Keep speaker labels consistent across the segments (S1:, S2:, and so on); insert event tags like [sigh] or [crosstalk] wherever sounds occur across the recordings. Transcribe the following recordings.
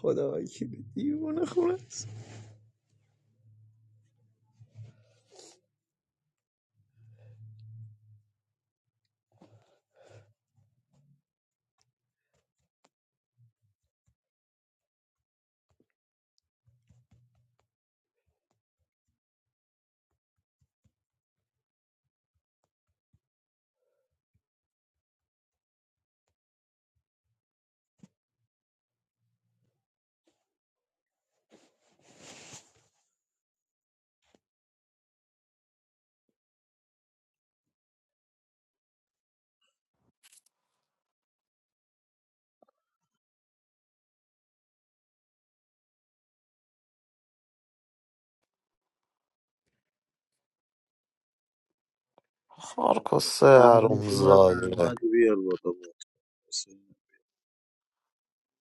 S1: خدا وکیلی دیوونه خونه است
S2: مارکوس
S1: احمد اومد
S2: حرومزاده
S1: احمد رو بیار بالا بود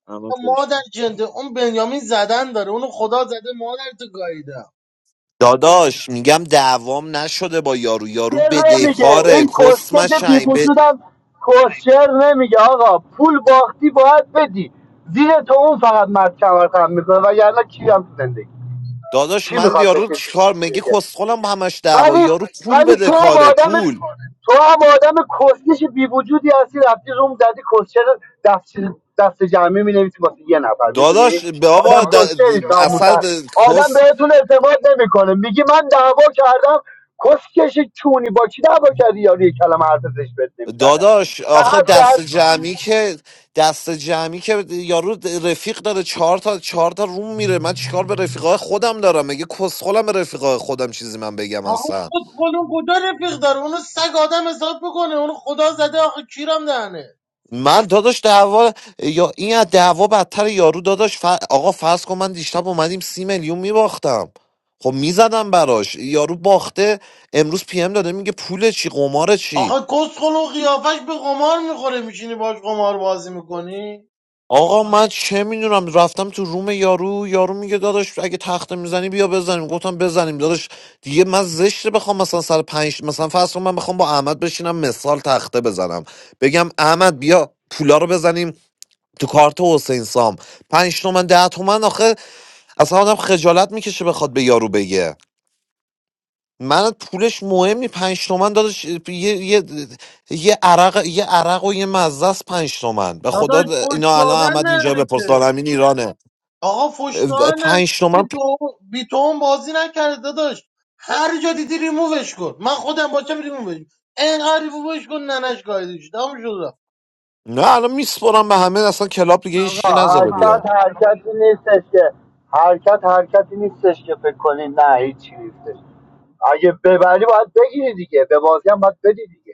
S1: احمد خوش
S3: مادر
S1: بود
S3: جنده اون بنیامین زدن داره اونو خدا زده مادر تو گاییده
S2: داداش میگم دعوام نشده با یارو یارو
S4: کر نمیگه
S2: بدهکاره
S4: این کسکش بی
S2: کسمشنگ به
S4: وجودم کسچر نمیگه آقا پول باختی باید بدی زیر تو اون فقط مرد کمر خم میکنه وگرنه کی هم تو زندگی
S2: داداش
S4: چی
S2: من
S4: میخواد
S2: یارو
S4: بکشه
S2: چیکار
S4: چیزی
S2: میگه
S4: دیگه
S2: کسخلم با همش دعوا
S4: ولی
S2: یارو پول
S4: ولی
S2: بده
S4: تو هم آدم
S2: پول
S4: تو هم آدم کسکش بی وجودی هستی رفتی روم زدی کسچر دست دست جمعی می نویسی واسه یه نفر
S2: داداش
S4: میدونی
S2: بابا
S4: آدم
S2: د...
S4: کسچری
S2: اصلا
S4: ناموسن آدم
S2: کس
S4: بهتون اعتماد نمیکنه میگی من دعوا کردم کسکش چونی با کی دعوا کردی یاری یه کلمه حرف زشت بهت نمیزنه
S2: داداش
S4: اصلا
S2: آخه
S4: حد
S2: دست
S4: زد
S2: جمعی که دست جمعی که یارو رفیق داره چهار تا چهار تا روم میره من چیکار به رفیقای خودم دارم مگه کسخلم به رفیقای خودم چیزی من بگم
S3: آقا
S2: اصلا
S3: خود اون کجا رفیق داره اونو سگ آدم حساب بکنه اونو خدا زده آخه کیرم دهنه
S2: من داداش دعوا یا این از دعوا بدتر یارو داداش ف... آقا فرض کن من دیشب اومدیم سی میلیون میباختم خب میزدم براش یارو باخته امروز پی ام داده میگه پول چی قمار چی
S3: آخه کسخل و قیافش به قمار میخوره میشینی باش قمار بازی میکنی
S2: آقا من چه میدونم رفتم تو روم یارو یارو میگه داداش اگه تخته میزنی بیا بزنیم گفتم بزنیم داداش دیگه من زشته بخوام مثلا سر پنج مثلا فرض کن من بخوام با احمد بشینم مثال تخته بزنم بگم احمد بیا پولا رو بزنیم تو کارت حسین سام پنج تومن ده تومن آخه اصلا آدم خجالت میکشه بخواد به یارو بگه من پولش مهمی پنج تومن دادش یه, یه, یه عرق یه عرق و یه مزه است پنج تومن به خدا
S3: داداش فش
S2: اینا الان
S3: دادن
S2: احمد اینجا
S3: نره که
S2: بپرس دارمین ایرانه
S3: آقا فش
S2: اه،
S3: دادن نره.
S2: پنج
S3: که
S2: تومن
S3: تو بی تو بازی نکرده داداش هر جا دیدی ریمووش کن من خودم باشم ریمووش کن اینقدر ریمووش کن ننش گایدش تموم شد
S2: نه الان میسپرم به همه اصلا کلاب دیگه هیچکی نذاره بیاد
S4: حرکت حرکتی نیستش که حرکت حرکتی نیستش که فکر کنی نه هیچی نیستش اگه ببری باید بگیری دیگه به بازی هم باید بدی دیگه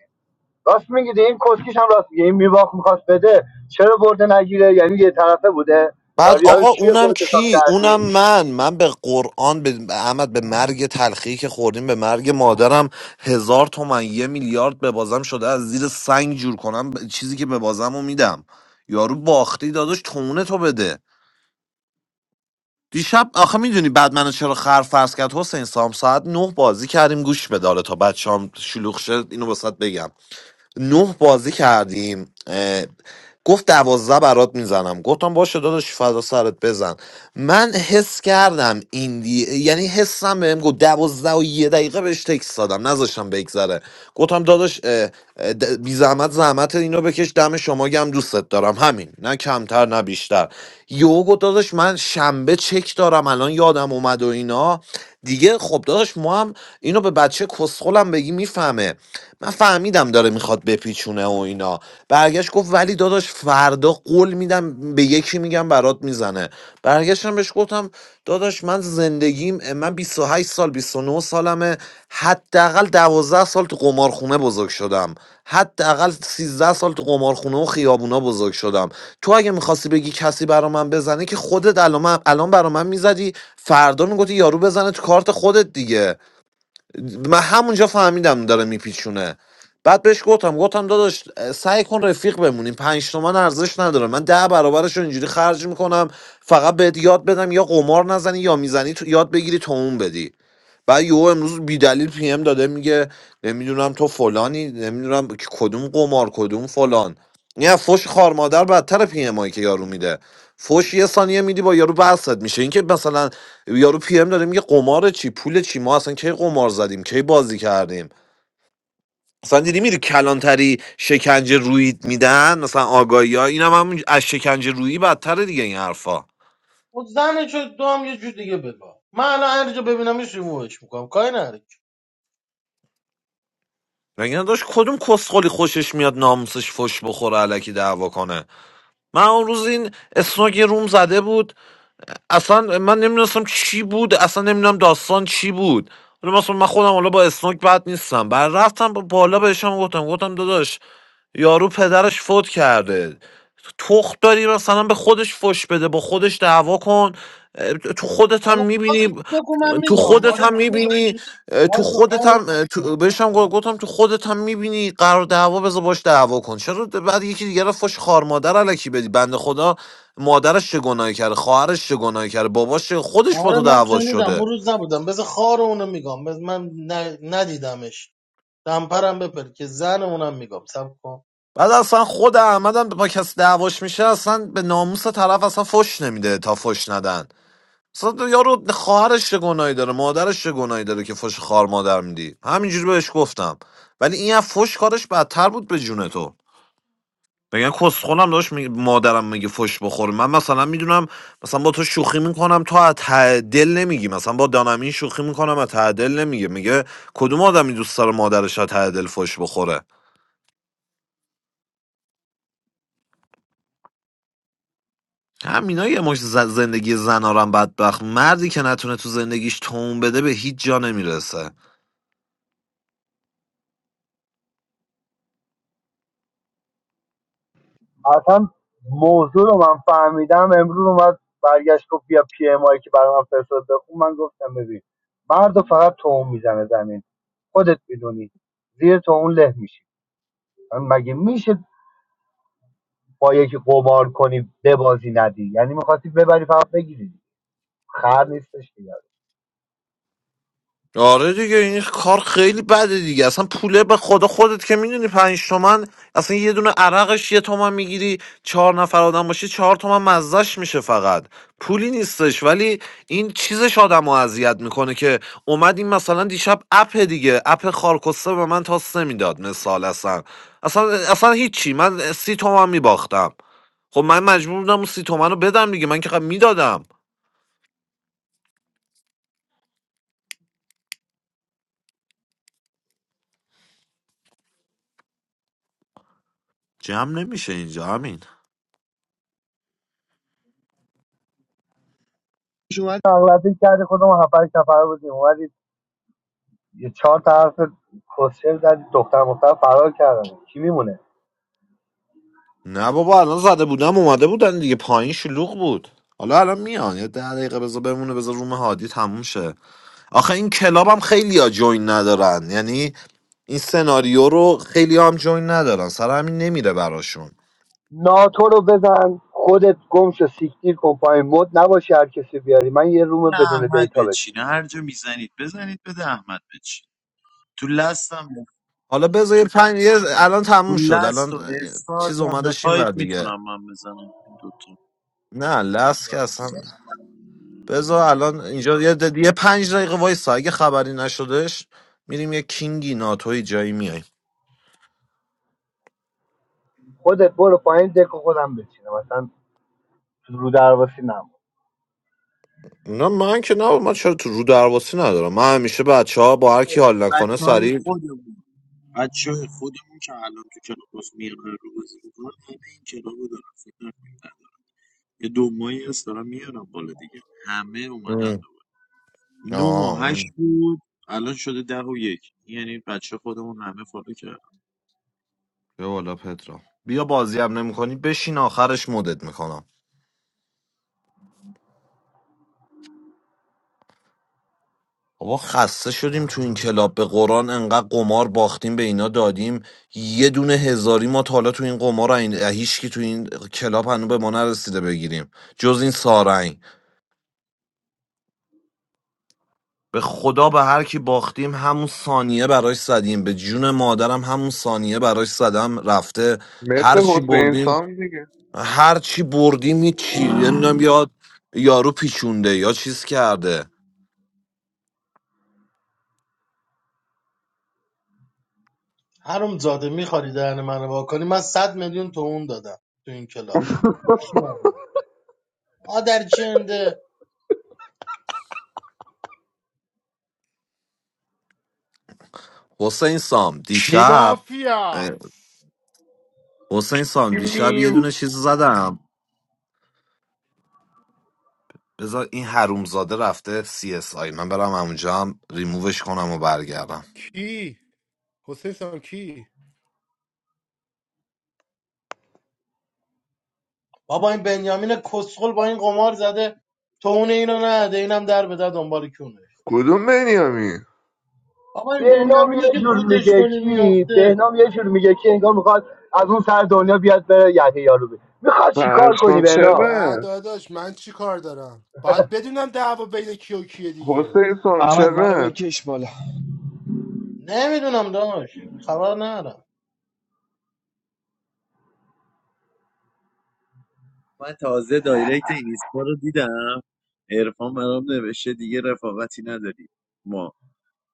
S4: راست میگیده این کسکیش هم راست میگه این میباخت میخواست بده چرا برده نگیره یعنی یه طرفه بوده
S2: بعد
S4: یاری یارو
S2: آقا
S4: چی
S2: اونم
S4: خودت حساب
S2: کی
S4: کردی
S2: اونم من من به قرآن به به احمد به مرگ تلخی که خوردیم به مرگ مادرم هزار تومن یه میلیارد به بازم شده از زیر سنگ جور کنم ب- چیزی که به بازم رو میدم یارو باختی داداش تونه تو بده دیشب آخه میدونی بعد منو چرا خر فرض کرد حسین سام ساعت نه بازی کردیم گوش بداره تا بچه هم شلوغ شد اینو واسط بگم نه بازی کردیم اه، گفت دوازده برات میزنم گفتم باشه داداش فدا سرت بزن من حس کردم این دی... یعنی حسم بهم گفت دوازده و یه دقیقه بهش تکس دادم نذاشتم بگذره گفتم داداش اه، اه، د- بی زحمت زحمت اینو بکش دم شما گم دوستت دارم همین نه کمتر نه بیشتر یوگو داداش من شنبه چک دارم الان یادم اومد و اینا دیگه خب داداش ما هم اینو به بچه کسخلم بگی میفهمه من فهمیدم داره میخواد بپیچونه و اینا برگشت گفت ولی داداش فردا قول میدم به یکی میگم برات میزنه برگشتم بهش گفتم داداش داداش من زندگیم من 28 سال 29 سالمه حداقل دوازده سال تو قمارخونه بزرگ شدم حداقل سیزده سال تو قمارخونه و خیابونا بزرگ شدم تو اگه میخواستی بگی کسی برا من بزنه که خودت الان الان برا من میزدی فردا میگفتی یارو بزنه تو کارت خودت دیگه من همونجا فهمیدم داره میپیچونه بعد بهش گفتم گفتم داداش سعی کن رفیق بمونیم پنج تومن ارزش نداره من ده برابرش رو اینجوری خرج میکنم فقط بهت یاد بدم یا قمار نزنی یا میزنی تو یاد بگیری تومون بدی بعد یهو امروز بیدلیل پی ام داده میگه نمیدونم تو فلانی نمیدونم که کدوم قمار کدوم فلان نه فوش خار مادر بدتر پی ام هایی که یارو میده فوش یه ثانیه میدی با یارو بحثت میشه اینکه مثلا یارو پی ام داره میگه قمار چی پول چی ما اصلا کی قمار زدیم کی بازی کردیم مثلا دیدی میری کلانتری شکنجه رویید میدن مثلا آگاهی ها اینم هم از شکنجه رویی بدتره دیگه این حرفا
S3: خود زن چه تو هم یه جور دیگه بگاه من الان هر جا ببینمش ریمووش میکنم کاری نداری که.
S2: مگه داشت کدوم کسخلی خوشش میاد ناموسش فوش بخوره الکی دعوا کنه من اون روز این اسناگ یه روم زده بود اصلا من نمیدونستم چی بود اصلا نمیدونم داستان چی بود حالا مثلا من خودم حالا با اسناگ بد نیستم بعد رفتم با- بالا بهشم گفتم گفتم داداش یارو پدرش فوت کرده تخت داری مثلا به خودش فش بده با خودش دعوا کن اه، تو خودت هم
S3: حالا خودت
S2: میبینی
S3: بگو من
S2: تو
S3: میگم
S2: خودت
S3: آره
S2: هم
S3: شنیدم
S2: میبینی تو
S3: باز به
S2: خودت
S3: خار
S2: هم اه، تو بهش هم گفتم گفتم تو خودت هم میبینی قرار دعوا بذار باش دعوا کن چرا بعد یکی دیگه رو فش خار مادر الکی بدی بنده خدا مادرش چه گناهی کرده خواهرش چه گناهی کرده باباش چه خودش با
S3: آره
S2: تو
S3: من
S2: دعوا
S3: شنیدم
S2: شده
S3: اون روز نبودم بذار خار اونو میگم بذار من ن- ندیدمش دمپرم بپر که زن اونم میگم سب کن
S2: بعد اصلا خود احمدم با کسی دعواش میشه اصلا به ناموس طرف اصلا فش نمیده تا فش ندن اصلا یارو خواهرش چه گناهی داره مادرش چه گناهی داره که فش خار مادر میدی همینجوری بهش گفتم ولی این از فش کارش بدتر بود به جون تو میگن کسخونم داشت میگه مادرم میگه فش بخوره من مثلا میدونم مثلا با تو شوخی میکنم تو از ته دل نمیگی مثلا با دانمین شوخی میکنم از ته دل نمیگه میگه کدوم آدمی دوست داره مادرش از ته دل فش بخوره همینا یه مش ز- زندگی زنارم بدبخت مردی که نتونه تو زندگیش تون بده به هیچ جا نمیرسه
S4: اصلا موضوع رو من فهمیدم امروز اومد برگشت گفت بیا پی ام آی که برای من فرستاد بخون من گفتم ببین مرد فقط توهم میزنه زمین خودت میدونی زیر توهم له میشه مگه میشه با یکی قمار کنی ببازی ندی یعنی میخواستی ببری فقط بگیری خر نیستش دیگه
S2: آره دیگه این کار خیلی بده دیگه اصلا پوله به خدا خودت که میدونی پنج تومن اصلا یه دونه عرقش یه تومن میگیری چهار نفر آدم باشی چهار تومن مزدش میشه فقط پولی نیستش ولی این چیزش آدم رو اذیت میکنه که اومد این مثلا دیشب اپ دیگه اپ خارکسته به من تاس نمیداد مثال اصلا اصلا اصلا هیچی من سی تومن میباختم خب من مجبور بودم اون سی تومن رو بدم دیگه من که میدادم جمع نمیشه اینجا همین
S4: پیش اومد اغلبی کردی خودم هفت هشت نفر بودیم اومدی یه چهار طرف کسچر زدی دختر مختار فرار کردن کی میمونه
S2: نه بابا الان زده بودم اومده بودن دیگه پایین شلوغ بود حالا الان میان یه ده دقیقه بذار بمونه بذار روم هادی تموم شه آخه این کلاب هم خیلی ها جوین ندارن یعنی این سناریو رو خیلی هم جوین ندارن سر همین نمیره براشون
S4: ناتو رو بزن خودت گمشو سیکتیر کن پایین مد نباشی هر کسی بیاری من یه
S1: بده
S4: روم بدون
S1: احمد
S4: دیتا
S1: بچینه
S4: بچینم
S1: هر جا میزنید بزنید بده احمد بچین تو لستم
S2: حالا بذار یه پنج یه- الان
S1: تو
S2: تموم شد
S1: لست
S2: الان
S1: و
S2: چیز
S1: استارز هم
S2: اومدش این
S1: بخواید
S2: ور دیگه
S1: میتونم من بزنم این دوتا
S2: نه لست که اصلا بذار الان اینجا یه, د- یه پنج دقیقه وایسا اگه خبری نشدش میریم یه کینگی ناتوی جایی میای
S4: خودت برو پایین دکو خودم بچینم مثلا رو درواسی نمون.
S2: نه من که نه من چرا تو رو درواسی ندارم من همیشه بچه ها با هر کی حال نکنه
S1: بچه های
S2: سریع
S1: خودمون بچه های خودمون که الان تو کلاباس میارن رو بازی میکنن همه این کلاب رو دارن فکر نکنید ندارن. یه دو ماهی هست دارم میارم بالا دیگه همه اومدن
S2: ام.
S1: دوباره. نه و
S2: آه
S1: هشت
S2: اون.
S1: بود الان شده ده و یک یعنی بچه خودمون همه فالو کرد
S2: بیا بالا پترا بیا بازی هم نمیکنی بشین آخرش مدت میکنم بابا خسته شدیم تو این کلاب به قرآن انقدر قمار باختیم به اینا دادیم یه دونه هزاری ما تا حالا تو این قمار این هیچکی تو این کلاب هنو به ما نرسیده بگیریم جز این سارنگ به خدا به هر کی باختیم همون ثانیه براش زدیم به جون مادرم همون ثانیه براش زدم رفته هر
S5: مثل
S2: چی
S5: حسین
S2: بردیم
S5: سام دیگه
S2: هر چی بردیم یه چی نمیدونم یا یارو پیچونده یا چیز کرده
S3: هرم زاده میخواری دهن منو واکنی من صد میلیون تو اون دادم تو این کلاب کی آورد؟ آدر جنده
S2: حسین سام
S6: کی
S2: دیشب
S6: مافیا
S2: اه،
S6: است؟
S2: حسین سام دیشب یه
S5: میو
S2: دونه چیز زدم بذار این حرومزاده رفته سی اس آی من برم اونجا هم ریمووش کنم و برگردم
S6: کی حسین سام کی
S3: بابا این بنیامین کسخل با این قمار زده تو اون اینو نده اینم در بده دنبال کونه
S5: کدوم بنیامین
S3: آقا این
S4: بهنام
S3: بنیامینی
S4: یه
S3: که
S4: جور
S3: فوتش
S4: میگه
S3: کنی
S4: کی
S3: میفته
S4: بهنام یه جور میگه کی انگار میخواد از اون سر دنیا بیاد بره یقه یارو بی میخواد چیکار کنی
S5: پشمام
S4: بهنام [laughs]
S6: نه
S5: چقدر
S6: داداش من چی کار دارم باید بدونم دعوا بین کی و کیه دیگه
S5: حسین سام
S7: احمد منو
S5: چقدر
S7: بکش بالا
S3: نمیدونم داش خبر ندارم
S1: من تازه دایرکت این اینستا رو دیدم عرفان برام نوشته دیگه رفاقتی نداری ما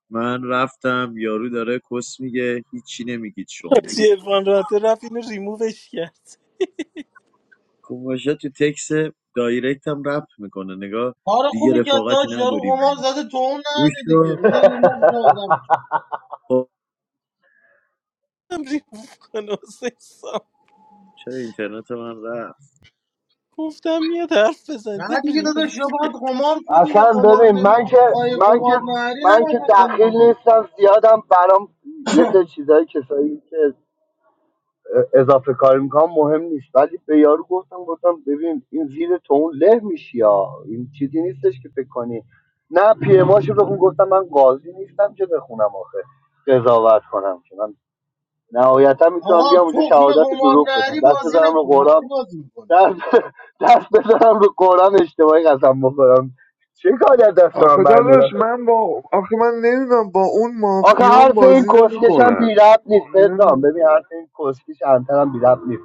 S1: من رفتم یارو داره کس میگه هیچی نمیگید شما
S8: حاجی عرفان رفته رفت اینو ریمووش کرد
S1: کوماشا تو تکس دایرکت هم رپ میکنه نگاه
S3: کار
S1: دیگه
S3: خوبی که
S1: رفاقتی
S3: داش یارو قمار
S1: نداریم
S3: زده تو اون
S1: گوش
S3: نده دیگه
S1: کن.
S3: بذار این مفت آدم شه.
S1: خب،
S8: هم ریموو کنه حسین سام
S1: چرا اینترنت من رفت
S8: گفتم میاد حرف
S3: نه
S8: بزنیدم
S3: دیگه
S8: ریموو
S3: داداش یا باید
S8: کرد
S3: قمار کنی یا
S4: اصلا
S3: قمار
S4: ببین من که
S3: نمیخوای
S4: من که
S3: قمار نهری
S4: من
S3: نباید
S4: که
S3: بکنی
S4: دخیل
S3: دیگه
S4: نیستم زیادم برام یه سری چیزایی کسایی که اضافه کاری میکنم مهم نیست ولی به یارو گفتم گفتم ببین این زیر تو اون له میشی یا این چیزی نیستش که فکر کنی نه پی ام بخون گفتم من قاضی نیستم که بخونم آخه قضاوت کنم که من نهایتا میتونم
S3: آقا
S4: بیام اونجا
S3: تخم
S4: شهادت
S3: قمار
S4: دروغ بدم
S3: نهری
S4: دست
S3: بازی
S4: بذارم رو
S3: نکن من
S4: قرآن
S3: چی بازی میکنی
S4: دست, دست بذارم رو قرآن اشتباهی قسم بخورم چه کاری از دست من
S5: آخه
S4: برمیاد
S5: داداش من با آخه من نمیدونم با اون
S4: آخه آخه
S5: مافیان
S4: حرف این
S5: بازی
S4: کسکش هم بی
S5: نمیکنم
S4: ربط نیست پدرام ببین حرف این کسکش انتر هم بی ربط نیست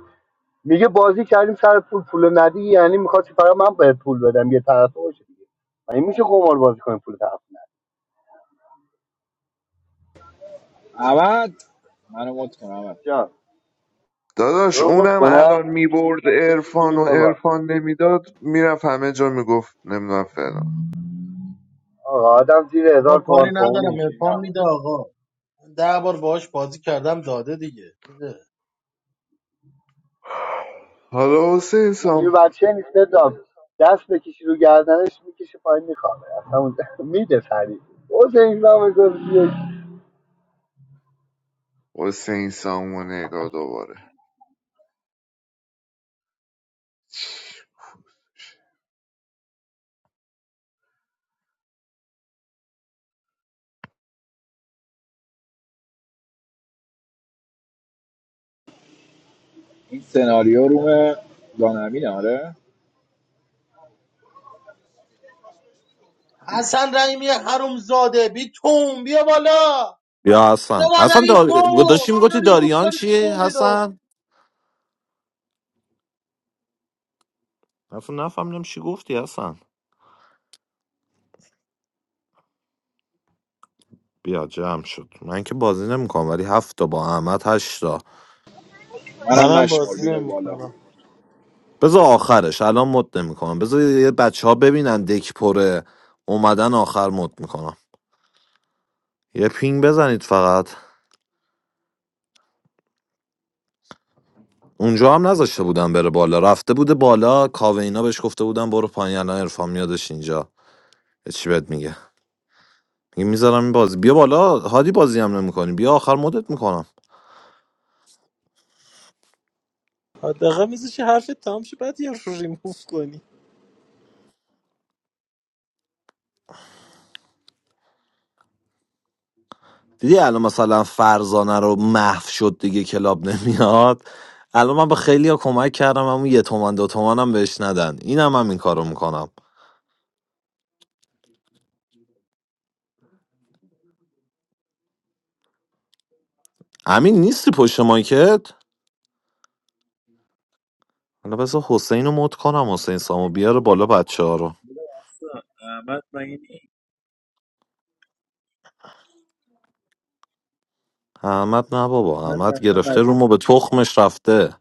S4: میگه بازی کردیم سر پول پول ندی یعنی میخواستی فقط من باید پول بدم یه طرفه باشه دیگه این میشه قمار بازی کنیم پول طرف
S7: احمد منو مت کن احمد
S4: جان تو
S5: داداش
S4: مت
S5: اونم
S4: کنم
S5: الان میبرد
S4: بشین
S5: عرفان
S4: بینیم
S5: و
S4: بابا
S5: عرفان نمیداد میرفت همه جا میگفت نمیدونم فلان
S4: آقا آدم زیر
S3: آقا
S4: هزار
S3: کاری
S4: تومان تو اون
S3: ندارم
S4: اینجوری
S3: ارفان
S4: نمونه
S3: میده آقا من ده بار باهاش بازی کردم داده دیگه میده
S5: حالا حسین
S4: اونجوری
S5: سام
S4: بچه نیسته داد دست بکشی رو گردنش میکشه پایین میخوابه اصلا اون [laughs] میده سریع حسین نام گفت
S5: حسین سامو نگاه دوباره
S7: این سناریو روم دانمین آره
S3: حسن رحیمی حروم بی توم بیا بالا
S2: یا
S3: یه
S2: حسن حسن
S3: مادری
S2: دار...
S3: تو
S2: داشتی
S3: اینو
S2: میگفتی
S3: ریموف
S2: داریان
S3: کنی
S2: چیه
S3: کنی رو
S2: حسن نفهم نفهمیدم چی گفتی حسن بیا جمع شد من که بازی نمیکنم ولی هفت تا با احمد هشت تا
S7: منم
S8: منم
S7: نشمار
S8: بازی
S7: بیار بالا
S8: نمیکنم
S2: بذار آخرش الان مد نمیکنم بذار یه بچه ها ببینن دک پره اومدن آخر مد میکنم یه پینگ بزنید فقط اونجا هم نذاشته بودن بره بالا رفته بوده بالا کاوینا بهش گفته بودن برو پایین الان عرفان میادش اینجا یه چی بهت میگه میگه میذارم این بازی بیا بالا هادی بازی هم نمیکنی بیا آخر مدت میکنم
S8: حداقل میزش حرف تمام شه بعد یه رو ریموو کنی
S2: دیدی الان مثلا فرزانه رو محو شد دیگه کلاب نمیاد الان من به خیلی ها کمک کردم همون یه تومن دو تومن هم بهش ندن اینم هم این کارو میکنم امین نیستی پشت مایکت حالا بذار حسین رو مد کنم حسین سامو بیاره بالا بچه ها رو
S1: احمد من این
S2: احمد نه بابا
S1: احمد
S2: احمد
S1: رفته
S2: گرفته رومو به
S1: قضیه
S2: تخمش رفته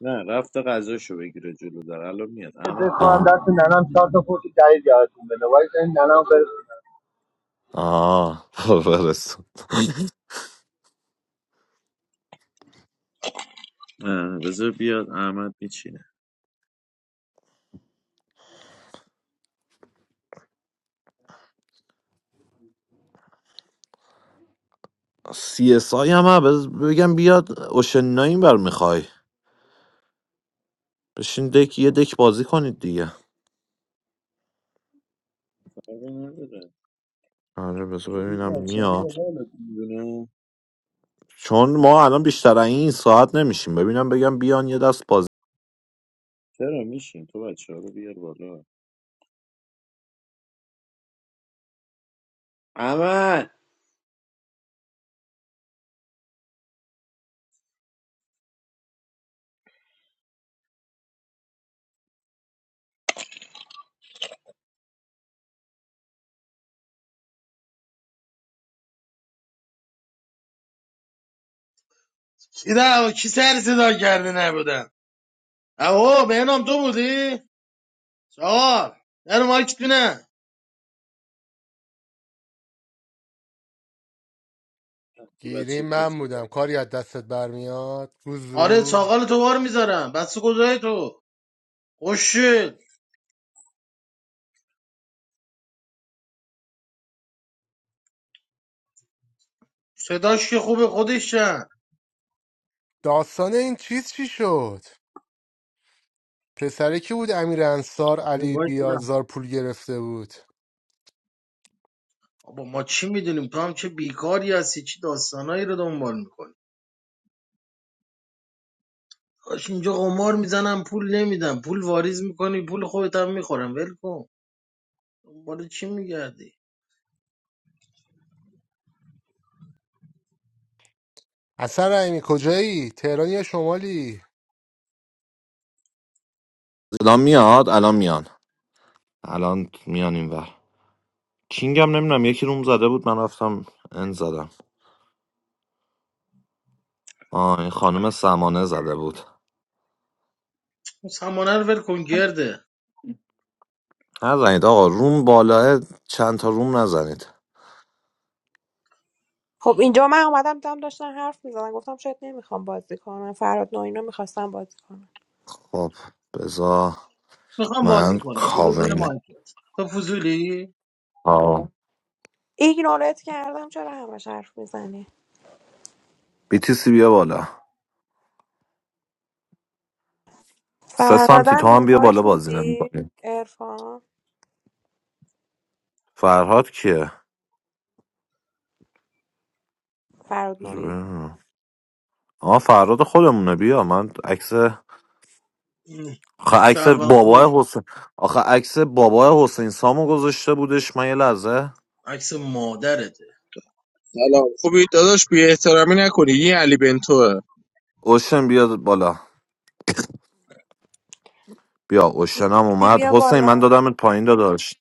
S1: نه رفته غذاشو بگیره جلو در الان میاد احمد گفت
S4: بخوام
S1: بیا.
S2: آه
S4: دست ننم چهار تا پوشی جدید یادتون بده وای این ننم بره
S2: آه [laughs] برس
S1: اه، بذار بیاد احمد میچینه
S2: سی اس آی هم هم بز- بگم بیاد اوشن ناین بر میخوای بشین دک یه دک بازی کنید دیگه
S1: فرقی نداره
S2: آره بذار
S1: تو
S2: ببینم
S1: بچه
S2: میاد
S1: رو بالا دیوونه
S2: چون ما الان بیشتر از این ساعت نمیشیم ببینم بگم بیان یه دست بازی
S1: چرا میشین تو بچه رو بیار بالا احمد
S3: دیدم کی سر صدا کرده نبودم آقا بهنام تو بودی؟ چاقال نه رو مایک نه
S1: تو
S6: گیری
S1: بچه بود
S6: من بودم کاری از دستت برمیاد
S3: آره
S6: گوزو
S3: چاقال تو بار میذارم بس گذاری تو خوشید صداش که خوبه خودش چند
S6: داستان این چیز چی شد پسره کی بود امیر انصار علی بیازار پول گرفته بود
S3: بابا ما چی میدونیم تو هم چه بیکاری هستی چی داستانایی رو دنبال میکنی کاش اینجا قمار میزنم پول نمیدم پول واریز میکنی پول خودت هم میخورم ول کن دنبال چی میگردی
S6: اصلا رحیمی کجایی تهران یا شمالی
S2: الان میاد الان میان الان میان اینور کینگم نمیدونم یکی روم زده بود من رفتم ان زدم آه این خانم سمانه زده بود
S3: اون سمانه رو ول کن گرده
S2: نزنید آقا روم بالاه چند تا روم نزنید
S9: خب اینجا من اومدم دیدم داشتن حرف میزدن گفتم شاید نمیخوام بازی کنم فراد نوعی رو میخواستم بازی کنم
S2: خب بزا
S3: میخوام
S2: من
S3: بازی کنم برو زیر
S2: کاون
S3: مایکت تو فضولی
S2: آه
S9: ایگنورت کردم چرا همش حرف میزنی
S2: BTC بیا بالا سه سانتی تو
S9: فرادم
S2: هم بیا بالا
S9: اینوایت
S2: بازی
S9: میدی
S2: نمیکنی
S9: ارفان
S2: فرهاد کیه
S9: فراد
S2: بذار
S9: نوعی
S2: ببینم. آه فرهاد خودمونه بیا من عکس
S3: ام.
S2: آخه عکس
S3: شهروند خور
S2: بابای حسین آخه عکس بابای حسین سامو گذاشته بودش من یه لحظه
S3: عکس مادرته
S10: سلام خوبی داداش بی احترامی نکنی این علی بنتوه
S2: اوشن بیاد بالا بیا اوشنم
S9: ایتیسی
S2: اومد
S9: بیا
S2: حسین من
S9: بالا
S2: دادمت پایین داداش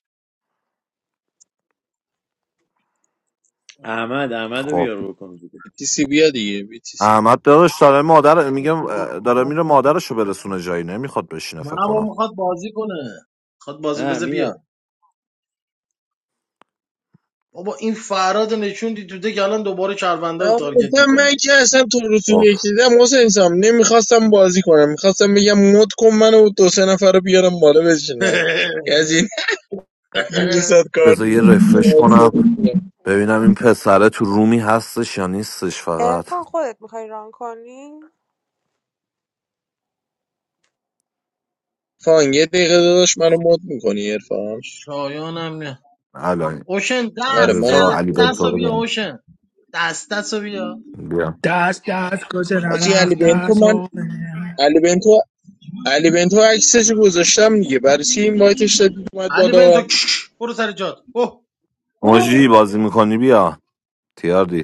S1: احمد احمد رو
S2: خب
S1: بیار بکن دیگه
S10: بیتیسی بیا دیگه بیتیسی
S2: احمد داداش داره مادر
S3: نه
S2: میگم اه، داره میره مادرشو برسونه جایی نمیخواد بشینه فکر
S3: بابا
S2: کنم
S3: میخواد بازی کنه میخواد بازی
S1: نه
S3: بذار بیا
S1: میاد
S3: بابا این فراد نشوندی تو دیگه الان دوباره شهروندا رو تارگت
S10: اصلا من
S3: میکنه
S10: که اصلا تو رو تو
S2: خب
S10: یکی دیدم حسین سام نمیخواستم بازی کنم میخواستم بگم مد کن منو و دو سه نفر رو بیارم بالا بشینن یه از این
S3: [laughs]
S10: [laughs] یه صد کارت
S2: بذار یه رفرش کنم
S10: میکنم
S2: ببینم این پسره تو رومی هستش یا نیستش فقط
S9: ارفان خودت میخوای ران کنی
S10: فان یه دقیقه داداش منو مد میکنی عرفان
S3: شایانم نه
S2: الان
S3: اوشن
S10: آره
S3: دست
S10: منو
S2: بذار
S10: مد
S3: دست
S2: علی
S10: کن.
S3: دست
S2: بنتو
S3: رو
S2: رو
S3: بیا
S2: بیارم.
S3: اوشن دست دست رو بیا
S2: بیا
S11: دست دست گذرن
S10: حاجی علی
S11: اخ
S10: بنتو
S11: دست
S10: من
S11: آمنه.
S10: علی بنتو علی بنتو عکسش گذاشتم دیگه برای چی این وایتش دادی اومد
S3: علی
S10: بالا
S3: بنتو کش، کش، برو سر جات اوه
S2: موجی
S3: اوه.
S2: بازی میکنی بیا تیاردی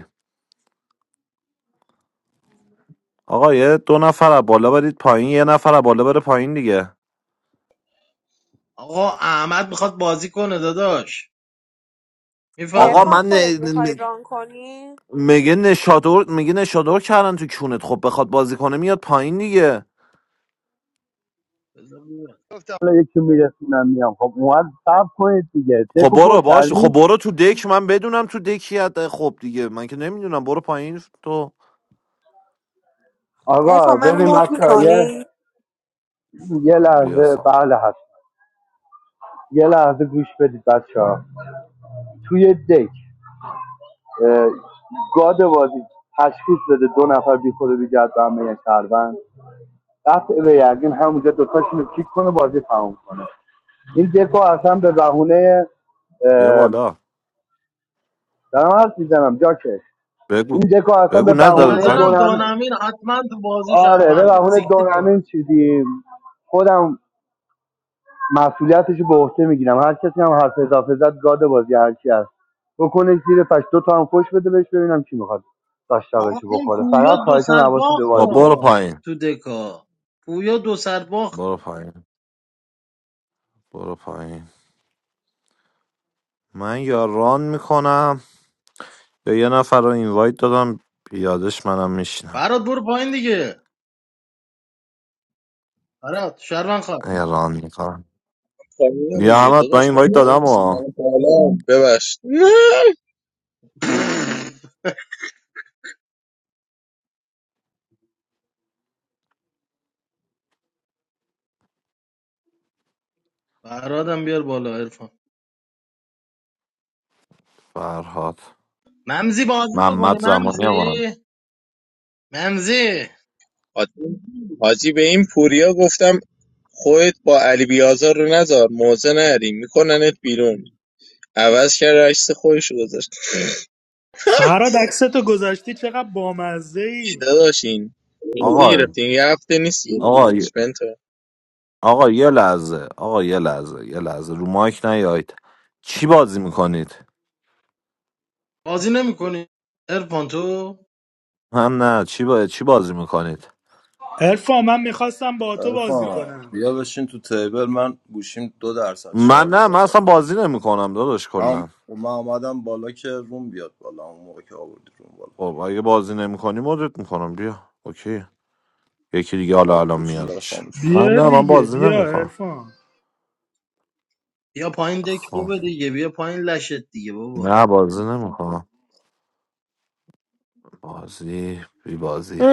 S2: آقا یه دو نفر از بالا برید پایین یه نفر از بالا بره پایین دیگه
S3: آقا احمد میخواد بازی کنه داداش
S2: آقا
S9: ارفان
S2: من
S3: میفهمی
S9: خودت
S2: ن-
S9: میخوای
S2: ن-
S9: ران کنی
S2: میگه نشادور میگه نشادور کردن تو کونت خب بخواد بازی کنه میاد پایین دیگه
S3: بذار ببینم.
S4: گفتم حالا یکی میرسونم میام خب اون سب کنید دیگه
S2: خب
S4: دکو پر
S2: برو باش خب
S4: کردی
S2: برو تو دک من بدونم تو دکیت خب دیگه من که نمیدونم برو پایین تو
S4: آقا
S9: ارفان من
S4: ببین
S9: موت
S4: بچه ها یه
S9: میکنی
S4: یه
S2: بیا
S4: لحظه
S2: سا.
S4: بله هست یه لحظه گوش بدید بچه ها توی دک اه، گاد بازی تشخیص بده دو نفر بی خود و بی جد به همه یه شهروند قطع به یقین همون دوتاش کیک کنه بازی تموم کنه این دکو اصلا به بهونه
S2: بیا
S4: اه،
S2: بالا
S4: دارم حرف میزنم جاکش این
S2: بگو
S4: دکو اصلا
S2: بگو
S4: به
S2: نه
S3: به
S2: دل
S4: بهونه
S3: نظرم
S2: کاری
S4: دونم
S3: دانمین حتما تو بازی
S4: آره به
S3: شهرونده
S4: بهونه
S3: سیکتیر با
S4: دونمین چیزی خودم مسئولیتش به عهده میگیرم هر کسی هم حرف اضافه زد گاد بازی هر کی هست بکنه زیر پش دو تا هم خوش بده بهش ببینم کی میخواد
S3: آقا
S4: داشتاقشو
S3: این
S4: بخوره
S3: پویا
S4: فقط
S3: دو
S4: خواهشان
S3: سر
S4: حواست به
S3: باخت
S2: آ
S4: بازی
S2: برو
S4: باشه
S3: ها
S2: پایین
S3: تو دکا پویا دو سر باخت
S2: برو پایین برو پایین من یا ران میکنم یا یه نفر رو اینوایت دادم یادش منم میشینم
S3: فراد برو پایین دیگه فراد شهروند خواد
S2: یا ران میکنم
S10: خانومم
S2: بیا
S10: دیگه
S2: احمد من
S10: داداش
S2: این
S10: با
S2: وایت
S10: خانوم
S2: دادم
S10: نیست.
S2: و
S10: من بالا ببخش نه
S3: فرادم بیار بالا عرفان
S2: فرهاد
S3: ممزی بازی میکنی
S2: محمد زمانی هم آن.
S3: ممزی ممزی
S10: حاجی حاجی به این پوریا گفتم خودت با علی بیازار رو نذار موزه نری میکننت بیرون عوض کرد عکس خودش رو گذاشت
S11: فراد عکستو گذاشتی چقدر بامزه
S10: ای
S11: ای
S10: داداش این موزه
S2: آقا
S10: گرفتین یه هفته نیست
S2: آقا
S10: گرفتنش بنتو
S2: آقا یه لحظه آقا یه لحظه یه لحظه رو مایک نیایید چی بازی میکنید
S3: بازی نمیکنی عرفان تو
S2: من نه چی با... چی بازی میکنید
S11: ارفان من میخواستم با تو بازی
S12: ارفان
S11: کنم
S12: بیا بشین تو تیبل من گوشیم دو درصد
S2: من
S12: شارژ
S2: نه من
S12: داره
S2: اصلا بازی نمیکنم داداش
S12: من
S2: کلا
S12: من آمدم بالا که روم بیاد بالا اون موقع که آوردی روم بالا
S2: خب اگه بازی نمیکنی مدت میکنم بیا اوکی یکی دیگه حالا
S12: آره
S2: الان
S12: گوشیم داره
S2: میادش
S12: خاموش شد
S2: من
S11: بیا
S2: نه من
S11: دیگه
S2: بازی
S11: بیا
S2: نمیکنم
S11: ارفان
S3: بیا پایین دک
S2: خب
S3: خوبه دیگه بیا پایین لشت دیگه بابا
S2: نه بازی نمیکنم بازی بی بازی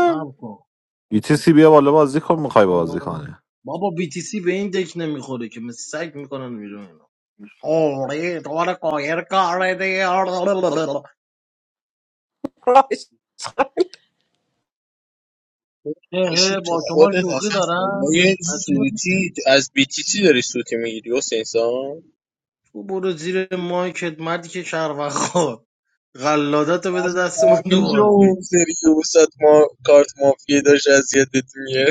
S3: هم کن
S2: ETC بیا بالا بازی کن میخوای بازی
S3: آه.
S2: کنی
S3: بابا بی تی سی به این دک نمیخوره که مثل سگ میکنن بیرون اینا آره دار قایر کاره دی
S10: باشی تو
S3: با شما
S10: خودت
S3: شوخی
S10: اصلا
S3: دارم
S10: خدای
S3: از چی
S10: سوتی
S3: میخوری؟
S10: از بی تی تی داری سوتی میگیری حسین سام
S3: تو برو زیر مایکت مردی که شهروند خور غلادتو بده دست من دو
S10: همه جا
S3: بازی
S10: اون سری که وسط ما کارت مافیه داشت اذیتت میه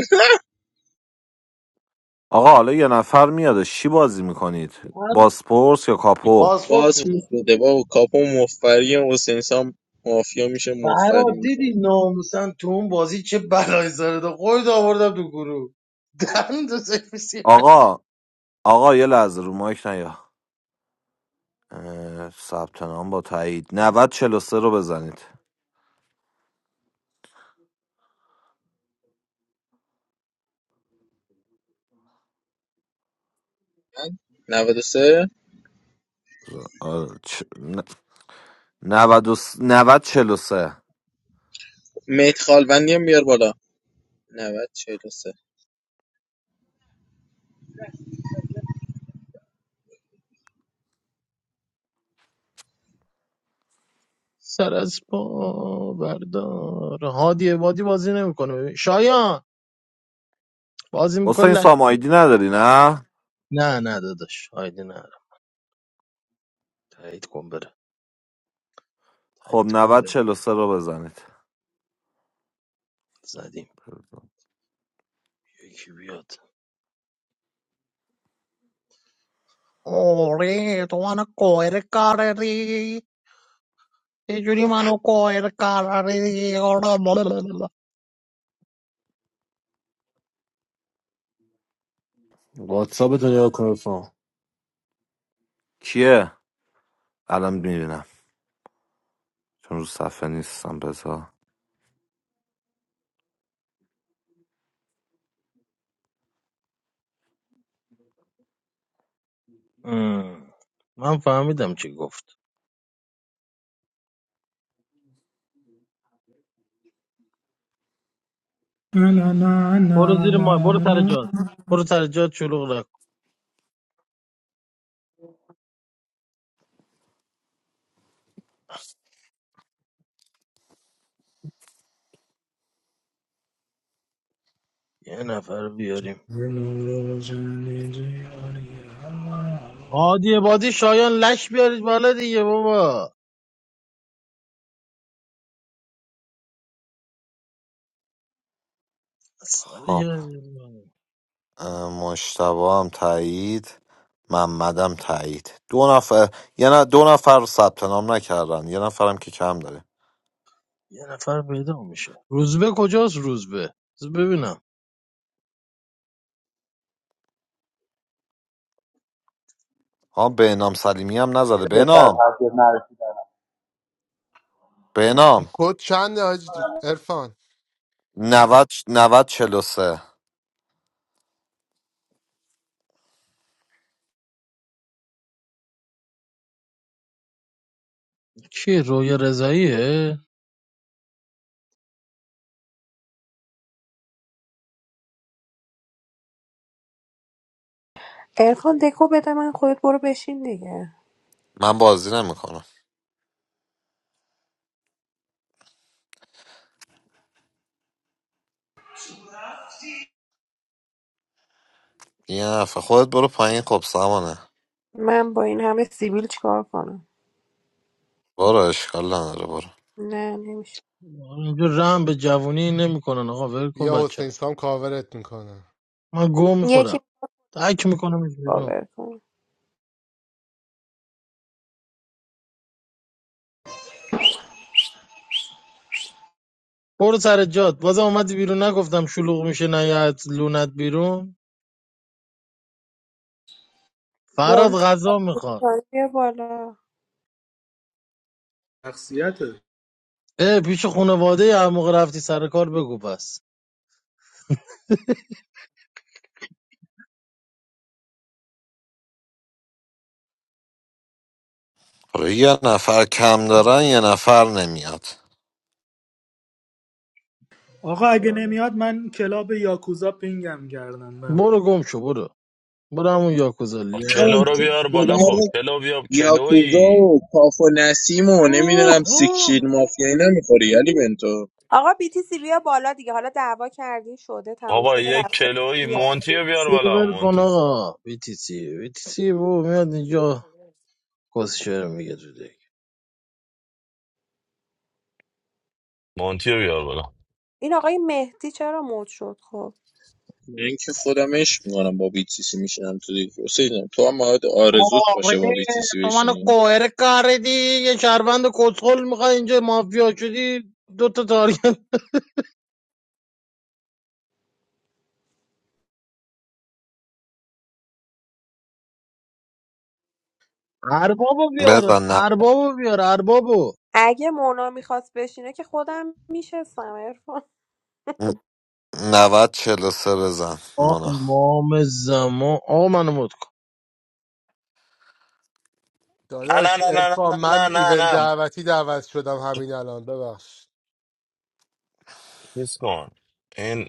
S2: آقا حالا یه نفر میادش چی بازی میکنید
S3: من
S2: باسپورس یا کاپو
S3: پاسپورت
S10: بازپرس
S3: بده
S10: بده بابا کاپو مفری حسین سام مافیا میشه مفری
S3: فراد
S10: میکنه
S3: دیدی ناموسن تو اون بازی چه بلایی سرت خود آوردم تو گروه دند و سرویس
S2: آقا آقا یه لحظه رو مایک نیا اه، ثبت نام با تایید 90 43 رو بزنید
S10: 93
S2: آه، چ... ن- 90 و س- 90 43
S10: مهدی خالبندی هم بیار بالا 90 43
S3: سر از پا بردار هادی بادی بازی نمیکنه ببین شایان بازی میکنه
S2: حسین
S3: لش
S2: سام
S3: میاد.
S2: آیدی نداری نه
S3: نه نه داداش هایدی نه تایید کن بره
S2: خب
S3: تایید کن
S2: 90
S3: بره
S2: 43 رو بزنید
S3: زدیم یکی بیاد آره تو منو کویر کاری چه جوری منو کویر کاری آره، بلالالا.
S13: واتساپ تو نگاه کن رفقا.
S2: کیه الان میبینم چون رو صفحه نیستم بذار
S3: ام، من فهمیدم چی گفت
S11: نه نه نه
S3: برو زیر ما
S11: نه
S3: برو
S11: نه
S3: تر
S11: نه
S3: جاد
S11: نه.
S3: برو تر جاد شلوغ نکن یه نفر بیاریم
S11: دل روشن الله.
S3: هادی بادی شایان لش بیارید بالا دیگه بابا سال
S2: خب
S3: یه
S2: مشتبا هم تایید محمدم تایید دو نفر یه نه دو نفر ثبت نام نکردن یه نفرم که کم داره
S3: یه نفر پیدا میشه روزبه کجاست روزبه بذار ببینم
S2: ها بهنام سلیمی هم نزده
S4: رسیدم بهتر
S2: بهنام
S4: تاثیر نرسید.
S6: این
S2: بهنام
S6: کد چنده حاج عرفان
S2: 90 90 43
S3: کی رویا رضاییه
S9: ارفان دکو بده من خودت برو بشین دیگه
S2: من بازی نمیکنم یه نفر خودت برو پایین خب سمانه
S9: من با این همه سیبیل چیکار کنم
S2: برو اشکال نداره برو
S9: نه نمیشه
S3: اینجا رحم به جوونی نمیکنن آقا ول کن
S6: بیا
S3: بچه رو.
S6: حسین سام کاورت میکنم
S3: من گو
S9: یکی
S3: میخورم تک میکنم بیرون
S9: کاور کنه
S3: برو سر جات بازم اومدی بیرون نگفتم شلوغ میشه نیت لونت بیرون فراد
S9: مونتی
S3: غذا میخواد
S9: بازی بیا بالا
S11: شخصیته
S3: اه پیش خانواده هر موقع رفتی سر کار بگو پس
S2: آره یه نفر کم دارن یه نفر نمیاد
S11: آقا اگه
S3: سلام.
S11: نمیاد من کلاب یاکوزا پینگم کردن برم
S3: برو گم شو برو برو همون یاکوزا
S10: همون
S14: کلو
S3: لیاقت
S14: رو
S10: تو
S14: بیار
S10: به
S14: بالا خب
S10: درد
S14: کلو بیا
S10: یاکوزا
S14: کلویی
S10: و کاف و نسیم و نمیدونم
S11: آه،
S10: سیکشید
S11: آه.
S10: مافیایی نمیخوری علی بنتو
S9: آقا بیتیسی بیا بالا دیگه حالا دعوا کردی شده تموم
S14: بابا
S9: شده
S14: یک
S9: رفته
S14: کلویی
S9: بیا
S14: مونتی رو بیار بالا
S3: سیلور کن
S14: مونتی
S3: آقا بیتیسی بیتیسی بو میاد اینجا کسشر میگه تو دیگه
S14: مونتی رو بیار بالا
S9: این آقای مهدی چرا مود شد خب
S10: این که خودم عشق میکنم با بیتیسی میشینم تو دیگه حسین تو هم باید آرزوت
S3: آره
S10: باشه با بیتیسی
S3: تو منو
S10: بشینی
S3: کوهر کردی یه شهروند کسخل میخوای اینجا مافیا شدی دوتا تا اربابو بیار
S2: بزن
S3: اربابو بیار اربابو
S9: اگه مونا میخواست بشینه که خودم میشستم ارفان
S2: 90 43 بزن
S3: آ
S2: مونا
S3: امام زمان آقا منو مت کن
S14: نه نه
S6: داداش
S14: نه نه
S6: ارفان
S14: نه نه
S6: من
S14: نه
S6: ایونت
S14: نه نه
S6: دعوتی دعوت شدم همین الان ببخش
S14: چیز کن این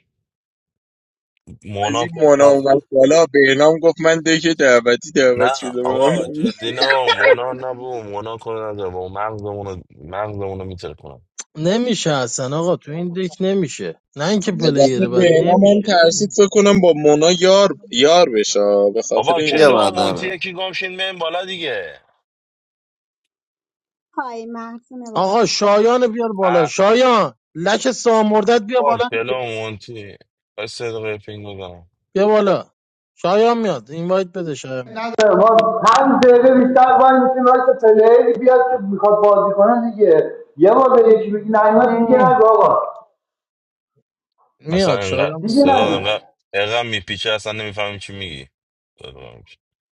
S10: از
S14: مونا
S10: این
S14: کدو
S10: مونا
S14: نزن
S10: اومد بالا بهنام گفت من دیگه دعوتی
S14: نه
S10: دعوت شده
S14: آقا
S10: بودم
S14: جدی نه مونا نبو مونا کدو نزن با مغزمون رو مغزمون رو میتره کنم
S3: نمیشه اصلا آقا تو این دک نمیشه نه اینکه
S10: البته
S3: پلیر بد
S10: بهنام هم
S3: نمیشه
S10: ترسید فکر کنم با مونا یار یار بشه به خاطر
S14: بابا
S10: این
S2: یه
S14: کلو
S2: من
S14: و
S10: بود.
S2: نمیاد.
S14: مونتی یکی گامشین بیم بالا دیگه
S15: Hi, Madison.
S3: آقا شایان بیار بالا
S14: اه،
S3: شایان لک سامردت بیا
S14: بابا
S3: بالا
S14: کلو و مونتی بس صدقه پینگ بزنم
S3: بیا بالا شایان میاد اینوایت بده شایان میاد
S4: آره، ما پنج دقیقه بیشتر باید میشیم وقت پلیری بیاد که میخواد بازی کنه دیگه یه بار به یکی بگی نیومد دیگه نگو آقا
S14: اصلا
S3: میاد
S14: انقدر
S3: شایان
S4: دیگه
S3: میاد
S14: صدا
S4: نگو
S14: انقدر انقدر میپیچه اصلا نمیفهمیم چی میگی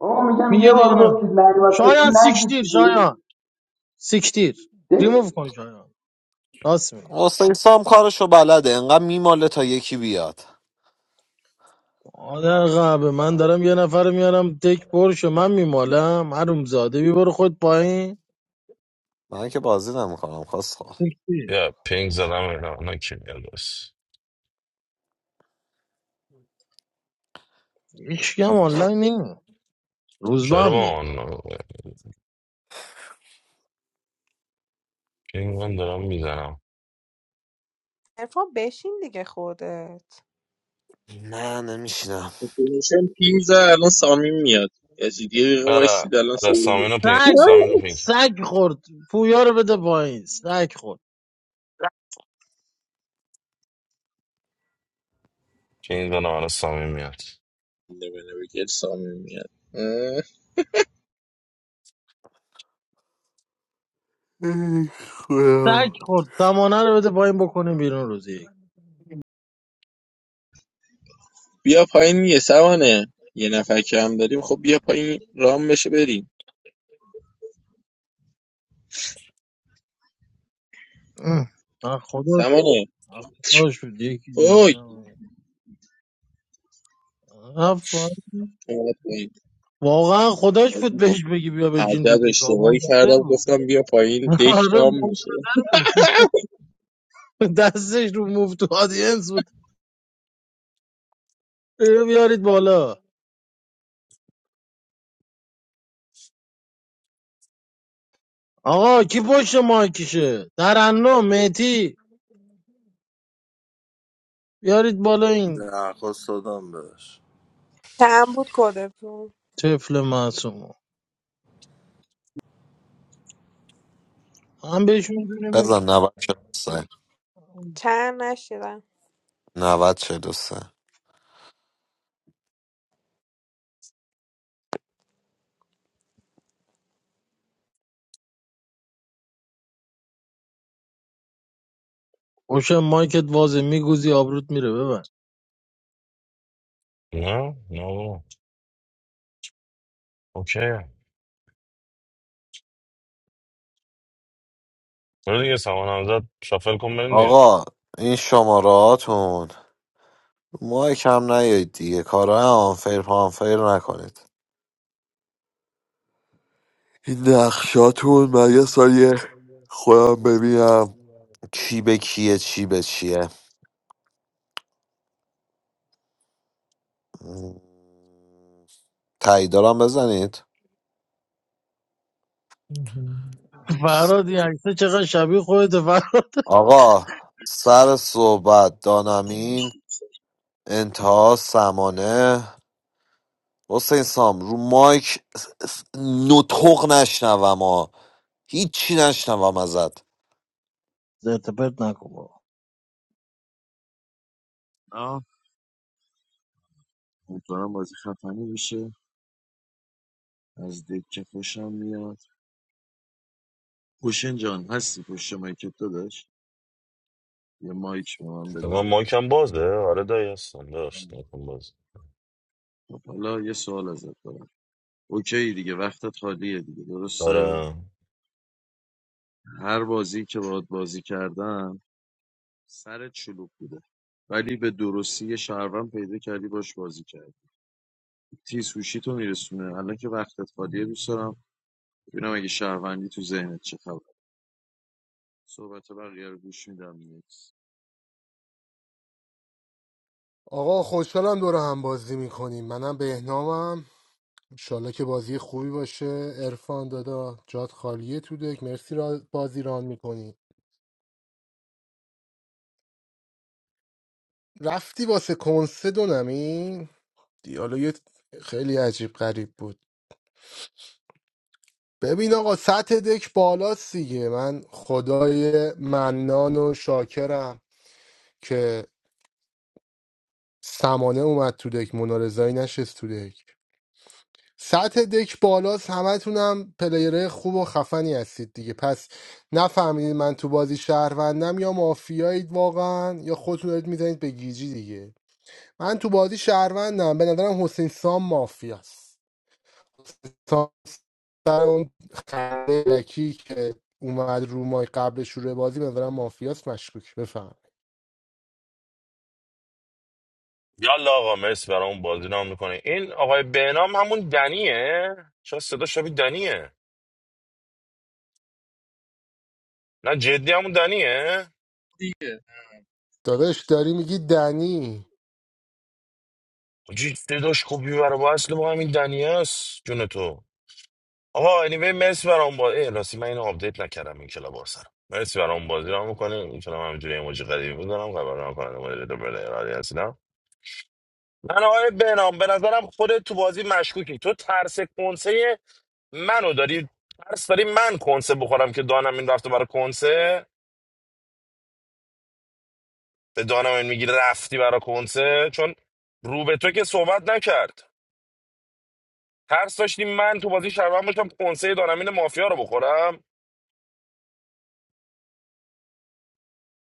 S4: آقا میگم یه
S3: میگه دیگه
S4: بار
S3: نه
S4: گفتید نیومد کسی
S3: شایان
S4: نگید
S3: سیکتیر
S4: دیگه
S3: شایان سیکتیر
S4: دیگه.
S3: ریموف کن شایان راست میگه
S2: حسین سام کارشو بلده انقدر میماله تا یکی بیاد
S3: آدم قبه من دارم یه نفر میارم دک پرشه من میمالم هر زاده بی برو خود پایین
S2: من که بازی نمیکنم خواست خواه
S3: سیکتیر
S14: یا پینگ زدم اینا اینا کی میاد بس
S3: هیچ کم آنلاین نیم روزبه
S14: چرا
S3: هم
S14: با
S3: نیم
S14: آن پینگ من دارم میزنم
S9: ارفان بشین دیگه خودت
S2: نه نمیشینم
S10: میشن پینزه الان سامین میاد یعنی یه دقیقه
S14: آره
S10: وایسید الان
S14: آره
S10: سامین میاد
S14: سامینو پینگ
S3: سگ
S14: سامینو پینگ
S3: سگ خورد پویا رو بده پایین سگ خورد
S14: پینگ کنم آره سامین میاد
S10: نه بله، بگیر سامین میاد اه.
S2: ای خدا.
S3: سگ خورد زمانه رو بده پایین بکنه بیرون روزی
S10: بیا پایین یه سمانه یه نفر که هم داریم خب بیا پایین رام بشه بریم
S3: اه، آه، خداش
S10: سمانه
S3: آه، خداش بود یکی
S10: اوی
S3: بردم آه،
S10: اومد پایین
S3: واقعا خداش بود بهش بگی بیا بشین تو
S10: عجب
S3: دکا
S10: اشتباهی
S3: منتظر
S10: کردم
S3: بود
S10: گفتم بیا پایین دک
S3: [laughs] آره
S10: رام میشه
S3: منتظر بود دستش رو مفت و آدینس بود اینو بیارید بالا آقا کی پشت مایکشه ترنم مهتی بیارید بالا این
S12: درخواست دادم بهش
S9: چند بود کدتون
S3: طفل معصومو هم بهش
S2: بزن
S3: میدونیم
S2: 90 43
S9: چند نشیدم
S2: 90 43
S3: اوشه مایکت وازه میگوزی آبروت میره ببند
S14: نه نه بابا اوکی برو دیگه سامان همزاد شافل کن بریم دیگه
S2: آقا این شماراتون ما کم نیایید دیگه کارهای آنفیر پانفیر نکنید این نقشاتون من یه سریع خودم ببینم چی به کیه چی به چیه م، تایید بزنید
S3: فراد این عکسه چقدر شبیه خودت فراد
S2: آقا سر صحبت دانمین انتها سمانه حسین سام رو مایک نطق نشنوم ها هیچی نشنوم ازت
S3: زرت و پرت نکن بابا.
S1: آه امیدوارم بازی خفنی بشه از دکه خوشم میاد حسین جان هستی پشت مایکت داداش یه مایک به من
S14: من
S1: بده
S14: مایکم بازه آره دایی هستم داشت مایکم باز
S1: خب، حالا یه سوال ازت دارم اوکی دیگه وقتت خالیه دیگه درسته
S14: آره
S1: هر بازی که باهات بازی کردم سرت شلوغ بوده ولی به درستی یه شهروند پیدا کردی باش بازی کردی تیز تو میرسونه الان که وقتت خالیه دوست دارم ببینم اگه شهروندی تو ذهنت چه خبر صحبت بقیه رو گوش میدم نیکس
S6: آقا خوشحالم دور هم بازی میکنیم منم بهنامم انشالله که بازی خوبی باشه ارفان دادا جات خالیه تو دک مرسی را بازی ران میکنی رفتی واسه کنسه دونمی دیالوگ خیلی عجیب غریب بود ببین آقا سطح دک بالاست دیگه من خدای منان و شاکرم که سمانه اومد تو دک منارزایی نشست تو دک سطح دک بالاست همتونم پلیره خوب و خفنی هستید دیگه پس نفهمیدید من تو بازی شهروندم یا مافیایید واقعا یا خودتون دارید میزنید به گیجی دیگه من تو بازی شهروندم به نظرم حسین سام مافیاست حسین سام سر اون خنده لکی که اومد رو مای قبل شروع بازی به نظرم مافیاست مشکوک بفهم
S14: یالا آقا مرسی برای اون بازی نام میکنه این آقای بهنام همون دنیه چرا صدا شبیه دنیه نه جدی همون دنیه
S6: داداش داری میگی دنی
S14: جدی صداش خوبی برای با اصل با همین دنیه است جون تو آقا anyway مرسی برای اون بازی ای راستی من اینو آپدیت نکردم این کلا بار سر. مرسی برای اون بازی نام میکنه این کلا همینجوری ایموجی قدیمی بودم قبل نام کنم مدل دو برای ارادی هستم من آقای بهنام به نظرم خودت تو بازی مشکوکی تو ترس کنسه منو داری ترس داری من کنسه بخورم که دانم این رفته برای کنسه به دانمین میگی رفتی برا کنسه چون رو به تو که صحبت نکرد ترس داشتیم من تو بازی شربن باشم کنسه دانمین مافیا رو بخورم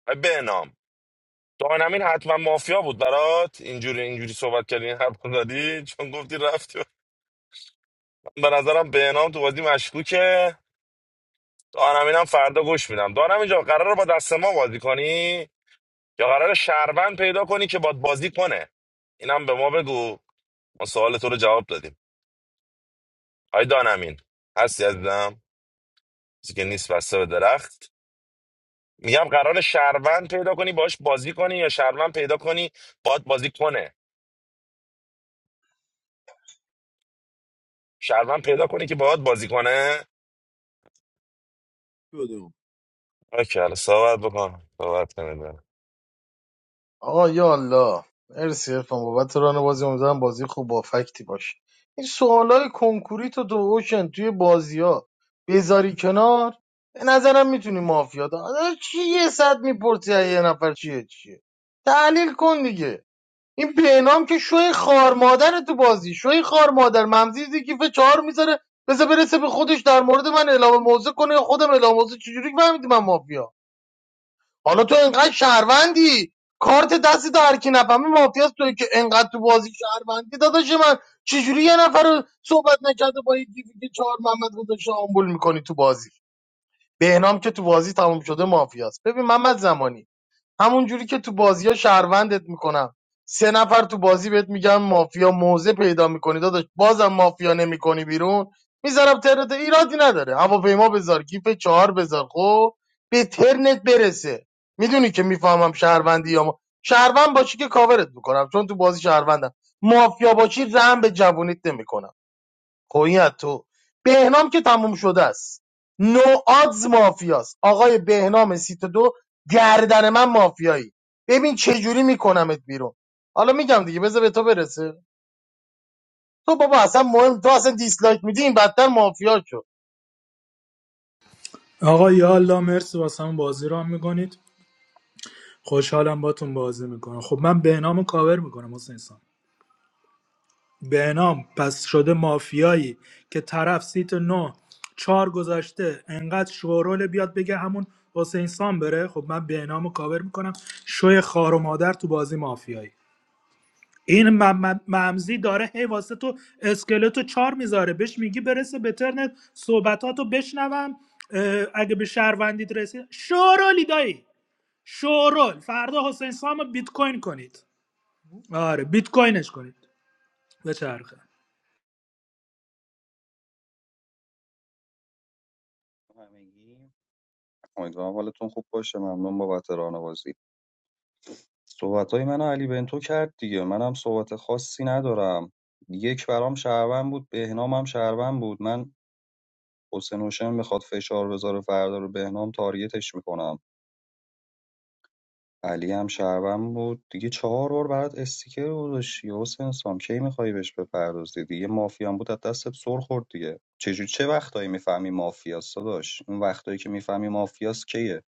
S14: و بنام دانمین حتما مافیا بود برات اینجوری اینجوری صحبت کردی این حرف رو زدی چون گفتی رفتی من به نظرم بهنام تو بازی مشکوکه دانمین هم فردا گوش میدم دانم اینجا قرار با دست ما بازی کنی یا قراره شربن پیدا کنی که باد بازی کنه اینم به ما بگو ما سوال تو رو جواب دادیم آی دانمین هستی عزیزم چیزی که نیست بسته به درخت میگم قرار شهروند پیدا کنی باش بازی کنی یا شهروند پیدا کنی باد بازی کنه شهروند پیدا کنی که باهات بازی کنه
S1: شدم
S14: اوکی حالا صحبت بکن صحبت کنید
S3: آقا یا الله مرسی ارفان بابت ران بازی امیدوارم بازی خوب با فکتی باشه این سوالای کنکوری تو تو اوشن توی بازی ها بذاری کنار به نظرم میتونی مافیا دا آدم چی یه صد میپرسی از یه نفر چیه چیه تحلیل کن دیگه این بهنام که شوی خار مادر تو بازی شوی خار مادر ممزی کیف چهار میذاره بذار برسه به خودش در مورد من اعلام موضع کنه یا خودم اعلام موضع چجوری فهمیدی من مافیا حالا تو انقدر شهروندی کارت دست تو هر کی نفهمه مافیاست توی که انقدر تو بازی شهروندی داداش من چجوری یه نفر رو صحبت نکرده با یه گیفی که چهار محمد گذاشته آمبول میکنی تو بازی بهنام که تو بازی تموم شده مافیاست ببین محمد زمانی همون جوری که تو بازی ها شهروندت میکنم سه نفر تو بازی بهت میگم مافیا موزه پیدا میکنی داداش بازم مافیا نمیکنی بیرون میذارم ترنت ایرادی نداره هواپیما بذار گیف چهار بذار خب به ترنت برسه میدونی که میفهمم شهروندی یا ما. شهروند باشی که کاورت میکنم چون تو بازی شهروندم مافیا باشی رحم به جوونیت نمیکنم خب این از تو بهنام که تموم شده است نو آدز مافیاست آقای بهنام سیت دو گردن من مافیایی ببین چه جوری میکنمت بیرون حالا میگم دیگه بذار به تو برسه تو بابا اصلا مهم تو اصلا دیسلایک میدی این بدتر مافیا شد
S11: آقا یا الله مرسی واسه هم بازی را میکنید خوشحالم باتون بازی میکنم خب من بهنامو کاور میکنم حسین سان بهنام پس شده مافیایی که طرف سیت نو چهار گذاشته انقدر شورول بیاد بگه همون حسین سان بره خب من بهنامو کاور میکنم شوی خار و مادر تو بازی مافیایی این م- م- ممزی داره هی واسه تو اسکلتو چار میذاره بهش میگی برسه به ترنت صحبتاتو بشنوم اه، اگه به شهروندید رسید شورولی دایی شورول فردا حسین سامو بیت کوین کنید آره بیت کوینش کنید به چرخه
S16: همگی امیدوارم حالتون خوب باشه ممنون بابت راهنوازی صحبتهای منو علی بنتو کرد دیگه منم صحبت خاصی ندارم یک برام شهروند بود بهنام هم شهروند بود من حسین هوشم میخواد فشار بذاره فردا رو بهنام تارگتش میکنم علی هم شهروند بود دیگه چهار بار برات استیکر گذاشتی حسین سام کی میخوای بهش بپردازی دیگه مافیا هم بود از دستت سر خورد دیگه چجور چه وقتایی میفهمی مافیاست داداش اون وقتایی که میفهمی مافیاست کیه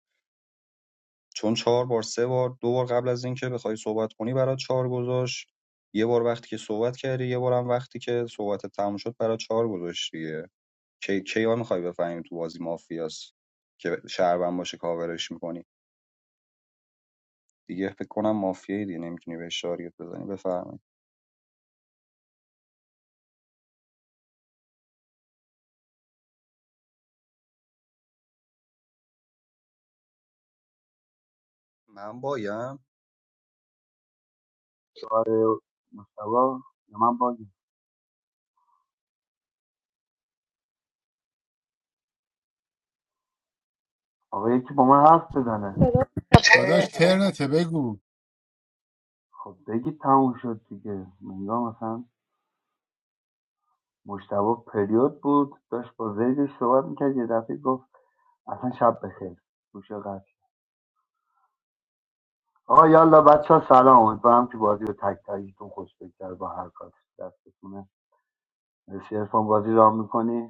S16: چون چهار بار ۳ بار دو بار قبل از اینکه بخوای صحبت کنی برات چهار گذاشت یه بار وقتی که صحبت کردی یه بارم وقتی که صحبتت تموم شد برات ৪ گذاشت دیگه کی کیا میخوای بفهمیم تو بازی مافیاس که شهروند باشه کاورش میکنی دیگه فکر کنم مافیایی دیگه نمیتونی بهش تارگت بزنی بفرمایید من بایم
S4: آره مشتبا یا من باگی آقا یکی با من حرف بزنه
S6: داداش ترنته بگو
S4: خب بگید تموم شد دیگه منگاه مثلا مشتبا پریود بود داشت با زیدش صحبت میکرد یه دفعه گفت اصلا شب بخیر گوشه قطع آقا یالا بچه ها سلام امیدوارم که بازی به تک تکیتون خوش بگذره با هر کاری که دستتونه مرسی عرفان بازی رام میکنی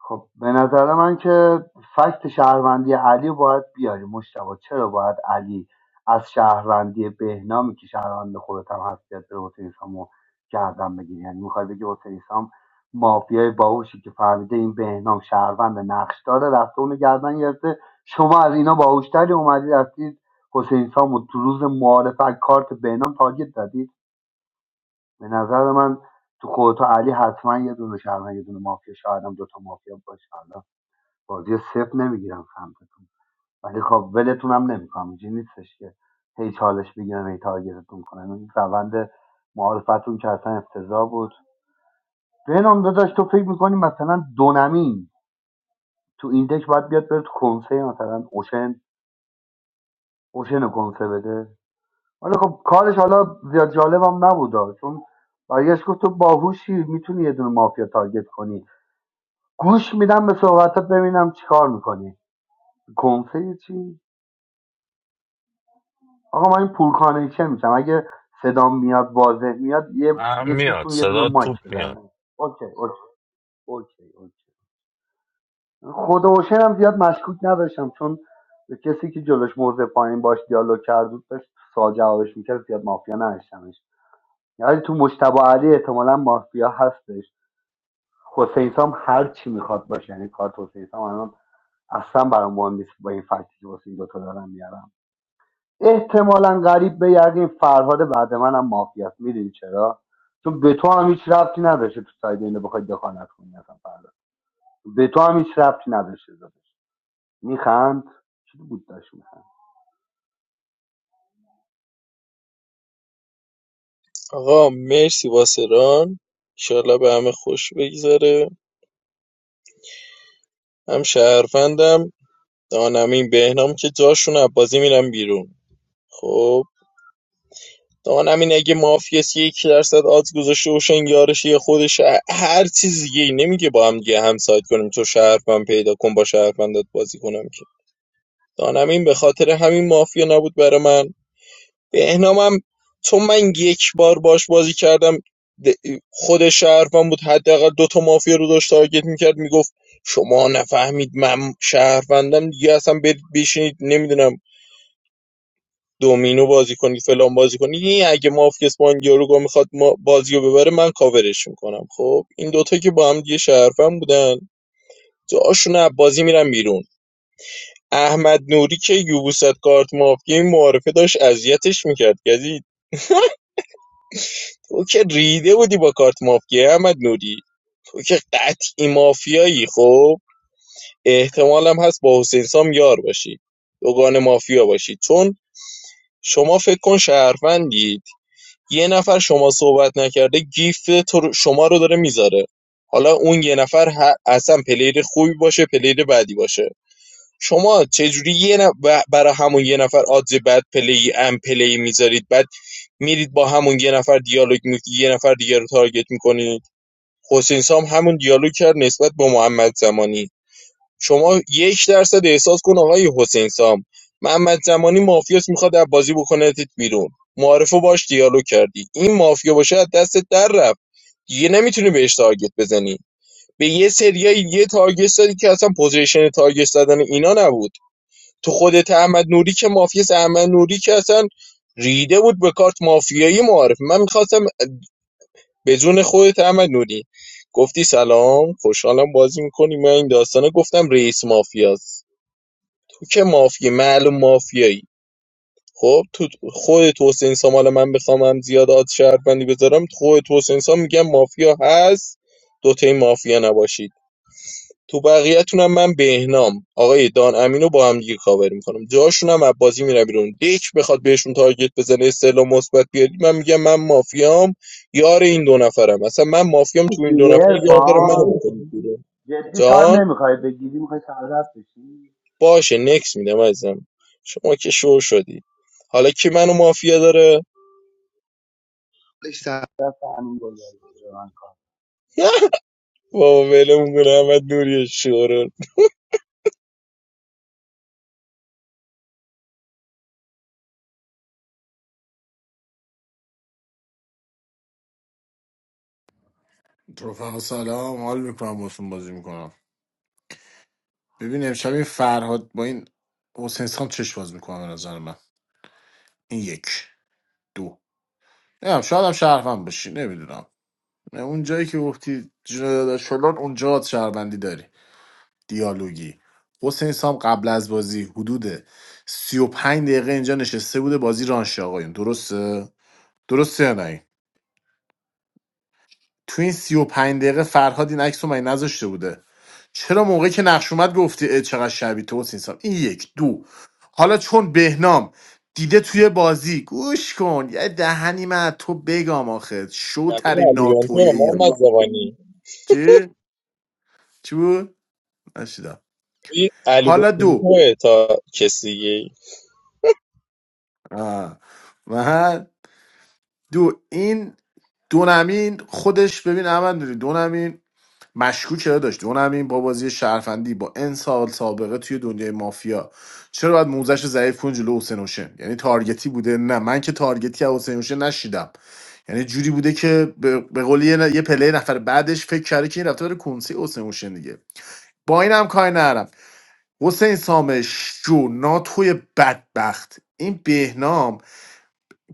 S4: خب به نظر من که فکت شهروندی علی رو باید بیاری مشتبه چرا باید علی از شهروندی بهنامی که شهروند خودت هم هست بیاد بره حسین سامو گردن بگیری یعنی میخوای بگی حسین سام مافیای باهوشی که فهمیده این بهنام شهروند نقش داره رفته اونو گردن گرفته شما از اینا باهوشتری اومدی رفتید حسین سامو تو روز معارف کارت بهنام تارگت زدید به نظر من تو خودتو علی حتما یه دونه شهروند یه دونه مافیا شاید هم دوتا مافیا باشه بازی رو صفر نمیگیرم سمتتون ولی خب ولتون هم نمیکنم اینجوری نیستش که هی چالش بگیرم هی تارگتتون کنم این روند معارفتون که اصلا افتضاح بود بنام داداش تو فکر میکنی مثلا دونمین تو این دک باید بیاد بره تو کنسه مثلا اوشن اوشن رو کنسه بده ولی خب کارش حالا زیاد جالبم نبود چون برگشت گفت تو باهوشی میتونی یه دونه مافیا تارگت کنی گوش میدم به صحبتت ببینم چیکار میکنی کنسه چی آقا من این پول کانکشن میشم اگه صدام میاد واضح میاد یه
S14: هم میاد
S4: یکیتون یه دونه
S14: صدا
S4: مایک
S14: توپ میاد
S4: بزنه اوکی اوکی اوکی اوکی خود حسین هم زیاد مشکوک نداشتم چون به کسی که جلوش موضع پایین باش دیالوگ کرد بود داشت سوال جوابش میکرد زیاد مافیا نداشتمش یعنی تو مشتبه علی احتمالا مافیا هستش حسین سام هر چی میخواد باشه یعنی کارت حسین سام الان اصلا برام مهم نیست با این فکتی که واسه این دوتا دارم میارم احتمالا قریب به یقین فرهاد بعد منم مافیا است میدونی چرا چون به تو هم هیچ ربطی نداشته تو ساید اینو بخوای دخالت کنی اصلا فرهاد به تو هم هیچ ربطی نداشته داداش میخند چی بود داشت میخند
S10: آقا مرسی واسه ران به همه خوش بگذره هم شهروندم دانمین بهنام که جاشون از بازی میرم بیرون خب دانمین اگه مافیاس یک درصد آدز گذاشته و یارش یه خودش ه- هر چیز دیگه ای نمیگه با هم دیگه همسایت کنیم تو شهروند پیدا کن با شهروندات بازی کنم که دانمین به خاطر همین مافیا نبود برای من بهنامم چون من یک بار باهاش بازی کردم د- خود شهروند بود حداقل دو تا مافیا رو داشت تارگت میکرد میگفت شما نفهمید من شهروندم دیگه اصلا برید بشینید نمیدونم دومینو بازی کنید فلان بازی کنید این اگه مافیا اسپان یاروگا میخواد ما بازی رو ببره من کاورش میکنم خب این دوتا که با هم دیگه شهروند بودن جاشون از بازی میرن بیرون احمد نوری که یوبوست کارت مافیا این معارفه داشت اذیتش میکرد یعنی تو که ریده بودی با کارت مافیا احمد نوری تو که قطعی مافیایی خب احتمالم هست با حسین سام یار باشی دوگان مافیا باشی چون شما فکر کن شهروندید یه نفر شما صحبت نکرده گیفت تو شما رو داره میذاره حالا اون یه نفر ه- اصلا پلیر خوبی باشه پلیر بدی باشه شما چجوری یه نف... برای همون یه نفر آدز بد پلی ام پلی میذارید بعد میرید با همون یه نفر دیالوگ می یه نفر دیگه رو تارگت میکنید حسین سام همون دیالوگ کرد نسبت به محمد زمانی شما یک درصد احساس کن آقای حسین سام محمد زمانی مافیاست میخواد از بازی بکنتت بیرون معارفه باش دیالوگ کردی این مافیا باشه از دست در رفت دیگه نمیتونی بهش تارگت بزنی به یه سریای یه تارگت زدی که اصلا پوزیشن تارگت زدن اینا نبود تو خودت احمد نوری که مافیاست احمد نوری که اصلا ریده بود به کارت مافیایی معارف من میخواستم به جون خودت احمد نوری گفتی سلام خوشحالم بازی میکنی من این داستانه گفتم رئیس مافیاست تو که مافیا معلوم مافیایی خب تو خودت حسین سام حالا من بخوام هم زیاد آد شهروندی بذارم تو خودت حسین سام میگم مافیا هست دوتای مافیا نباشید تو بقیه‌تونم من بهنام آقای دان امینو با هم دیگه کاور میکنم جاشونم از بازی میرم بیرون دک بخواد بهشون تارگت بزنه استعلام مثبت بیاری من میگم من مافیام یار این دو نفرم اصلا من مافیام تو این دو
S4: گیری
S10: نفر یار دارم من
S4: ارفان
S10: میکنم
S4: جدی تار
S10: جان
S4: نمیخوای بگیری میخوای سردت بشی
S10: باشه نکس میدم ازم شما که شو شدی حالا کی منو مافیا داره
S4: در دست همین گلبری بده به من کار
S10: [laughs] بابا ولمون کنه احمد نوری شورون
S13: رفقا سلام حال میکنم باشون بازی میکنم ببین امشب این فرهاد با این حسین سام چش باز میکنم به نظر من این یک دو نمیدونم شاید هم شهروند باشی نمیدونم اون جایی که گفتی جنایت شلون اونجا شهروندی داری دیالوگی حسین سام قبل از بازی حدود 35 دقیقه اینجا نشسته بوده بازی رانش آقایون درسته درسته یا نه تو این سی و پنج دقیقه فرهاد این عکس رو من نذاشته بوده چرا موقعی که نقش اومد گفتی اه، چقدر شبیه تو حسین سام این یک دو حالا چون بهنام دیده توی بازی گوش کن یه دهنی من از تو بگم آخه
S10: یعنی
S13: شوترین
S10: علی
S13: ناتوی
S10: بنتو محمد
S13: ایران
S10: زبانی.
S13: چی؟ چی بود؟ نشیدم
S10: این علی
S13: حالا دو
S10: بنتو تا کسی
S13: آه. و دو این دونمین خودش ببین احمد نوری، دونمین مشکوک چرا داشت اون همین با بازی شرفندی با ان سال سابقه توی دنیای مافیا چرا باید موزش ضعیف کن جلو حسین حسین یعنی تارگتی بوده نه من که تارگتی از حسین حسین نشیدم یعنی جوری بوده که به به قول یه, ن- یه پله نفر بعدش فکر کرده که این رفته داره کنسی حسین حسین دیگه با این هم کاری نرم حسین سامش جو ناتوی بدبخت این بهنام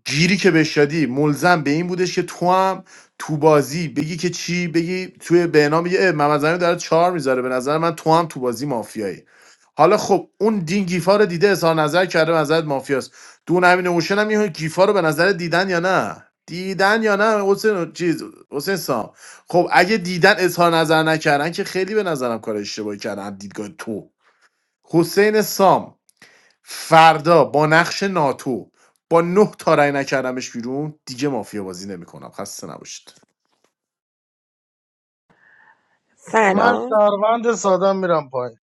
S13: گیری که بهش شدی ملزم به این بودش که تو هم تو بازی بگی که چی بگی توی بهنام بگی اه، محمد زمین داره چهار میذاره به نظر من تو هم تو بازی مافیایی حالا خب اون دین گیفا رو دیده اظهار نظر کرده به نظرت مافیاست دون امین اوشن هم این گیفا رو به نظر دیدن یا نه دیدن یا نه حسین چیز حسین سام خب اگه دیدن اظهار نظر نکردن که خیلی به نظرم کار اشتباهی کردن از دیدگاه تو حسین سام فردا با نقش ناتو با نه تا رای نکردمش بیرون دیگه مافیا بازی نمیکنم خسته نباشید
S3: من
S9: سلام
S3: شهروند سادم میرم پایین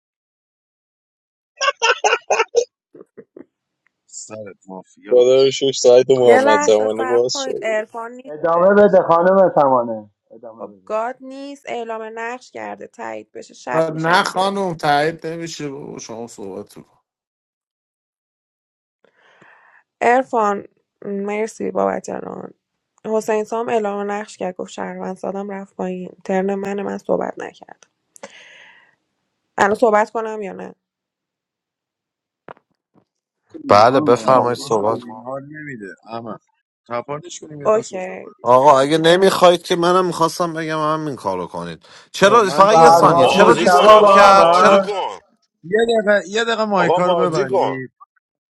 S1: سرت مافیا
S10: خدا رو شکر سایت
S4: خانم
S9: یه
S4: سر-
S10: محمد
S4: کنه.
S9: لحظه
S10: زمانی
S4: ادامه بده
S9: صبر
S10: باز
S9: کنید
S10: شد
S9: ارفان
S4: ادامه
S9: نیستش
S4: بده خانم سمانه ادامه
S9: خب
S4: بده
S9: گاد نیست اعلام نقش کرده تایید بشه شب میشه
S13: نه
S9: دیگه
S13: خانم تایید نمیشه بابا شما صحبت رو کن.
S9: عرفان مرسی بابت ران حسین سام اعلام نقش کرد گفت شهروند سادم رفت پایین ترن من من صحبت نکردم. الان صحبت کنم یا نه
S2: بله
S4: خانم مگه
S2: بفرمایید
S4: مافیا
S1: تپانش
S4: غلط
S2: صحبت کن
S4: نیست؟
S1: کنیم حال نمیده اما تپانش کنیم یه دست بزن
S9: اوکی
S1: بالا.
S2: آقا اگه نمیخواید که منم میخواستم بگم همین کارو کنید
S1: آه،
S2: چرا
S1: من
S2: فقط یه ثانیه
S4: فرهاد
S1: کاراگاه
S2: چرا
S14: بازی
S4: مشتبه
S14: کن
S2: دیسکارد
S4: با
S14: آقا
S4: هم
S2: کرد چرا
S14: بازی
S4: ها
S14: کن
S1: یه دقیقه یه دقیقه
S14: آقا
S1: مایکا رو
S14: بازی کن
S1: ببندی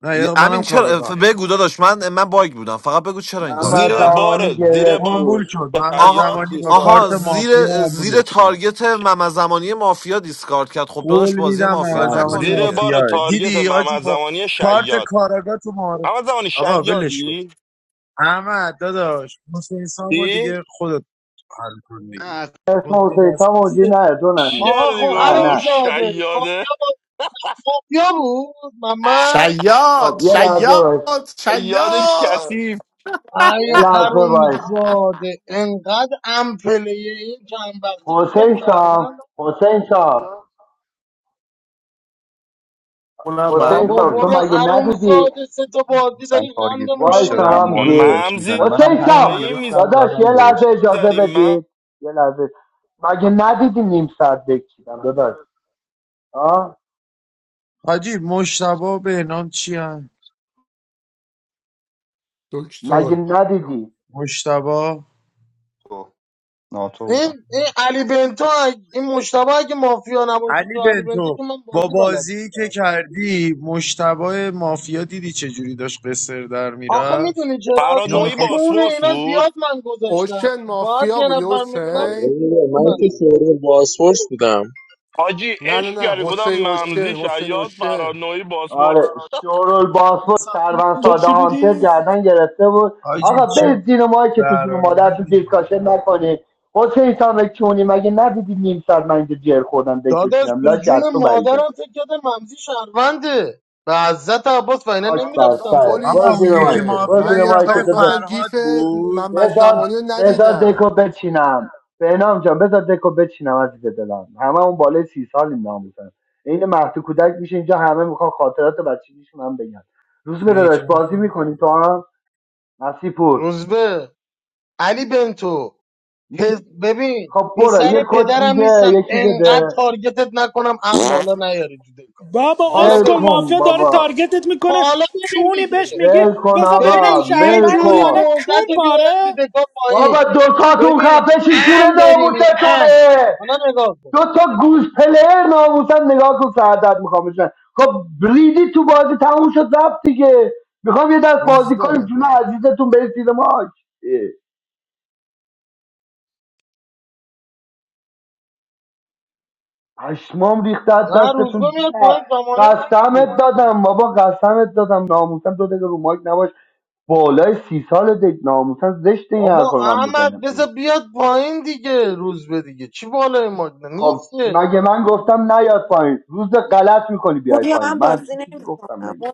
S1: نه یه دقیقه
S2: امین
S1: منم
S2: چرا
S1: کاراگاه
S2: بگو داداش من من باگ بودم فقط بگو چرا این کارو
S4: محمد
S14: زیر
S2: کرد
S14: بار
S4: زمانی
S14: زیر
S4: گرفت
S14: بار
S4: روش
S1: آمبول شد محمد
S2: آها
S14: شیاد
S1: زمانی با
S14: دیسکارد
S2: آها
S1: کارت
S14: کرد
S2: زیر
S1: مافیا
S2: زیر
S1: آمبولش کرد
S2: تارگت ممزمانی مافیا دیسکارد کرد خب داداش
S1: قول
S2: بازی
S1: میدم
S2: مافیا
S1: محمد
S13: بله،
S1: زمانی
S2: نکن
S13: بله.
S14: زیر
S2: دیگه
S14: بار
S1: مافیاه
S14: تارگت
S1: دیدی حاجی
S14: محمد
S1: با
S14: زمانی
S1: کارت
S14: شیاد
S1: کاراگاه تو معارف
S14: محمد زمانی
S1: آقا ولش کن
S14: شیادی؟
S1: احمد داداش حسین سامو
S14: چی؟
S1: دیگه خودت حل کن
S4: نه
S1: دیگه
S4: از اسم
S1: اون دیگه
S4: حسین
S1: دست
S4: سام
S1: نیست.
S4: اوجی نه دو
S14: چی
S4: نمید
S3: آقا
S14: کردی
S3: خب
S4: نه
S3: حروم
S14: گفتم
S4: نه
S3: زاده
S14: شیاده
S3: مافیا با- مافیا بود محمد
S4: خب
S13: شیاد
S4: یه لحظه باش
S13: شیاد
S14: یاد
S13: شیاد
S14: کسی
S4: یه
S3: ای
S4: لحظه
S3: حروم
S4: باش
S3: زاده انقدر امپلیه این چند وقته گفتم
S4: حسین سام
S3: شهروند
S4: حسین سام
S13: اونم
S4: حسین
S3: بابا
S4: سام
S13: معلومه
S4: تو
S3: برو
S13: دیگه.
S4: مگه
S3: حروم
S4: ندیدی
S3: زاده سه تا بازی
S16: مثلا
S3: داری قند
S16: تارگت
S3: ما
S16: پوش
S3: رو
S4: وایس
S16: چرا هم
S3: میگیری
S16: معارفه
S4: همزی
S16: بهش
S14: ممزی
S16: میزنه منم
S4: حسین
S16: همونو
S4: سام
S14: مایی
S16: گرفتم
S4: داداش یه
S16: زدم
S4: لحظه
S16: بهش
S4: اجازه
S14: میزدیم من
S4: بدید یه لحظه مگه ندیدی نیم ساعت بکشیدم داداش آه
S1: حاجی مشتبا به نام چی هم؟
S6: دکتر
S4: مگه ندیدی
S1: مشتبا
S16: تو ناتو بودم
S3: این این علی بنتو اگه- این مشتبه اگه مافیا نباشه
S1: علی
S3: تو علی بنتو
S1: بنتو
S3: که من
S1: با
S3: بازی بلد
S1: بازی که
S3: نیستم.
S1: کردی مشتبه مافیا دیدی چه جوری داشت قصر در
S3: آخه
S1: میرفت
S3: میدونی چرا
S14: فراد
S1: اینو
S3: چون
S14: نوعی
S1: میخواست
S3: چون
S14: باسپورس
S3: اینا
S14: بود
S3: زیاد من
S6: اوشن
S3: گذاشتم باید
S6: مافیا
S3: یه
S6: بودی
S3: نفر
S10: آره
S3: میبینم
S6: حسین
S3: چیز
S10: من
S3: کنم
S10: که شورای بازپرس بودم
S14: حاجی
S6: نه نه
S14: عشق
S6: نه
S14: کرده گفتم
S6: حسین اوشن
S14: ممزی
S6: حسین
S14: شیاد فراد
S6: اوشن
S14: نوعی
S4: آره
S14: باسپورس
S4: شورول باسفور چرون
S11: تو
S4: ساده
S11: چی
S4: هانتر
S11: بودی؟
S4: گردن گرفته بود آقا
S1: حاجی
S4: برید زیر ماهی که تو جون
S1: برایت
S4: مادر تو
S1: نمیده
S4: دیسکاشن نکنید حسین سامک چونی مگه ندیدی نیم ساعت من اینجا جر خوردم دک
S3: داداش
S4: بچینم
S3: به
S4: لاش
S3: جون
S4: از تو بعیده
S3: مادرم فکر کرده ممزی شهرونده به عزت عباس و اینا
S4: خاک بر
S3: نمیرفتم
S4: سرت
S3: پایین
S6: کسخلی
S1: آقا
S4: برو
S1: اون
S4: زیر
S1: یکی
S4: مایکت
S6: دیگه
S4: برو
S1: مافیا
S6: من
S4: زیر
S1: این
S6: یه
S1: آقای
S4: مایکت
S6: تار مثلا
S4: بذار
S1: فرهاد
S6: گیف
S1: بود
S6: محمد
S4: بذار
S6: زمانی رو
S4: بذار دکو
S6: ندیدم
S4: بچینم بهنام جان بذار دکو بچینم عزیز دلم همه اون بالای سی سالیم ناموسن این مهد کودک میشه اینجا همه میخوان خاطرات بچگیشون هم بگن روز به
S1: اون یکی
S4: داداش
S1: مافیا
S4: بازی میکنی
S1: بود.
S4: تو هم نسی پور
S3: روزبه علی بنتو پز-
S4: نیست
S3: ببین
S4: خب برو
S3: پسر
S4: یه کد
S3: پدرم
S4: دیگه
S3: نیستم
S4: یکی
S3: انقدر
S4: بده
S3: تارگتت نکنم ام بالا نیاری تو دکا
S11: بابا
S3: حالا
S4: ول
S11: اسکل
S3: ببین
S4: کن
S11: مافیا داره
S4: بابا
S11: تارگتت میکنه
S3: حالا ببین
S11: کونی بهش
S3: دیگه
S11: میگی
S4: ول کن
S11: بذار ببینم
S3: ببین
S4: آقا
S3: یه
S4: ول
S11: شهروندی
S3: جوری
S11: یا
S4: کن
S11: نه کون
S3: موزت رو بیارم
S11: پاره
S3: تو دکا
S4: بابا
S3: پایین
S4: دوتاتون
S3: ببین
S4: خفه شید جون
S3: ام برینی ام
S4: ناموستونه
S3: حالا نگاه کن
S4: دو تا گوز پلیر ناموسن نگاه کن سردت میخوام بشن خب ریدی تو بازی تموم شد رفت دیگه میخوام یه دست بازی کنیم
S6: روزبه
S4: جون عزیزتون برید زیر ماش پشمام ریخته از
S3: نه روزبه
S4: دستتون
S3: میاد پایین زمانه رو گفت دیگه
S4: قسمت دادم بابا قسمت دادم ناموسن دو دقیقه رو مایک نباش بالای سی سال دک ناموسن زشت این حرف
S3: بابا
S4: رو من
S3: احمد
S4: بزنم
S3: بذار بیاد پایین دیگه روزبه دیگه چی بالای ما
S4: خب
S3: نیست که.
S4: مگه من گفتم نیاد پایین روز غلط میکنی بیای
S9: پوریا
S4: پایین
S9: من
S4: من
S9: بازی
S4: چی چیزی گفتم
S9: نمیکنم
S4: مگه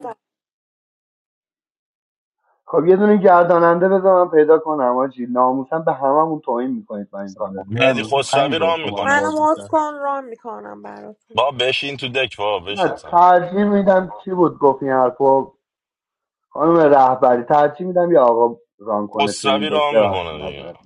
S4: خب یه دونه گرداننده بذار من پیدا کنم آجی ناموسن به هممون توهین میکنید با این
S16: سلام
S4: کارتون
S16: نه
S4: به
S14: مهدی
S16: اندازه
S4: قرآن
S16: پنج
S14: خسروی
S16: هزار
S14: رام
S16: تومن
S14: میکنه
S9: منو
S16: باز
S9: موت
S16: کرد
S9: کن ران میکنم برات
S14: با بشین تو دک با
S4: نه
S14: بشین سم
S4: ترجیح میدم چی بود گفت این حرفو خانم رهبری ترجیح میدم یا آقا ران کنه تو این
S14: خسروی
S4: دک
S14: رام میکنه
S4: ببخشید
S14: دیگه
S4: معذرت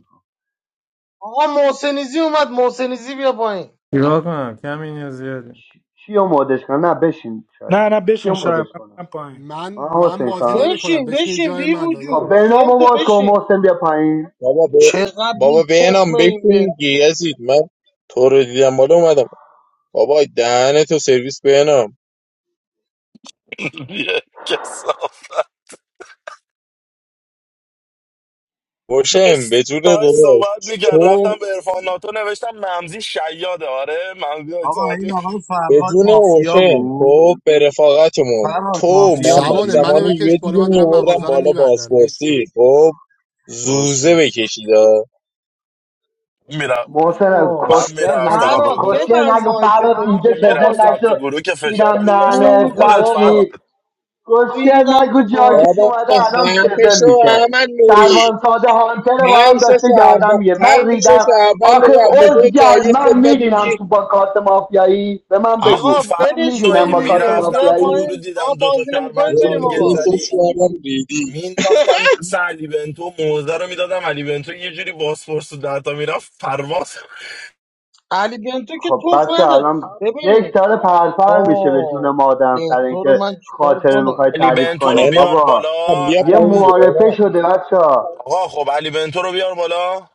S3: آقا محسنیزی اومد محسنیزی بیا پایین
S17: چیکار کنم کمی یا زیادی
S4: کی- کیو مودش کنم نه بشین شاید
S11: نه نه بشین
S4: کیو مودش
S11: شاید من
S4: کنم
S11: برم پایین
S6: من
S4: آه
S6: من
S4: حسین
S6: بازی
S4: سام
S6: نمیکنم
S3: بشین
S6: بشین
S3: بشین
S6: جای
S3: بی
S6: من
S4: خب
S3: وجود
S6: داداش
S4: برنامه
S3: بنتو
S4: باز کن
S3: بشین
S4: محسن بیا پایین
S10: بابا ب...
S3: چقدر
S10: بابا
S3: بی
S10: بینام
S3: تخمه این
S10: بکن دیگه
S3: بلبل
S10: یزید من تو رو دیدم بالا اومدم بابا دهن تو سرویس بینام
S14: [laughs] یه کسافت
S10: اوشن
S14: داشت
S10: بدون
S14: داشت
S10: داداش
S14: صحبت میکرد رفتم
S10: تو
S14: به ارفان ناتو نوشتم ممزی شیاده آره ممزی داشت
S1: آقا
S14: صحبت
S1: این
S14: می‌کرد.
S1: آقای فرهاد
S10: بدون
S1: مافیا
S10: اوشن
S1: بود
S10: خب به رفاقتمون
S1: فرهاد
S10: تو
S1: مافیا
S10: محمد
S6: سمانه
S1: بودی
S6: منو
S10: زمانی یه
S6: بکش بالا
S10: دیگه
S6: من دارم
S10: میوردم
S6: مغازه رو
S10: بالا
S6: میبندم نیستم
S10: بازپرسی خب
S1: باز
S10: زوزه
S1: بود
S10: بکشیدا
S14: میرم
S4: محسن
S3: وای.
S14: من
S4: کسچر نگو
S14: میرفتم
S4: بابا
S14: تو
S3: فراد
S14: گروه
S4: کسچر
S3: ببند
S4: نگو فراد
S3: مایکتو
S4: اینجا
S3: دیگه
S14: من
S4: کسر
S3: بابا
S14: میرفتم
S3: دیگه
S4: نشو
S14: تو گروه که فشار رو
S4: چیرم
S14: میذاشتم رو
S4: دهنت
S3: روزو
S14: خودت فراد
S3: بابا
S4: لاشی کسچر
S3: ریدم
S4: نگو
S3: تو
S4: جاکش
S3: بازی
S10: بابا
S4: اومده الان
S10: خفه
S4: شزم
S10: شو
S4: میشه
S10: احمد نوری
S4: شروان ساده هانتر با هم
S10: پنج تا
S4: داشته
S10: شهروند
S4: گردم میگه من
S10: پنج تا
S4: ریدم
S10: شهروند
S4: آخه
S10: قبل خود
S4: ازگل
S10: تارگت
S4: من
S10: زد بعد
S4: میرینم
S10: میگی
S4: تو با کارت مافیایی به من
S14: من
S3: آقا
S4: بگو
S14: فراد
S4: من
S3: ولش کن
S4: میرینم با کارت
S3: دیگه بیا
S14: میرفتم تو
S4: مافیایی
S14: گروه
S3: پایین آقا
S14: دیدم دوتا
S3: بازی نمیکنید
S14: شهروند
S3: بریم
S14: تارگت
S3: آقا
S14: زدی
S10: احساس کردم ریدی
S14: مینداختم دست علی بنتو موزه رو میدادم علی بنتو یه جوری باسپورس تو درتا میرفت پرواز
S3: علی بنتو که
S4: خب
S3: توخ
S4: بچه
S3: نداره
S4: الان یک
S3: ببین
S4: داره پرپر میشه به جون
S3: وای
S4: مادم سر
S3: بنتو رو
S4: اینکه
S3: من چیکار
S4: خاطره
S3: کنم
S4: میخوای
S14: علی
S4: تعریف
S14: بنتو رو
S4: کنید
S10: بهنام
S14: بیار
S4: بابا
S14: بالا
S10: بیا
S4: یه
S14: علی
S10: پایین
S14: بنتو
S4: معارفه
S10: بهنام
S4: شده بچه ها.
S14: آقا خب علی بنتو رو بیار بالا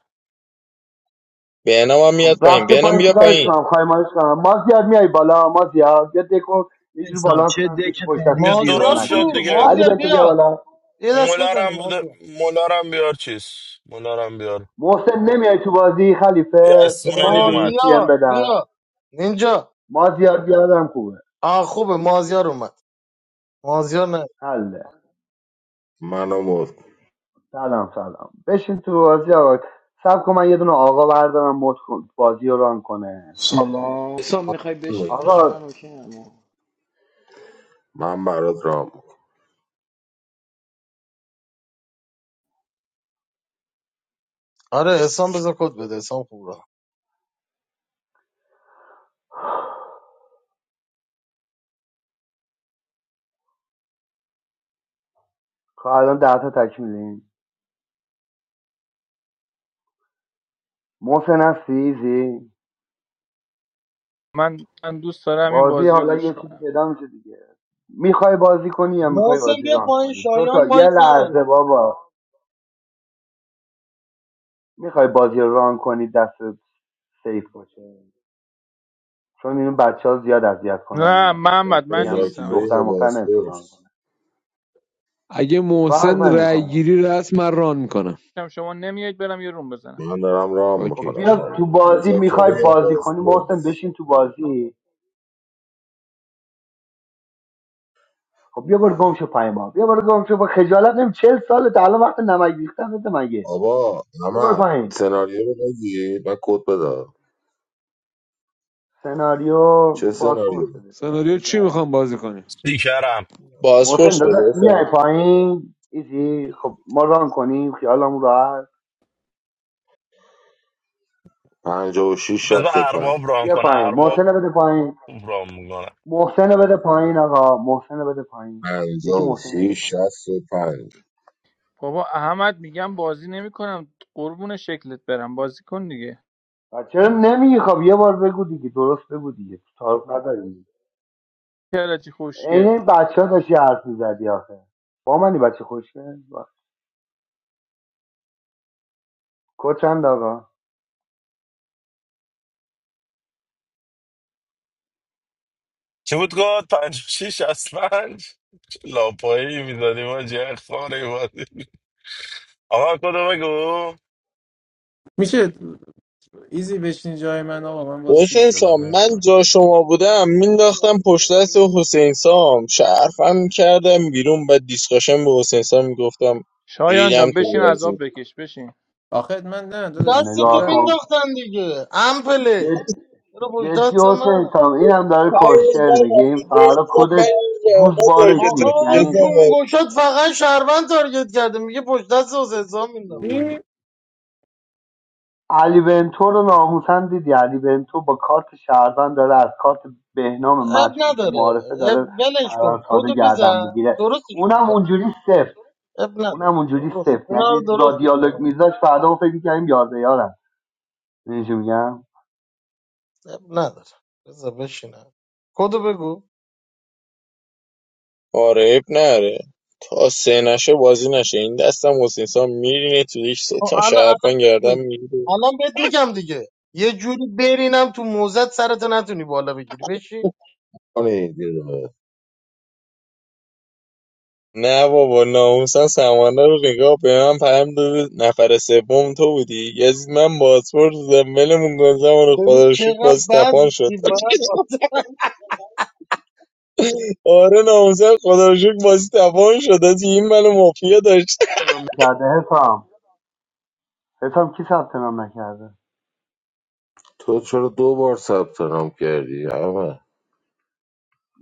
S10: بهنام هم
S4: خب
S10: میاد پایین
S4: رفته
S10: بهنام
S4: پایین
S10: بیا
S4: چیکارش
S10: پایین
S4: کنم خواهی مالش کنم ما زیاد میای بالا ما زیاد بیا دکو یه جور
S1: انسان
S4: بالانس
S1: چه
S4: کنم
S1: دک
S4: کسی پشت دست
S14: یه
S1: تمیزی
S4: کسی
S1: رو
S4: بازی
S3: مازیار
S14: درست
S3: کو
S1: دیدی
S14: شد
S4: نکنید
S1: توش
S4: بیا.
S14: دیگه
S1: خدا
S4: علی
S3: مازیار
S4: بنتو بیا
S1: وکیلی.
S3: بیا
S4: بالا
S3: یه دست بزنیم
S14: مولارم بده
S3: مازیار
S14: مولارم بیار چیز مولارم بیار
S4: محسن نمیای تو بازی
S14: یه
S4: خلیفه بذار
S14: اسماعیلی
S4: من به این
S14: اومد
S4: سی ام
S3: مازیار
S4: بدم
S3: بیا اینجا
S4: ما زیاد بیادم خوبه
S3: آ خوبه مازیار اومد مازیار نه
S4: حله
S18: منو مد کن.
S4: سلام سلام بشین تو بازی آقا سب کن من یه دونه آقا بردارم مد کن بازی رو ران کنه سب کن
S19: سلام حسام میخوای بشین داشت
S4: آقا
S19: من اوکی اما
S18: من برات رام
S3: آره حسام بذار کد بده حسام خوب راه
S4: تا الان ده تا تکمیلیم محسن هستی ایزی
S20: من من دوست دارم این
S4: بازی
S20: بازی رو
S4: حالا
S20: گوش
S4: یه چیزی
S20: کنم
S4: پیدا میشه دیگه میخوای بازی کنی یا میخوای
S3: محسن
S4: بازی
S3: بیا
S4: ران
S3: پایین
S4: کنی دو
S3: شایان
S4: تا یه
S3: مایک
S4: لحظه
S3: نداره
S4: بابا میخوای بازی رو ران کنی دست سیف باشه چون این بچه ها زیاد اذیت کنن
S20: نه
S4: و بهت
S20: محمد
S18: میکنم
S20: من
S4: بگم
S20: نیستم
S18: مذاکره
S4: دختر
S18: یا
S20: عزیزم
S4: مختار نمیتونه ران
S18: بازپرس
S4: کنه
S21: اگه
S4: فرق
S21: محسن رأی
S4: نمیکنه
S21: گیری رسم من ران میکنم
S20: هم شما نمیایید برم یه روم بزنم
S18: من دارم رام
S4: خب
S21: اوکی
S18: میکنم
S4: بیا
S18: من
S4: تو بازی میخوای
S18: مذاکره یا
S4: بازی کنی محسن
S18: بازپرس
S4: بشین تو بازی خب بیا برو گم شو پایین ما بیا برو گم شو با خجالت نمی چل ساله تا الان وقت نمک ریختن بده مگه
S18: آبا
S4: بیا برو
S18: احمد
S4: پایین
S18: سناریو رو بگی من کد بده
S4: سناریو
S18: چه
S4: بازپرس
S18: سناریو
S4: بده دیگه
S21: سناریو
S4: همین که
S21: چی
S4: الان
S21: میخوام
S4: هست.
S21: بازی کنیم
S14: سیکرم
S4: محسن
S10: بازپرس
S4: داداش
S10: بده
S4: میای پایین ایزی خب ما ران کنیم خیالمون راحت
S18: پنجاه و شیش
S14: بذار
S18: شست و پنج
S14: ارباب ران
S4: بیا
S14: کنه
S4: پایین
S14: ارباب
S4: محسن رو بده پایین
S14: خوب رام میکنم
S4: محسن رو بده پایین آقا محسن رو بده پایین یکی
S18: پنجاه و
S4: محسن رو بده
S18: شیش
S4: پایین
S18: شست و پنج
S20: بابا احمد میگم بازی نمیکنم قربون شکلت برم بازی کن دیگه
S4: و چرا نمیگی خب یه بار بگو دیگه درست بگو دیگه تعارف نداری
S20: کرتی
S4: عین
S20: خوشگل
S4: این بچه ها داشتی حرف میزدی آخه با منی بچه خوشگل با- کد چند آقا
S14: چی بود گفت پنج و شیش از پنج لاپایی میدادیم ما جه خاره بازی آقا کدو بگو
S17: میشه ایزی بشین جای من آقا من باز چیز
S10: حسین
S17: شدم
S10: سام من
S17: نمیتونم
S10: جا شما بودم مینداختم پشت دست حسین سام شرفم کردم بیرون بعد دیسکاشن به حسین سام میگفتم
S20: شایان
S10: ریدم
S20: جان
S10: تو
S20: بشین
S10: بازی
S20: عذاب بکش بشین
S17: آخه من نه
S4: اینو
S17: داداش
S3: دست
S17: یه
S3: تو
S4: نگاه
S17: بر-
S4: کن
S3: مینداختن دیگه امپلی
S4: جد...
S3: برو پشت
S4: جدی
S3: دست
S4: حسین
S3: من
S4: سام این هم داره
S10: خیلی بد،
S4: کوشر میگه این
S10: آرزوی
S4: فردا
S10: بودم، بعد
S4: کدش
S10: این آقا تارگت
S4: گوزبارش
S3: آخه
S4: نیست
S10: زدی،
S3: بابا
S4: یعنی
S10: گزنم.
S3: کونگوشت فقط شهروند تارگت کرده میگه پشت دست حسین حسام مینداخته
S4: م،
S17: چی؟
S4: علی بنتو رو ناموسن دیدی علی بنتو با کارت شهروند داره از کارت بهنام
S3: اب
S4: مشهور تو
S3: نداره
S4: معارفه
S3: اب
S4: داره
S3: ولش کن
S4: شهروند ساده
S3: کدو
S4: گردن
S3: بزن
S4: میگیره
S3: درستش
S4: اونم
S3: میکنم
S4: اونجوری سفت
S3: اب
S4: اونم
S3: نداره
S4: اونجوری
S3: درست
S4: سفت
S3: اونا
S4: یعنی
S3: رو
S4: با
S3: درست
S4: دیالوگ
S3: میکنم
S4: میذاش فردا ما فکر میکنیم یارده یارم میگم
S3: اب نداره بذار بشینم کدو بگو
S10: آره اب نره تا سه نشه بازی نشه این دستم حسین سام میرینه تو دیش سه
S3: خب
S10: تا
S3: الان الان
S10: شرفن
S3: بهت
S10: گردم
S3: میگم
S10: میگیره
S3: الان بهت میگم دیگه یه جوری برینم تو موزت سرتو نتونی بالا بگیری بشی
S18: کنی دیگه.
S10: نه بابا ناموسن سمانه رو نگاه به من پیام داده نفر سوم تو بودی یزید من پاسپورت بودم ولمون کن زمان
S3: ببین
S10: خدا رو شکر
S3: چقدر
S10: بازی
S3: بد
S10: تپان شد
S3: میگی، بد
S10: [laughs] آره ناموسن خدا رو شکر بازی تپان شد حاجی، این منو مافیا داشت
S4: نام کرده حسام حسام کی ثبت نام نکرده
S18: تو چرا دو بار ثبت نام کردی احمد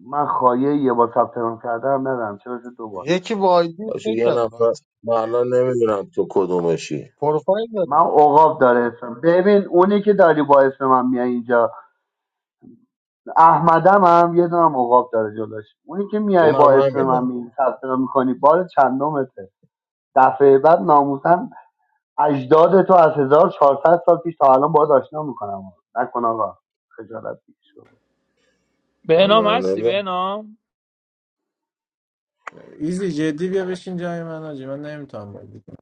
S4: من خواهیه یه بار ثبت نام کرده هم ندارم چرا شد دو بار
S3: یکی با آیدی
S18: باشه
S3: فکر
S18: یه
S3: کرد من
S18: نفر من الان نمیدونم تو کدومشی
S3: پروفایل
S4: من
S3: داره
S4: اوقاب داره اسم ببین اونی که داری با اسم من میای اینجا احمدم هم یه دونم اوقاب داره جلوش اونی که میای با
S18: اونم
S4: اسم من
S18: همینه
S4: می ثبت نام میکنی بار چندمته دفعه بعد ناموسن اجداد تو از 1400 سال پیش تا الان باهات آشنا میکنم نکن آقا خجالت بکش
S20: به
S18: من
S20: نام هستی
S18: نمیدونم
S20: به نام
S17: ایزی جدی بیا بشین جای من آجی من نمیتونم بازی کنم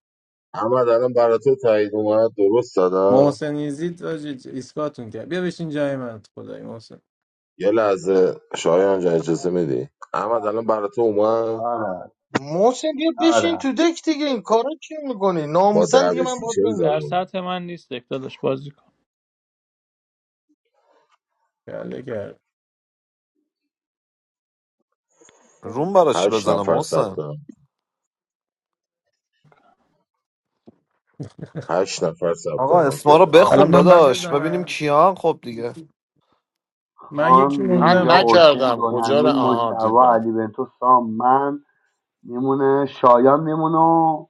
S18: احمد الان برای تو تایید اومد درست دادا
S17: محسن ایزی آجی ایسکاتون کرد بیا بشین جای من خدای محسن
S18: یه لحظه
S4: بابا.
S18: شایان جان اجازه میدی احمد الان برای تو اومد
S4: آره آره
S3: محسن بیا بشین
S4: آره
S3: تو دک دیگه این کارا چی میکنی
S18: با
S3: ناموسن دیگه
S18: دعوی
S3: من
S18: سی
S3: باید
S18: چل
S20: در
S3: نمیشین
S18: زده
S20: سطح من نیست داداش بازی کن
S17: کله کرد
S2: روم برا چی
S18: هشت
S2: بزنم
S18: نفر ثبت
S2: محسن
S18: نام هشت نفر ثبت
S2: آقا
S18: نام
S2: اسما رو
S18: کرده
S4: آخ،
S2: بخون
S17: الان من
S4: نفر
S17: بعد
S2: داداش
S4: منم.
S2: ببینیم
S17: بزنم
S2: کیان خب دیگه
S17: یکی- من
S4: خان
S17: یکی
S13: من
S17: موندم
S4: نینجا
S17: من
S4: اوشن
S13: نکردم کجا رو
S4: دونمین
S13: آها
S4: مجتبی
S13: دیدم
S4: علی بنتو سام من میمونه شایان میمونه و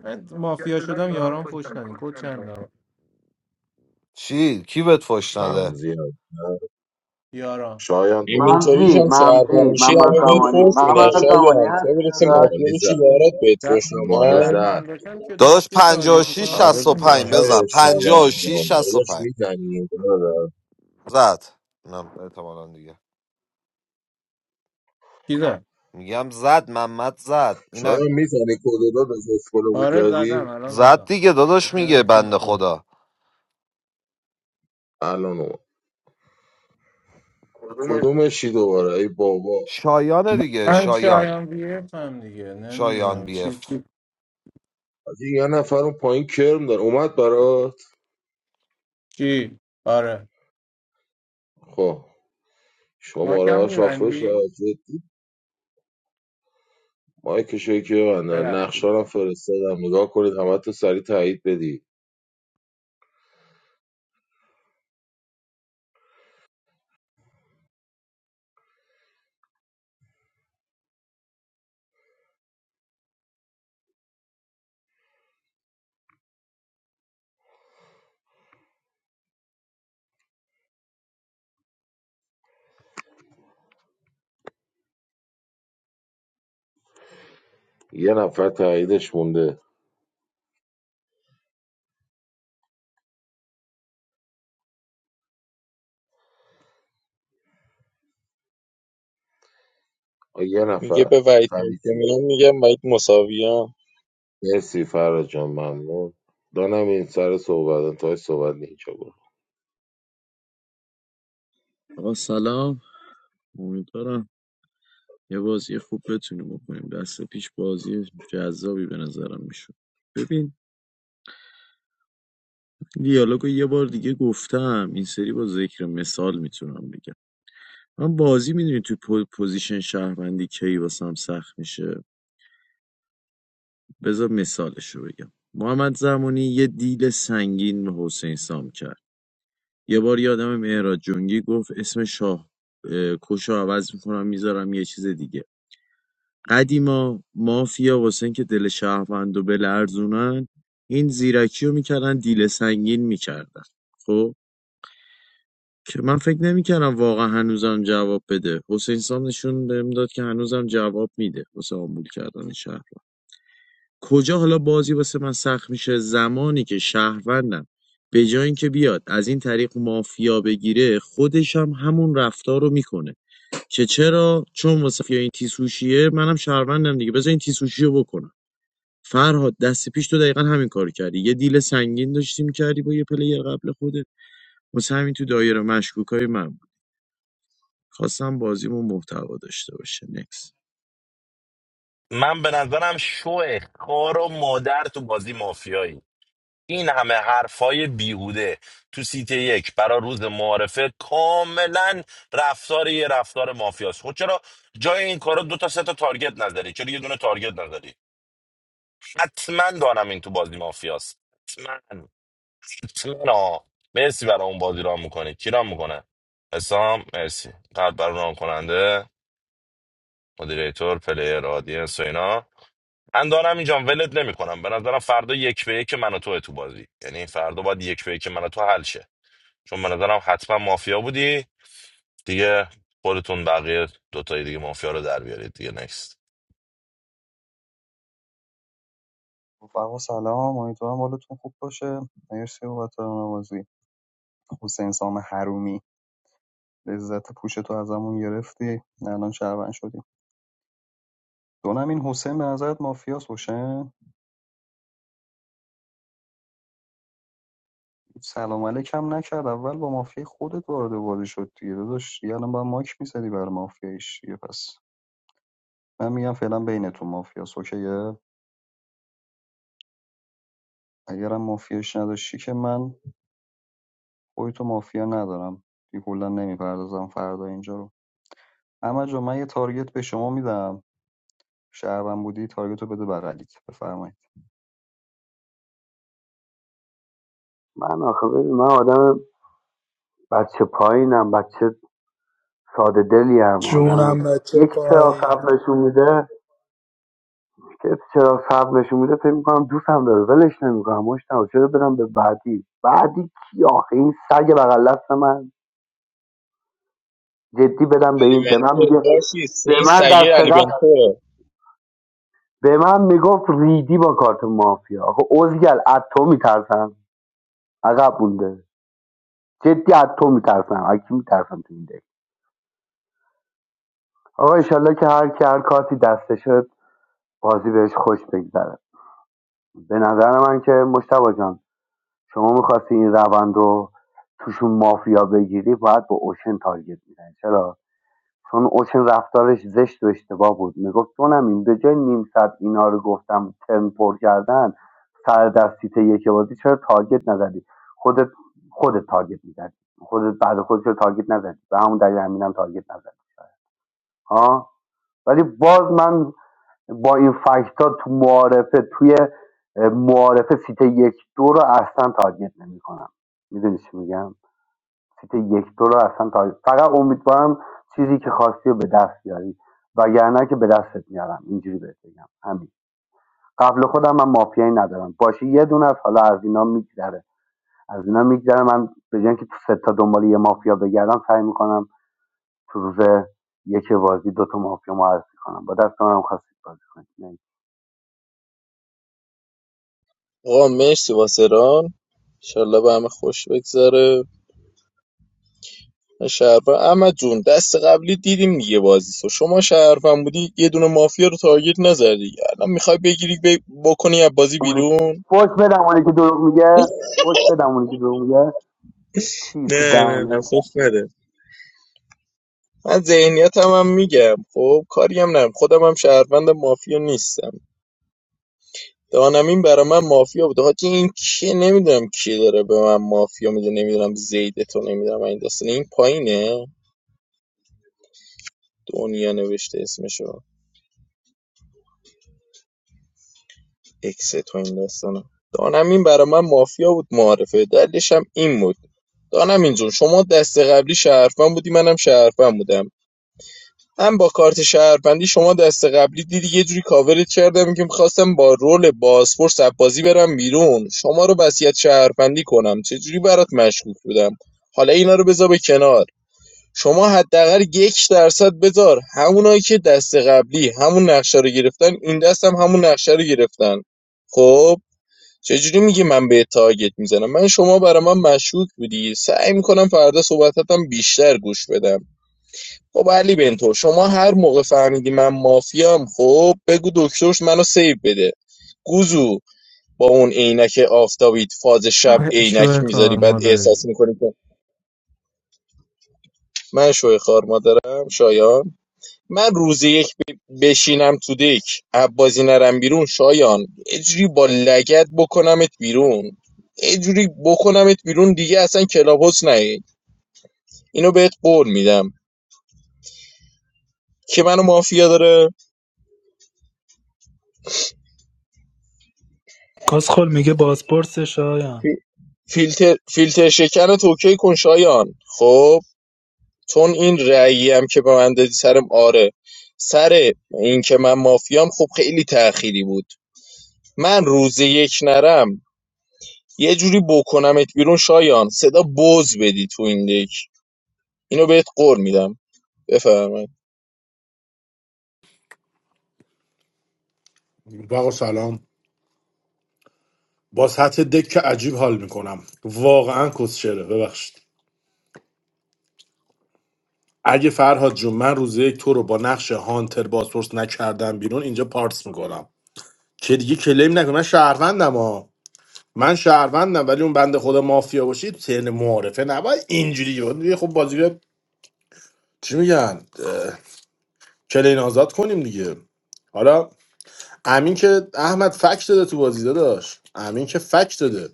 S17: من مافیا شدم یاران فوش ندین کد چند دارم
S2: چی کی بهت فش نده
S18: ممزی هم.
S17: یاران
S18: شایان تو موندی
S10: همینطوریش
S4: ممزی
S10: هم سرکار
S4: ممزی
S10: میشی
S4: محمد
S10: همه بهت
S4: زمانی
S10: فرش میدن
S4: محمد زمانی
S10: شایان تو
S4: هست
S10: برسه
S4: داداش
S10: مافیا
S18: زمانی
S10: بشی
S18: زد
S10: یارات بهت
S17: شه-
S10: فرش
S18: زمانی
S10: میدن
S18: زد
S17: شهروند باشم که
S2: داداش
S17: مافیا تارگت
S2: 56
S17: میکنم
S13: آره
S17: فوش
S2: 65
S13: میذاشت
S17: نمیخورم
S18: های
S2: بزن
S13: آره
S18: شایان
S2: 56
S18: خان داداش
S2: 65
S18: میزنی
S2: زد اینم احتمالاً دیگه میگم زد محمد زد اینم
S18: شایان میزنی کدو داداش اسکلو
S17: آره زدم
S18: میکردی
S17: الان
S2: زد
S17: زدم
S2: دیگه
S17: فکر
S2: داداش
S17: کردم
S2: میگه
S17: یکی
S2: بنده
S17: دیگه.
S2: خدا
S18: الان اومد کدومشی دوباره ای بابا
S2: شایانه دیگه
S17: من
S2: شایان
S17: شایان بیرفت هم دیگه
S2: شایان
S17: نمیدونم
S2: بی
S17: چیز
S2: اف
S17: چی
S18: حاجی، یه نفر اون پایین کرم داره اومد براش
S17: چی. آره
S18: خب
S17: ما
S18: شماره
S17: کم
S18: ها شافل شد
S17: میبندی
S18: جدی مایک که بندن نقشه رو
S17: ببخشید
S18: هم فرستادم نگاه کنید همه تو سریع تایید بدی یه نفر تاییدش مونده آه، یه
S10: میگه
S18: نفر
S10: به وحید
S18: تایید شد
S10: میگم میگم وحید مساویان
S18: مرسی فراد جان ممنون دانم این سر صحبت تا صحبت نیچه بود
S1: آقا سلام امیدوارم یه بازی خوب بتونیم بکنیم دست پیش بازی جذابی به نظرم میشد ببین دیالوگو یه بار دیگه گفتم این سری با ذکر مثال میتونم بگم من بازی میدونی تو پو- پوزیشن شهروندی کی واسم سخت میشه بذار مثالش رو بگم محمد زمانی یه دیل سنگین به حسین سام کرد یه بار یادم مهراد جنگی گفت اسم شاه اه، کش رو عوض میکنم میذارم یه چیز دیگه قدیما مافیا واسه که دل شهروند و بلرزونن این زیرکی رو میکردن دیل سنگین میکردن که من فکر نمیکنم واقعا هنوزم جواب بده حسین سام نشون بهم داد که هنوزم جواب میده واسه آمبول کردن شهر کجا حالا بازی واسه من سخت میشه زمانی که شهروندم به جای اینکه بیاد از این طریق مافیا بگیره خودش هم همون رفتار رو میکنه که چرا چون واسه مافیا این تیسوشیه منم شهروندم دیگه بذار این تیسوشی رو بکنم فرهاد دست پیش تو دقیقا همین کار کردی یه دیل سنگین داشتیم کردی با یه پلیر قبل خودت واسه همین تو دایره مشکوکای من خواستم بازیمون محتوا داشته باشه نکس
S14: من به نظرم شو خار و مادر تو بازی مافیایی این همه حرفای بیهوده تو سیت یک برا روز معارفه کاملا رفتار یه رفتار مافیاست خب چرا جای این کارا دو تا سه تا تارگت نداری چرا یه دونه تارگت نداری حتما دارم این تو بازی مافیاست حتما سلام مرسی برای اون بازی رام میکنه کی رام میکنه حسام مرسی قلب برای رام کننده مدیریتور پلیر آدینس و اینا من دارم اینجا ولت نمیکنم به نظرم فردا یک به یک من و توه تو بازی یعنی فردا باید یک به یک من و تو حل شه چون به نظرم حتما مافیا بودی دیگه خودتون بقیه دوتای دیگه مافیا رو در بیارید دیگه نکست
S16: رفقا سلام امیدوارم حالتون خوب باشه مرسی بابت نوازی حسین سام حرومی لذت پوشتو ازمون گرفتی الان شهروند شدیم دونم این حسین به نظرت مافیاس حسین سلام علیکم نکرد اول با مافیای خودت وارد بازی شد دیگه داداش دیگه الان با ماک میزدی بر مافیایش دیگه پس من میگم فعلا بینتون مافیاس اوکیه اگرم مافیاش نداشتی که من خودتو مافیا ندارم دیگه کلا نمیپردازم فردا اینجا رو اما جا من یه تارگت به شما میدم شهروند بودی تارگت رو بده بغلیت بفرمایید
S4: من آخه ببین، من آدم بچه پایینم بچه ساده دلیم آدم
S11: جونم بچه
S4: یکی چرا
S11: پایین
S4: صبر نشون میده که چرا صبر نشون میده فکر میکنم دوستم داره ولش نمیکنم مشتاق چرا بدم به بعدی بعدی کی آخه این سگ بغل دست من جدی بدم به
S10: علی
S4: این به من
S10: بنتو
S4: میگه
S10: باشی سین
S4: به
S10: این
S4: من
S10: سگه
S4: دست
S10: علی
S4: قبل
S10: بنتو
S4: به من میگفت ریدی با کارت مافیا آخه اوزگل از تو میترسم عقب مونده جدی از تو میترسم از کی میترسم تو این دک آقا ایشالله که هر کی هر کارتی دسته شد بازی بهش خوش بگذره به نظر من که مشتبه جان شما میخواستی این روند رو توشون مافیا بگیری باید با اوشن تارگت میزنی چرا چون اوشن رفتارش زشت و اشتباه بود میگفت جونم این به جای نیم ساعت اینا رو گفتم ترم پر کردن سر دستیت یک بازی چرا تارگت نزدی خودت خودت تارگت میزدی خودت بعد خودت چرا تارگت نزدی به همون دلیل همینم تارگت نزدی ها ولی باز من با این فکت تو معارفه توی اه، معارفه سیت یک دو رو اصلا تارگت نمیکنم میدونی چی میگم سیت یک دو رو اصلا تا فقط امیدوارم چیزی که خواستی رو به دست بیاری وگرنه که به دستت میارم اینجوری بهت بگم همین قبل خودم من مافیایی ندارم باشه یه دونه از حالا از اینا میگذره از اینا میگذره من به جای اینکه تو سه تا دنبال یه مافیا بگردم سعی میکنم تو روز یک بازی دو تا مافیا معرفی کنم با دست منم خواستید بازی کنید نه.
S10: آقا مرسی واسه ران انشالله به همه خوش بگذره شهرفن احمد جون دست قبلی دیدیم دیگه بازی تو شما شهرفن بودی یه دونه مافیا رو تارگت نزدی الان میخوای بگیری ب... بکنی از بازی
S4: اونی که-
S10: بیرون
S4: فوش بدم اونی که دروغ میگه فوش بدم اونی که دروغ میگه چی تو
S10: نه نه نه
S4: دهنه
S10: خوف نده من ذهنیت هم, هم میگم خب کاری هم نم خودم هم شهروند مافیا نیستم دانمین برا من مافیا بوده حاجی این که نمیدونم کی داره به من مافیا میده نمیدونم زیده تو نمیدونم این داستان این پایینه دنیا نوشته اسمشو اکست تو این داستانا دانمین برا من مافیا بود معارفه دلیلش هم این بود دانمین جون شما دست قبلی شهرفن بودی منم شهرفن بودم هم با کارت شهرفندی شما دست قبلی دیدی یه جوری کاورت کردم که میخواستم با رول بازپرس بازی برم بیرون شما رو بسیت شهرفندی کنم چه جوری برات مشکوک بودم حالا اینا رو بذار به کنار شما حداقل یک درصد بذار همونایی که دست قبلی همون نقشه رو گرفتن این دست هم همون نقشه رو گرفتن خب چجوری میگی من به تارگت میزنم من شما برا من مشکوک بودی سعی میکنم فردا صحبتاتم بیشتر گوش بدم خب علی بنتو شما هر موقع فهمیدی من مافیام خب بگو دکترش منو سیو بده گوزو با اون عینک آفتابیت فاز شب عینک
S17: شوه
S10: میذاری
S17: کار
S10: بعد
S17: ما داری
S10: احساس میکنی که من شوی خار مادرم شایان من روزی یک ب- بشینم تو دک عبازی نرم بیرون شایان یه با لگت بکنمت بیرون یه جوری بکنمت بیرون دیگه اصلا کلابوس نهی اینو بهت قول میدم که منو مافیا داره
S11: کسخل میگه بازپرس شایم
S10: فی- فیلتر فیلتر شکن رو توکی کن شایان خب چون این رأیی هم که به من دادی سرم آره سر این که من مافیام خب خیلی تأخیری بود من روز یک نرم یه جوری بکنمت بیرون شایان صدا بز بدی تو این دک اینو بهت قول میدم بفرمایید
S13: بقا سلام با سطح دک که عجیب حال میکنم واقعا کسشره ببخشید اگه فرهاد جون من روز یک تو رو با نقش هانتر بازپرس نکردم بیرون اینجا پارس میکنم که دیگه کلیم نکن من شهروندم ها من شهروندم ولی اون بنده خدا مافیا باشی تو ترن معارفه نباید اینجوری بود. دیگه خب بازی رو چی میگن کلین آزاد کنیم دیگه حالا امین که احمد فک داده تو بازی داداش امین که فک داده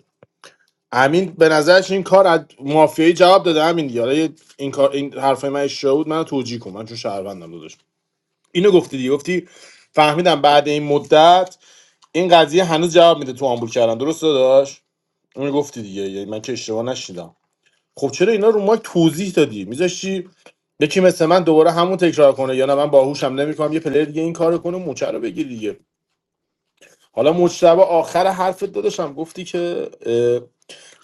S13: امین به نظرش این کار از مافیایی جواب داده امین دیگه حالا یه- این کار این حرفای من اشتباه بود منو توجیه کن من چون شهروندم داداش اینو گفتی دیگه گفتی فهمیدم بعد این مدت این قضیه هنوز جواب میده تو آمبول کردن درست داداش اونو گفتی دیگه یعنی من که اشتباه نشیدم خب چرا اینا رو مایک توضیح دادی میذاشتی یکی مثل من دوباره همون تکرار کنه یا نه من باهوشم نمیکنم یه پلیر دیگه این کارو کنه مچه رو بگیر دیگه حالا مجتبی آخر حرفت داداشم گفتی که اه،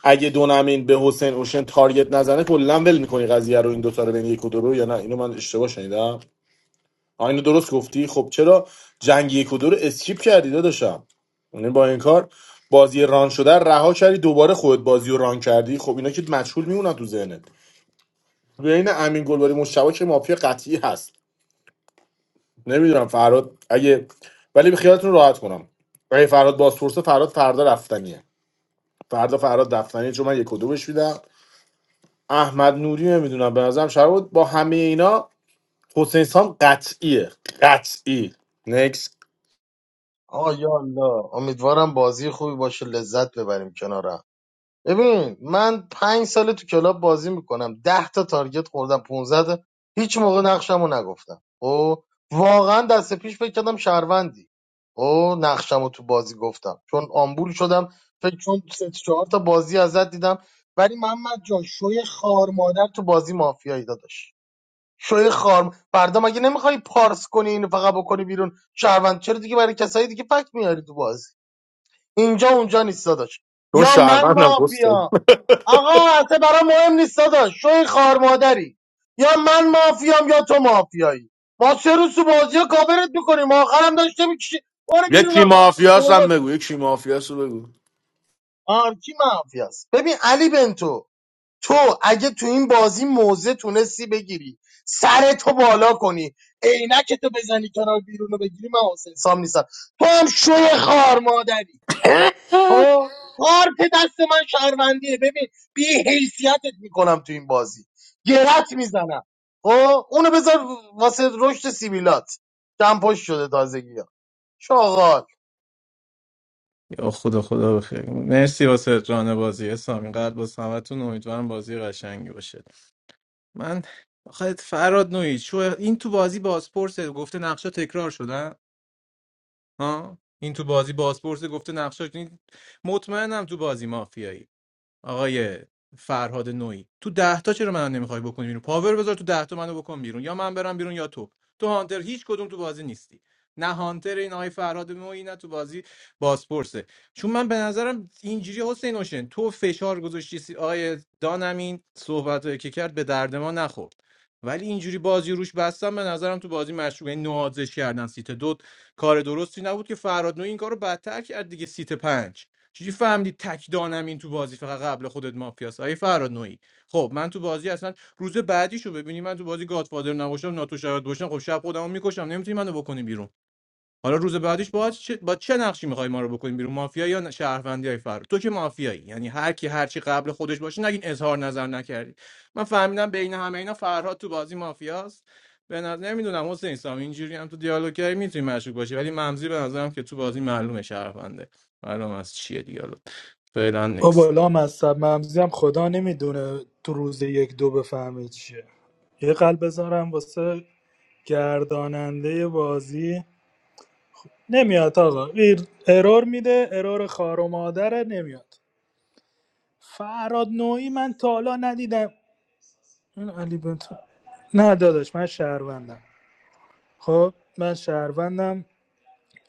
S13: اگه دو نمین به حسین اوشن تارگت نزنه کلا ول میکنی قضیه رو این دوتا رو بین یک و دو رو یا نه اینو من اشتباه شنیدم آ، اینو درست گفتی خب چرا جنگ یک و دو رو اسکیپ کردی داداشم یعنی با این کار بازی ران شده رو رها کردی دوباره خودت بازی رو ران کردی خب اینا که مجهول میمونن تو ذهنت بین امین گلباری مشتبه که مافیا قطعی هست نمیدونم فراد اگه ولی به خیالتون راحت کنم اگه فراد بازپرسه فراد فردا رفتنیه فردا فراد رفتنیه چون من یک و دو بهش میدم احمد نوری نمیدونم به نظرم شهر با همه اینا حسین سام قطعیه قطعی نکس
S3: آه یا الله امیدوارم بازی خوبی باشه لذت ببریم کنار هم. ببین من پنج سال تو کلاب بازی میکنم ده تا تارگت خوردم پونزده، تا هیچ موقع نقشمو نگفتم او واقعا دست پیش فکر کردم شهروندی او نقشمو تو بازی گفتم چون آمبول شدم فکر چون سه چهار تا بازی ازت دیدم ولی محمد جان شوی خار مادر تو بازی مافیایی داداش شوی خار فردا مگه نمیخوای پارس کنی اینو فقط بکنی بیرون شهروند چرا دیگه برای کسایی دیگه فکت میاری تو بازی اینجا اونجا نیست داداش
S13: چون
S3: یا من
S13: شهروندم
S3: مافیا آقا اصلا برام مهم نیست داداش شوی خار مادری یا من مافیام یا تو مافیایی ما سه روز تو بازی ها کاورت میکنیم آخرم داشته میکشی برو بیرون
S13: یکی
S3: آقا
S13: مافیاس هم
S3: شورالی
S13: بگو یکی مافیاس رو بگو
S3: آرکی مافیاست ببین علی بنتو تو اگه تو این بازی موزه تونستی بگیری سر تو بالا کنی عینکتو بزنی کنار بیرون رو بگیری من حسین سام نیستم تو هم شوی خار مادری خب کارت دست من شهروندیه ببین بی حیثیتت میکنم تو این بازی گرت میزنم خب اونو بذار واسه رشد سیبیلات دمپش شده تازگی ها شاغال
S17: یا خدا خدا بخیر مرسی واسه جان بازی سامی قلب با سمتون امیدوارم بازی قشنگی باشه من آخه فراد نوعی شو این تو بازی بازپرسه گفته نقشا تکرار شدن ها این تو بازی بازپرسه گفته نقشا این- مطمئنم تو بازی مافیایی آقای فرهاد نوعی تو ده تا چرا منو نمیخوای بکنی بیرون پاور بذار تو ده تا منو بکن بیرون یا من برم بیرون یا تو تو هانتر هیچ کدوم تو بازی نیستی نه هانتر این آقای فرهاد نوعی نه تو بازی بازپرسه چون من به نظرم اینجوری حسین حسین تو فشار گذاشتی سی- آقای دانمین صحبت که کرد به درد ما نخورد ولی اینجوری بازی روش بستم به نظرم تو بازی مشروع یعنی نوازش کردن سیت دو کار درستی نبود که فرهاد نوعی این کارو بدتر کرد دیگه سیت پنج چجوری فهمدی تک دانم این تو بازی فقط قبل خودت مافیاس آیه فراد نوعی خب من تو بازی اصلا روز بعدیشو ببینی من تو بازی گادفادر نباشم ناتو شاید باشم خب شب خودمو میکشم نمیتونی منو بکنی بیرون حالا روز بعدیش باید چه با چه نقشی میخوای ما رو بکنیم بیرون مافیا یا ن- شهروندی تو که مافیایی یعنی هر کی هر چی قبل خودش باشه نگین اظهار نظر نکردی من فهمیدم بین همه اینا فرهاد تو بازی مافیاست به نظر نمیدونم حسین سام اینجوری هم تو دیالوگی میتونی مشکوک باشی ولی ممزی به نظرم که تو بازی معلومه شهرونده معلوم از چیه دیالوگ فعلا نکس
S11: بابا لام از سب ممزی هم خدا نمیدونه تو روز یک دو بفهمه چیه یه قلب بذارم واسه گرداننده بازی نمیاد آقا ایر- ارور میده ارور خار و مادره نمیاد فراد نوعی من تا حالا ندیدم این علی بنت نه داداش من شهروندم خب من شهروندم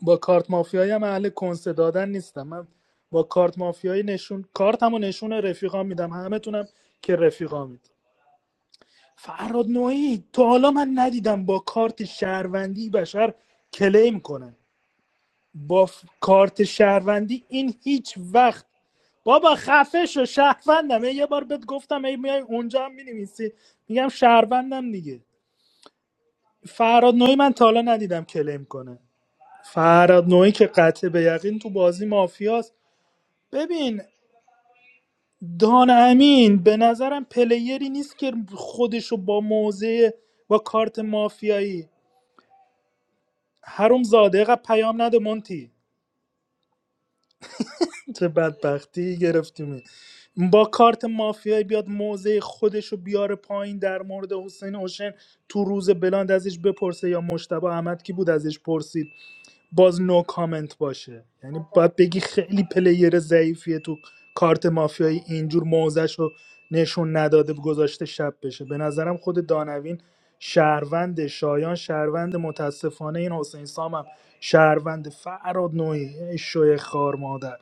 S11: با کارت مافیایی هم اهل کنسه دادن نیستم من با کارت مافیایی نشون کارتمو نشون رفیقام میدم همه تونم که رفیقام میدم فراد نوعی تا حالا من ندیدم با کارت شهروندی بشر کلیم کنه با کارت شهروندی این هیچ وقت بابا خفه شو شهروندم یه بار بهت گفتم ای میای اونجا هم مینویسی میگم شهروندم دیگه فراد نوعی من تا حالا ندیدم کلیم کنه فراد نوعی که قطع به یقین تو بازی مافیاست ببین دان امین به نظرم پلیری نیست که خودشو با موزه و کارت مافیایی هروم زاده قد پیام نده مونتی چه بدبختی گرفتیم با کارت مافیایی بیاد موضع خودش رو بیاره پایین در مورد حسین حسین تو روز بلاند ازش بپرسه یا مشتبه احمد کی بود ازش پرسید باز نو کامنت باشه یعنی باید بگی خیلی پلیر ضعیفیه تو کارت مافیایی اینجور موضعش رو نشون نداده گذاشته شب بشه به نظرم خود دانوین شهروند شایان شهروند متاسفانه این حسین سامم شهروند فراد نوعی ای شوی خار مادر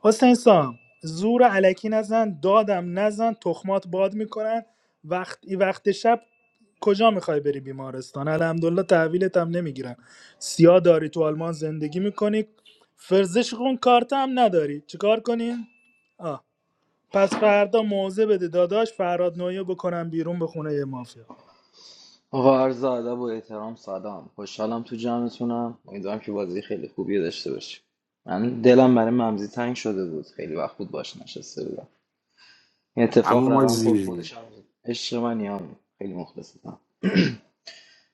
S11: حسین سام زور علکی نزن دادم نزن تخمات باد میکنن وقتی وقت شب کجا میخوای بری بیمارستان الحمدلله تحویلت هم نمیگیرن سیاه داری تو آلمان زندگی میکنی فرزش خون کارت هم نداری چیکار کنی؟ آه. پس فردا موزه بده داداش فراد نویه بکنم بیرون به خونه مافیا
S19: آقا عرض ادب و احترام سلام خوشحالم تو جمعتونم امیدوارم که بازی خیلی خوبی رو داشته باشیم من دلم برای ممزی تنگ شده بود خیلی وقت بود باش نشسته بودم این اتفاق
S13: همون ما
S19: رقم خورد خودش
S13: زیریم
S19: هم بود. عشق من یام خیلی مخلصم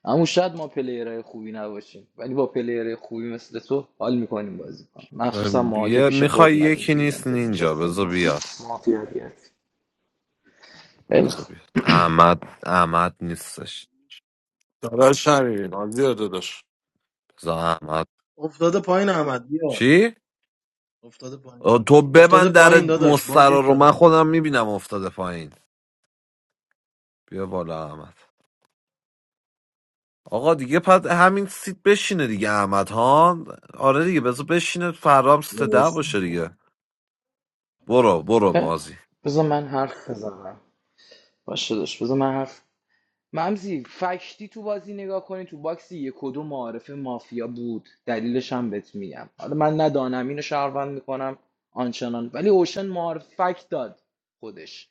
S19: اما شاید ما پلیرهای خوبی نباشیم ولی با پلیرهای خوبی مثل تو حال میکنیم بازی کنیم مخصوصا ما که
S2: یه
S19: پیش خود
S2: میخوای
S19: اومدیم
S2: یکی
S19: تو
S2: نیست
S19: ایونتت
S2: نینجا
S19: نشستیم
S2: بذار بیاد
S19: مافیا بیاد خیلی
S2: بذار
S19: خوب.
S2: بیاد احمد احمد نیستش بذار احمد
S3: افتاده پایین احمد بیار
S2: چی؟
S3: افتاده پایین
S2: آه، تو
S3: افتاده
S2: ببند در
S3: پایین داداش
S2: مستر
S3: باگ
S2: رو من
S3: کلام
S2: خودم میبینم افتاده پایین بیا بالا احمد آقا دیگه پد همین سیت بشینه دیگه احمد ها آره دیگه بذار بشینه فرام سیت ده
S18: مرسی
S2: باشه دیگه برو برو
S19: خیلی خوب.
S2: بازی
S19: بذار من حرف بزنم باشه داشت بذار من حرف ممزی فکتی تو بازی نگاه کنی تو باکس یک و دو معارف مافیا بود دلیلش هم بهت میگم حالا من نه دانمین رو شهروند میکنم آنچنان ولی اوشن معارف فکت داد خودش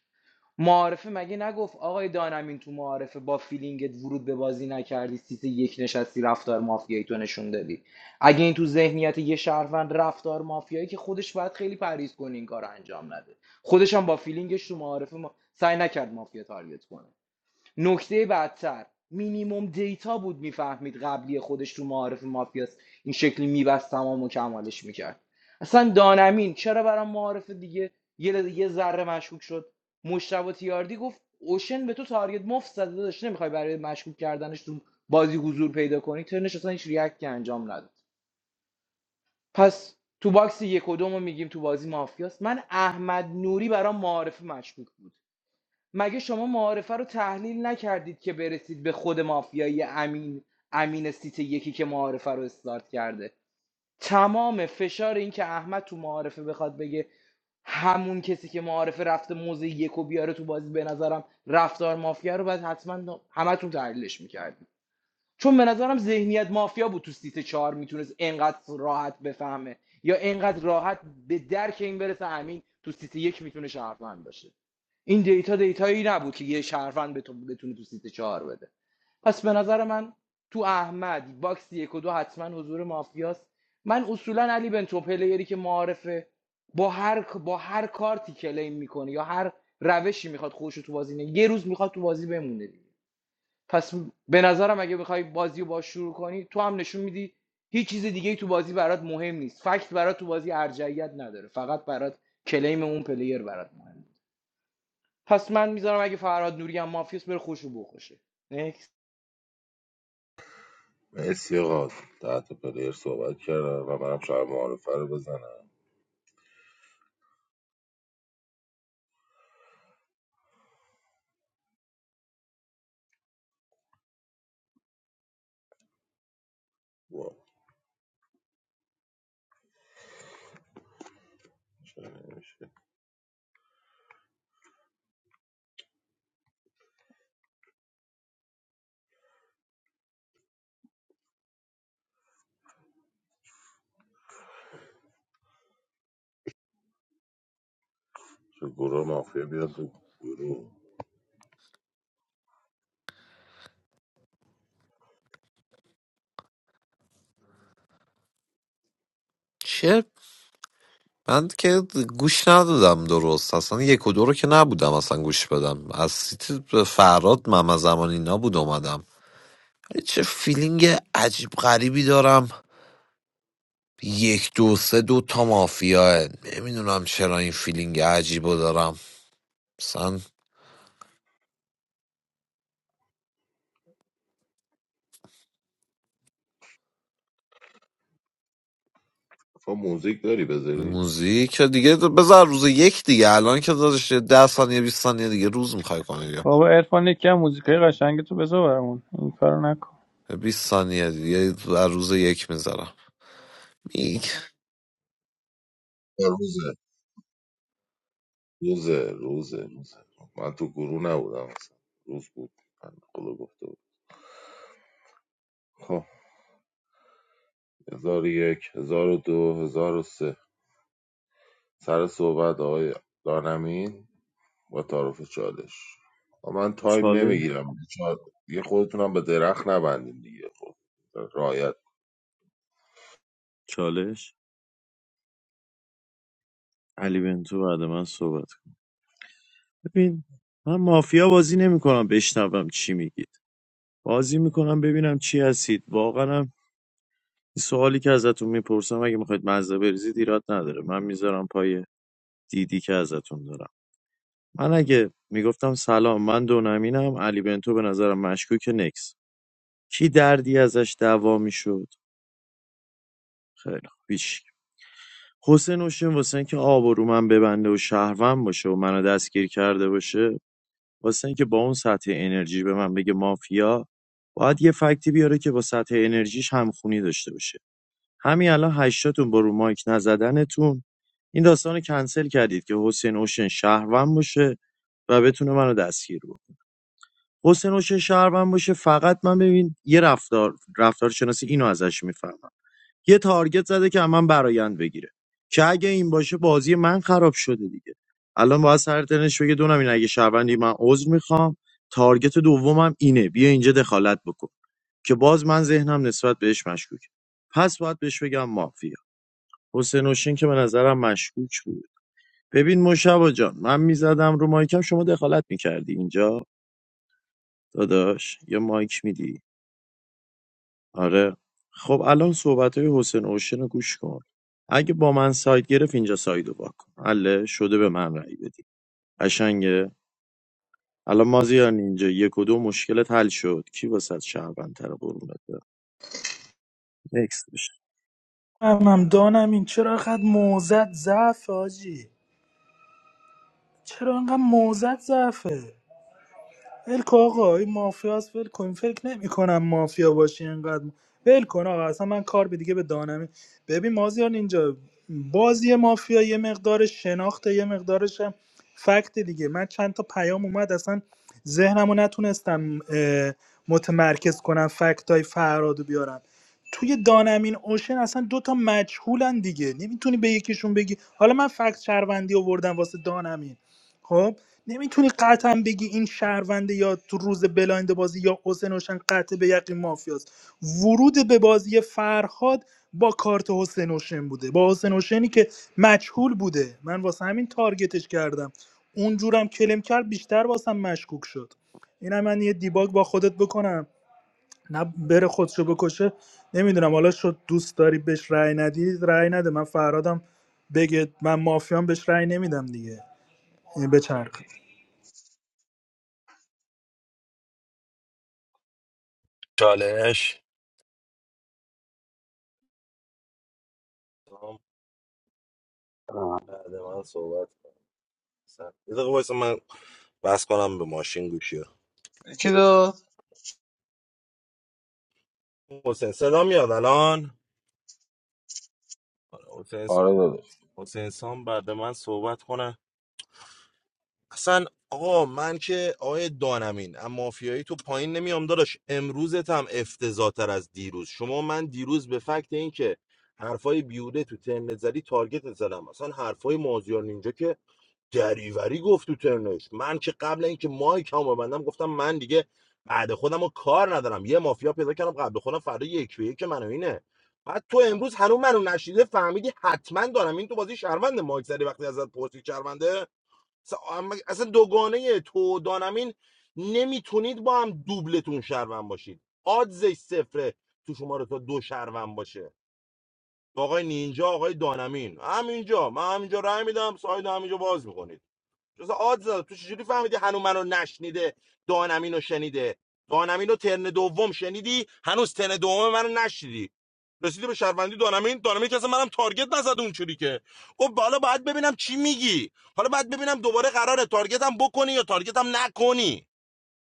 S19: معارفه مگه نگفت آقای دانمین تو معارفه با فیلینگت ورود به بازی نکردی سیت یک نشستی رفتار مافیایی تو نشون دادی اگه این تو ذهنیت یه شهروند رفتار مافیایی که خودش باید خیلی پرهیز کنه این کار رو انجام نده خودش هم با فیلینگش تو معارفه ما... سعی نکرد مافیا تارگت کنه نکته بدتر مینیموم دیتا بود میفهمید قبلی خودش تو معارف مافیاست این شکلی میبست تمام و کمالش میکرد اصلا دانمین چرا برای معارف دیگه یه ل- یه ذره مشکوک شد مشتبه تیاردی گفت اوشن به تو تارگت مفت زده داشت نمیخوای برای مشکوک کردنش تو بازی حضور پیدا کنی ترنش اصلا هیچ ریاکتی انجام نداد پس تو باکس یک و دوم میگیم تو بازی مافیاست من احمد نوری برام معارف مشکوک بود مگه شما معارفه رو تحلیل نکردید که برسید به خود مافیایی امین امین سیت یکی که معارفه رو استارت کرده تمام فشار این که احمد تو معارفه بخواد بگه همون کسی که معارفه رفته موزه یک و بیاره تو بازی به نظرم رفتار مافیا رو باید حتما همتون تحلیلش میکردیم چون به نظرم ذهنیت مافیا بود تو سیت چهار میتونست اینقدر راحت بفهمه یا اینقدر راحت به درک این برسه امین تو سیت یک میتونه شهروند باشه این دیتا دیتایی نبود که یه شهروند بتونه تو سیت چهار بده پس به نظر من تو احمد باکس یک و دو حتما حضور مافیاست من اصولا علی بنتو پلیری که معارفه با هر با هر کارتی کلیم میکنه یا هر روشی میخواد خودش تو بازی نه یه روز میخواد تو بازی بمونه دیگه پس به نظرم اگه بخوای بازیو با شروع کنی تو هم نشون میدی هیچ چیز دیگه تو بازی برات مهم نیست فکت برات تو بازی ارجعیت نداره فقط برات کلیم اون پلیر برات مهمه پس من میذارم اگه فرهاد نوری هم مافیاس بره خوشو بخوشه Next.
S18: مرسی آقا تحت پلیر صحبت کردم و منم شاید معارفه رو بزنم واو چرا نمیشه چه گروه مافیا بیاد تو گروه
S2: چه من که گوش ندادم درست اصلا یک و دو رو که نبودم اصلا گوش بدم از سیت فراد مم زمانی اینا بود اومدم ولی چه فیلینگ عجیب غریبی دارم یک دو سه دو تا مافیاه نمیدونم چرا این فیلینگ عجیب رو دارم مثلا
S18: تو موزیک داری بذاری؟
S2: موزیک دیگه بذار روز یک دیگه الان که دادش ده ثانیه بیست ثانیه دیگه روز میخوای کنی دیگه
S20: بابا عرفان یکی از موزیکای قشنگ تو بذار برامون این کارو نکن
S2: 20 ثانیه دیگه بر روز یک میذارم میگ
S18: آره، روزه روزه روزه روزه من تو گروه نبودم اصلا روز بود بنده خدا گفته بود خب هزار و یک هزار و دو هزار و سه سر صحبت آقای دانمین و تعارف چالش آقا من تایم
S1: چالش
S18: نمیگیرم یه خودتونم به درخت نبندین دیگه خب رایت
S1: چالش علی بنتو بعد من صحبت کن ببین من مافیا بازی نمیکنم بشنوم چی میگید بازی میکنم ببینم چی هستید واقعا هم این سوالی که ازتون میپرسم اگه میخواید مزه بریزید ایراد نداره من میذارم پای دیدی که ازتون دارم من اگه میگفتم سلام من دو نمینم علی بنتو به نظرم مشکوک نکس کی دردی ازش دعوا میشد خیلی خوب هیچ حسین اوشن واسه اینکه آب و رو من ببنده و شهروند باشه و منو دستگیر کرده باشه واسه اینکه با اون سطح انرژی به من بگه مافیا باید یه فکتی بیاره که با سطح انرژیش همخونی داشته باشه همین الان هشتاتون با رو مایک نزدنتون این داستان رو کنسل کردید که حسین اوشن شهروند باشه و بتونه منو دستگیر کنه حسین اوشن شهروند باشه فقط من ببین یه رفتار رفتار شناسی اینو ازش میفهمم یه تارگت زده که من برایند بگیره که اگه این باشه بازی من خراب شده دیگه الان باید سر ترنش بگه دونم این اگه شهروندی من عذر میخوام تارگت دومم اینه بیا اینجا دخالت بکن که باز من ذهنم نسبت بهش مشکوک پس باید بهش بگم مافیا حسین حسین که به نظرم مشکوک بود ببین مشابه جان من میزدم رو مایکم شما دخالت میکردی اینجا داداش یه مایک میدی آره خب الان صحبت های حسین اوشن رو گوش کن اگه با من ساید گرفت اینجا سایدو وا کن حله شده به من رأی بدی قشنگه الان مازیار اینجا یک و دو مشکلت حل شد کی واسه شهروندتر قرونت برم نکس بشه
S11: هم هم دانم این چرا خد موزت ضعف آجی چرا انقدر موزت ضعفه ول کن آقا این مافیاس ول کن فکر نمیکنم مافیا باشی اینقدر ول کن آقا اصلا من کار به دیگه به دانمی ببین مازیار اینجا بازی مافیا یه مقدار شناخته یه مقدارش هم فکت دیگه من چند تا پیام اومد اصلا ذهنم نتونستم اه، متمرکز کنم فکتای های فراد بیارم توی دانمین اوشن اصلا دو تا مجهولن دیگه نمیتونی به یکیشون بگی حالا من فکت شهروندی آوردم واسه دانمین خب نمیتونی قطعا بگی این شهرونده یا تو روز بلایند بازی یا حسین اوشن قطع به یقین مافیاست ورود به بازی فرهاد با کارت حسین اوشن بوده با حسین اوشنی که مجهول بوده من واسه همین تارگتش کردم اونجورم کلم کرد بیشتر واسم مشکوک شد اینم من یه دیباگ با خودت بکنم نه بره خودشو بکشه نمیدونم حالا شد دوست داری بهش رأی ندی رأی نده من فرهادم بگه من مافیام بهش رأی نمیدم دیگه به
S14: چالش سلام
S4: [clears throat]
S14: بعد من صحبت کن سر- یه دقیقه وایسا من بس کنم به ماشین گوشی رو.
S3: چی داد
S14: حسین صدا میاد الان آره، حسین
S18: آره داداش
S14: حسین سام بعد من صحبت کنه اصلا آقا من که آقای دانمین اما مافیایی تو پایین نمیام داداش امروزت هم افتضاحتر از دیروز شما من دیروز به فکت این که حرفای بیوده تو ترنت زدی تارگت زدم اصلا حرفای مازیار نینجا که دریوری گفت تو ترنش من که قبل اینکه مایک هم ببندم گفتم من دیگه بعد خودم کار ندارم یه مافیا پیدا کردم قبل خودم فردا یک به یک منو اینه بعد تو امروز هنوز منو نشیده فهمیدی حتما دارم این تو بازی شهرونده مایک زدی وقتی ازت پرسید شهرونده اصلا اما- اصلا دوگانه تو دانمین نمیتونید با هم دوبلتون شهروند باشید آدزش صفره تو شما رو تا دو شهروند باشه آقای نینجا آقای دانمین همینجا من همینجا رای میدم ساید همینجا باز میکنید جز آدز داد. تو چجوری فهمیدی هنو منو نشنیده دانمینو شنیده دانمینو ترن دوم شنیدی هنوز ترن دوم منو نشنیدی رسیدی به شهروندی دانمین دانمین که اصلا منم تارگت نزد اونجوری که خب بالا باید ببینم چی میگی حالا باید ببینم دوباره قراره تارگتم بکنی یا تارگتم نکنی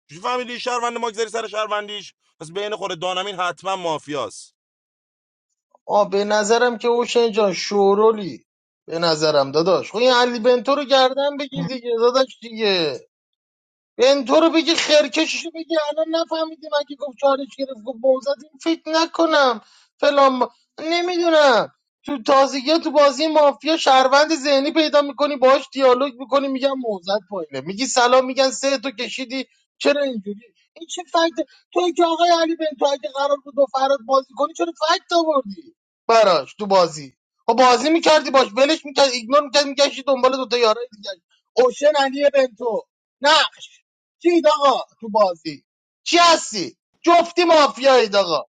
S14: چجوری فهمیدی شهروند ماگذاری سر شهروندیش پس بین خود دانمین حتما مافیاست
S3: آه به نظرم که اوشن جان شورولی به نظرم داداش خب این علی بنتو رو گردن بگیر دیگه داداش دیگه بنتو رو بگی خرکششو بگی الان نفهمیدی مگه گفت چالش گرفت گفت موزد این فکر نکنم فلان با نمیدونم تو تازگی ها تو بازی مافیا شهروند ذهنی پیدا میکنی باهاش دیالوگ میکنی میگن موزد پایینه میگی سلام میگن سه تو کشیدی چرا اینجوری این چه فکت تو که آقای علی بنتو اگه قرار بود با فراد بازی کنی چرا فکت آوردی براش تو بازی خب بازی میکردی باش ولش میکرد ایگنور میکرد میگشتی دنبال دوتا یارای دیگه اوشن علی بنتو نه چید آقا تو بازی چی هستی جفتی مافیایید آقا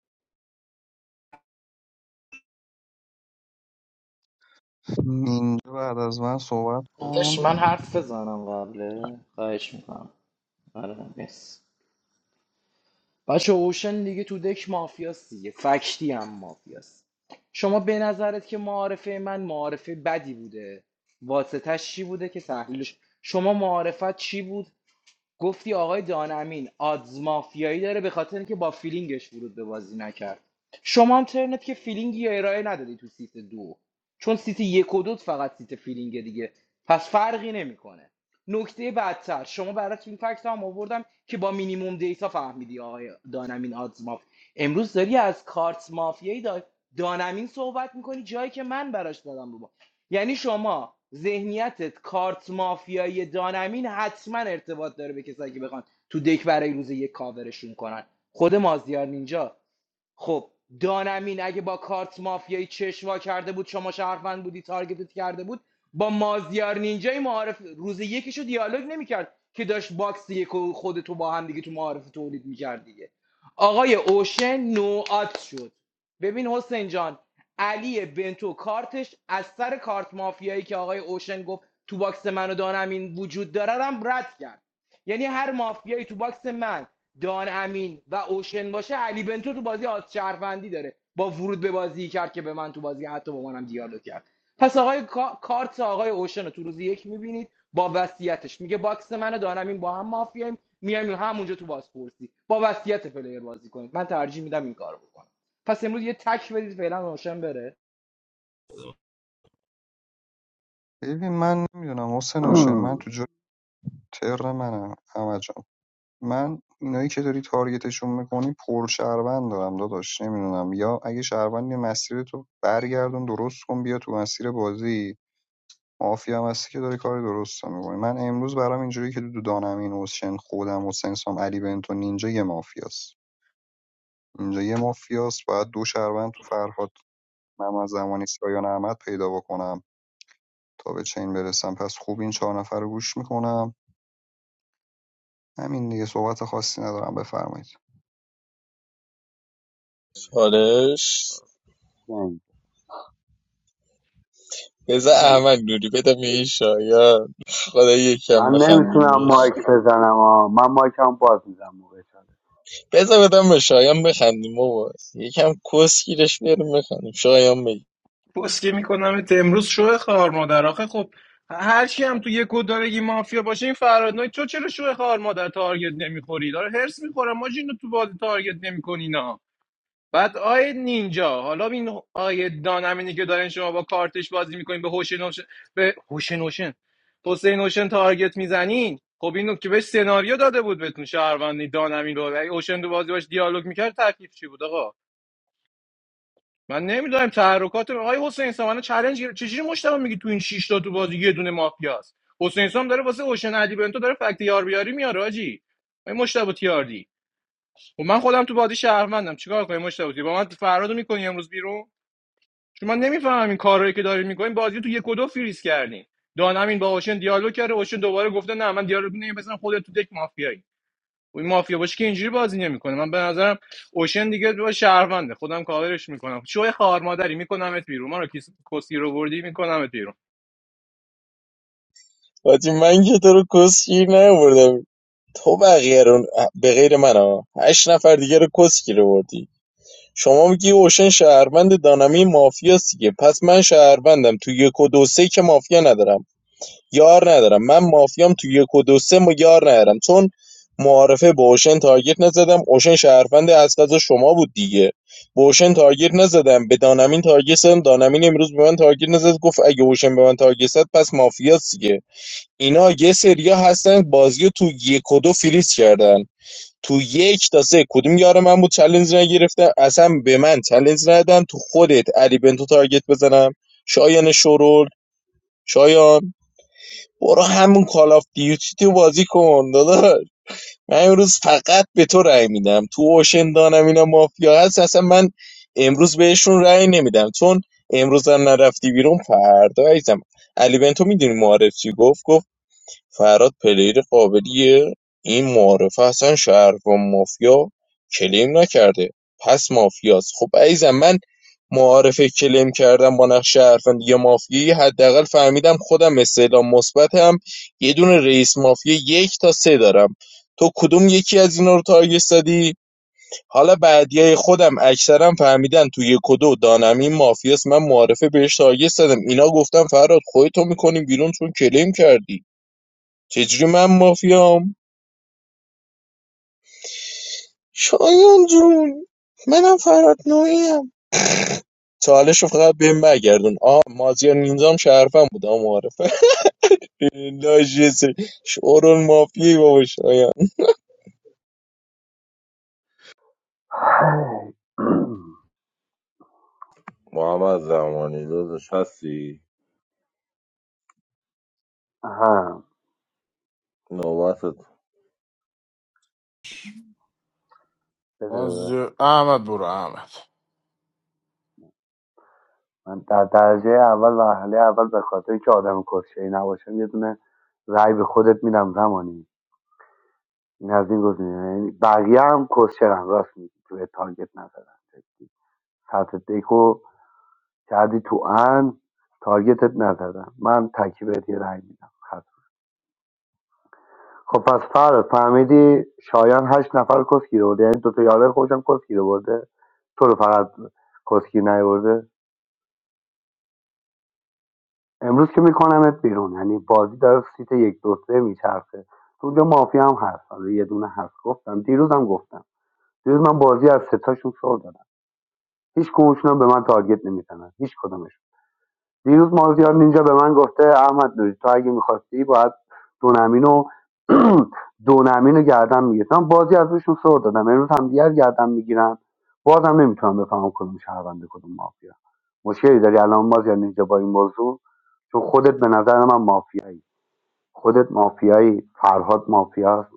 S16: اینجا بعد از من صحبت
S19: داداش
S16: کن
S19: من حرف بزنم قبله خواهش میکنم آره مرسی بچه اوشن دیگه تو دک مافیاست دیگه فکتی هم مافیاست شما به نظرت که معارفه من معارفه بدی بوده واسطش چی بوده که تحلیلش شما معارفت چی بود گفتی آقای دانمین آدز مافیایی داره به خاطر اینکه با فیلینگش ورود به بازی نکرد شما هم ترنت که فیلینگی یا ارائه ندادی تو سیت دو چون سیت یک و دو فقط سیت فیلینگ دیگه پس فرقی نمیکنه نکته بدتر شما برات این فکت هم آوردم که با مینیموم دیتا فهمیدی آقای دانمین آدز ماف امروز داری از کارت مافیایی دا- دانمین صحبت میکنی جایی که من براش دادم رو با. یعنی شما ذهنیتت کارت مافیایی دانمین حتما ارتباط داره به کسایی که بخوان تو دک برای روز یک کاورشون کنن خود مازیار نینجا خب دانمین اگه با کارت مافیایی چشوا کرده بود شما شهروند بودی تارگتت کرده بود با مازیار نینجای معارف روز یکیشو دیالوگ نمیکرد که داشت باکس یک و خودتو با هم دیگه تو معارف تولید میکرد دیگه آقای اوشن نوعات شد ببین حسین جان علی بنتو کارتش از سر کارت مافیایی که آقای اوشن گفت تو باکس من و دانمین وجود داره رو هم رد کرد یعنی هر مافیایی تو باکس من دان امین و اوشن باشه علی بنتو تو بازی آز شهروندی داره با ورود به بازی کرد که به من تو بازی حتی با منم دیالوگ کرد پس آقای کا- کارت آقای اوشن رو تو روز یک میبینید با وصیتش میگه باکس من و دان امین با هم مافیاییم میایم همونجا تو بازپرسی با وصیت پلیر بازی کنید من ترجیح میدم این کارو بکنم پس امروز یه تک بدید فعلا اوشن بره
S16: ببین من نمیدونم حسن اوشن من تو جای تر منم احمد جان من اینایی که داری تارگتشون میکنی پر شهروند دارم داداش نمیدونم یا اگه شهروندی مسیرتو برگردون درست کن بیا تو مسیر بازی مافیا هم هستی که داری کار درست رو میکنی من امروز برام اینجوری که دو دانم این حسین خودم حسین سام علی بنتو نینجا یه مافیاست اینجا یه مافیاست باید دو شهروند تو فرهاد من از زمانی سایان احمد پیدا بکنم تا به چین برسم پس خوب این چهار نفر رو گوش میکنم همین دیگه صحبت خاصی ندارم بفرمایید
S10: چالش بذار احمد نوری بدم به شایان خدا یکم
S4: من
S10: بخندیم
S4: نمیتونم
S10: بهش
S4: مایک بزنم آه. من مایک هم باز میزنم موقع چاله [clears throat]
S10: بذار بدم به شایان بخندیم بابا یکم کسگیرش بریم بخندیم شایان بگی
S17: پسکی میکنم امروز شو خار مادر آخه خب هر کی هم تو یک و مافیا باشه این فراد نوی تو چرا شو خار مادر تارگت نمیخوری داره هرس میخوره ما اینو تو بازی تارگت نمیکنی نه بعد آیه نینجا حالا این آیه دانمینی که دارین شما با کارتش بازی میکنین به هوش نوشن به هوش نوشن حسین نوشن تارگت میزنین خب اینو که بهش سناریو داده بود بهتون شهروندی دانمین رو اگه هوشن تو بازی باش دیالوگ میکرد تکلیف چی بود آقا من نمیدونم تحرکات آقای حسین سام الان چالش گرفت چجوری مشتاق میگی تو این شش تا تو بازی یه دونه مافیاست حسین سام داره واسه اوشن علی بنتو داره فکت یار بیاری میاره آجی این مشتاق تیاردی و من خودم تو بازی شهروندم چیکار کنم مشتاق تیاردی با من فرادو میکنی امروز بیرون چون من نمیفهمم این کارایی که دارین میکنین بازی تو یک و دو فریز کردین دانمین با اوشن دیالوگ کرده اوشن دوباره گفته نه من دیالوگ نمی‌کنم مثلا خودت تو دک مافیایی این مافیا باشه که اینجوری بازی نمیکنه من به نظرم اوشن دیگه با شهرونده خودم کاورش میکنم شوی خار مادری میکنمت بیرون من رو کیس- کسی رو بردی میکنمت بیرون
S10: حاجی من که تو رو کسگیر نبردم تو بقیه رو به غیر من ها هشت نفر دیگه رو کسگیر بردی شما میگی اوشن شهروند دانمین مافیاست دیگه پس من شهروندم تو یک و دو سه که مافیا ندارم یار ندارم من مافیام تو یک و دو سه ما یار ندارم چون معارفه به اوشن تارگت نزدم اوشن شهروند از غذا شما بود دیگه به اوشن تارگت نزدم به دانمین تارگت زدم دانمین امروز به من تارگت نزد گفت اگه اوشن به من تارگت زد پس مافیاست دیگه اینا یه سریا هستن بازی تو یک و دو فریز کردن تو یک تا سه کدوم یار من بود چلنج نگرفتم اصلا به من چلنج ندادن تو خودت علی بنتو تارگت بزنم شایان شرول شایان برو همون کال آف دیوتی تو بازی کن داداش من امروز فقط به تو رأی میدم تو اوشن دانم اینا مافیا هست اصلا من امروز بهشون رأی نمیدم چون امروز هم نرفتی بیرون فردا عزیزم علی بنتو میدونی معارف چی گفت گفت فراد پلیر قابلیه این معارفه اصلا شهر و مافیا کلیم نکرده پس مافیاست خب عزیزم من معارفه کلیم کردم با نقش شهروند یا مافیایی حداقل فهمیدم خودم استعلام مثبتم یه دونه رئیس مافیا یک تا سه دارم تو کدوم یکی از اینا رو تارگت زدی حالا بعدیای خودم اکثرا فهمیدن تو یک و دو دانم این مافیاست من معارفه بهش تارگت زدم اینا گفتم فراد خودتو میکنیم بیرون چون کلیم کردی چجوری من مافیام شایان جون منم فراد نوعیم چالش رو فقط بهم برگردون آ مازیار نینجام شرفم بود آ معرفه [laughs] لاجسه شورون مافیایی بابا شایان
S18: محمد زمانی داداش هستی
S4: آها.
S18: نوبتت
S4: بده
S13: باز
S4: بده.
S13: احمد برو احمد
S4: من در درجه اول و مرحله اول به خاطر که آدم کسشهی نباشم یه دونه رای به خودت میدم زمانی این از این گزینه یعنی بقیه هم کسشرم راست میگی توی تارگت نزدن جدی. سطح دکو کردی تو ان تارگتت نزدن من تکی بهت یه رأی میدم خب پس فرد فهمیدی شایان هشت نفر کسگیر برده یعنی دوتا یارای خودشم کسگیر برده تو رو فقط کسگیر نیورده امروز که میکنمت بیرون یعنی بازی داره سیت یک دو سه میچرخه تو اونجا مافیا هم هست حالا یه دونه هست گفتم دیروزم گفتم دیروز من بازی از ستاشون سر دادم هیچ کدومشون هم به من تارگت نمیزنن هیچ کدومشون دیروز مازیار نینجا به من گفته احمد نوری تو اگه میخواستی باید دونمین و دونمین [clears throat] رو گردن میگیرم بازی از روشون سر دادم امروز هم دیگر گردن میگیرن بازم نمیتونم بفهمم کدوم شهرونده کدوم مافیا مشکلی داری الان مازیار نینجا با این موضوع چون خودت به نظر من مافیایی خودت مافیایی فرهاد مافیاست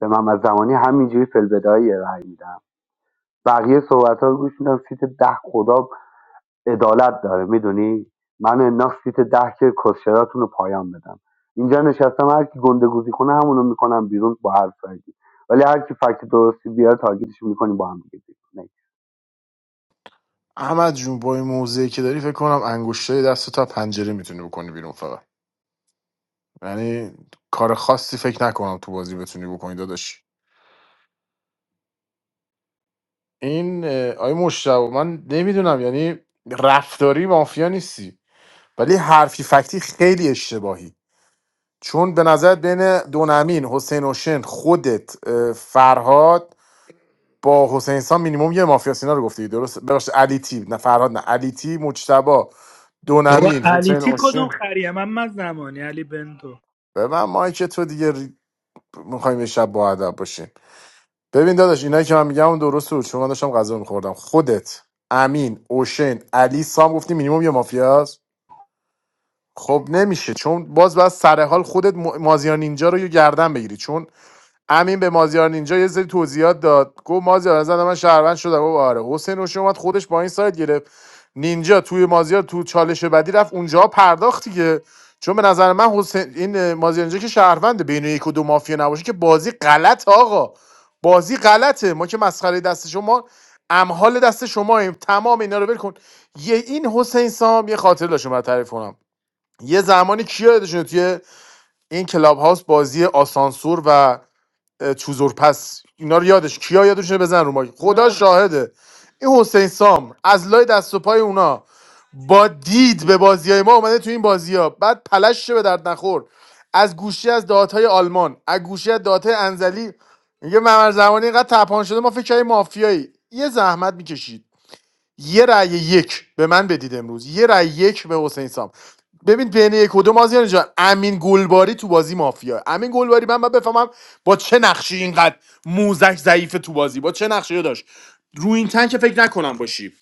S4: به من از زمانی همینجوری فلبدایی رأی میدم بقیه صحبت ها رو گوش میدم سیت ده خدا عدالت داره میدونی من انداخت سیت ده که کسشراتون رو پایان بدم اینجا نشستم هر کی گنده گوزی کنه همونو میکنم بیرون با هر سایدی ولی هر کی فکت درستی بیاره تارگیتش میکنیم با هم دیگه بیرون.
S13: احمد جون با این موضعی که داری فکر کنم انگشتای دست تا پنجره میتونی بکنی بیرون فقط یعنی کار خاصی فکر نکنم تو بازی بتونی بکنی داداش این اه، آی مشتاق من نمیدونم یعنی رفتاری مافیا نیستی ولی حرفی فکتی خیلی اشتباهی چون به نظر بین دونمین حسین اوشن خودت اه، فرهاد با حسین سام مینیمم یه مافیا سینا رو گفتی درست ببخشید علی تی نه فرهاد نه علی تی مجتبا
S11: بابا
S13: دونمین
S11: علی
S13: حسین
S11: تی کدوم
S13: اوشین
S11: خریه من من زمانی علی بنتو
S13: ببین مایک تو دیگه ری... میخوایم شب با ادب باشیم ببین داداش اینایی که من میگم اون درست بود چون من داشتم غذا میخوردم خودت امین اوشن علی سام گفتی مینیمم یه مافیاست خب نمیشه چون باز باید سر حال خودت م- مازیار نینجا رو یه گردن بگیری چون امین به مازیار نینجا یه سری توضیحات داد گفت مازیار نظر من شهروند شدم گفت آره حسین روشن اومد خودش با این سایت گرفت نینجا توی مازیار تو چالش بعدی رفت اونجا پرداخت دیگه چون به نظر من حسین این مازیار نینجا که شهرونده بین یک و دو مافیا نباشه که بازی غلط آقا بازی غلطه ما که مسخره دست شما امحال دست شما تمام اینا رو ول کن یه این حسین سام یه خاطر داشتم برات تعریف کنم یه زمانی کیا یادشونه توی این کلاب هاوس بازی آسانسور و اه، چوزورپس اینا رو یادش کیا یادشونه بزن رو ما خدا شاهده این حسین سام از لای دست و پای اونا با دید به بازی های ما اومده تو این بازی بعد پلش شه به درد نخور از گوشی از دهات آلمان از گوشی از دهات انزلی میگه ممر زمانی اینقدر تپان شده ما فکر کردیم مافیایی یه زحمت میکشید یه رأی یک به من بدید امروز یه رأی یک به حسین سام ببین بین یک و دو مازیار جان امین گلباری تو بازی مافیا امین گلباری من باید بفهمم با چه نقشی اینقدر موزش ضعیف تو بازی با چه نقشی داشت رو این تن که فکر نکنم باشی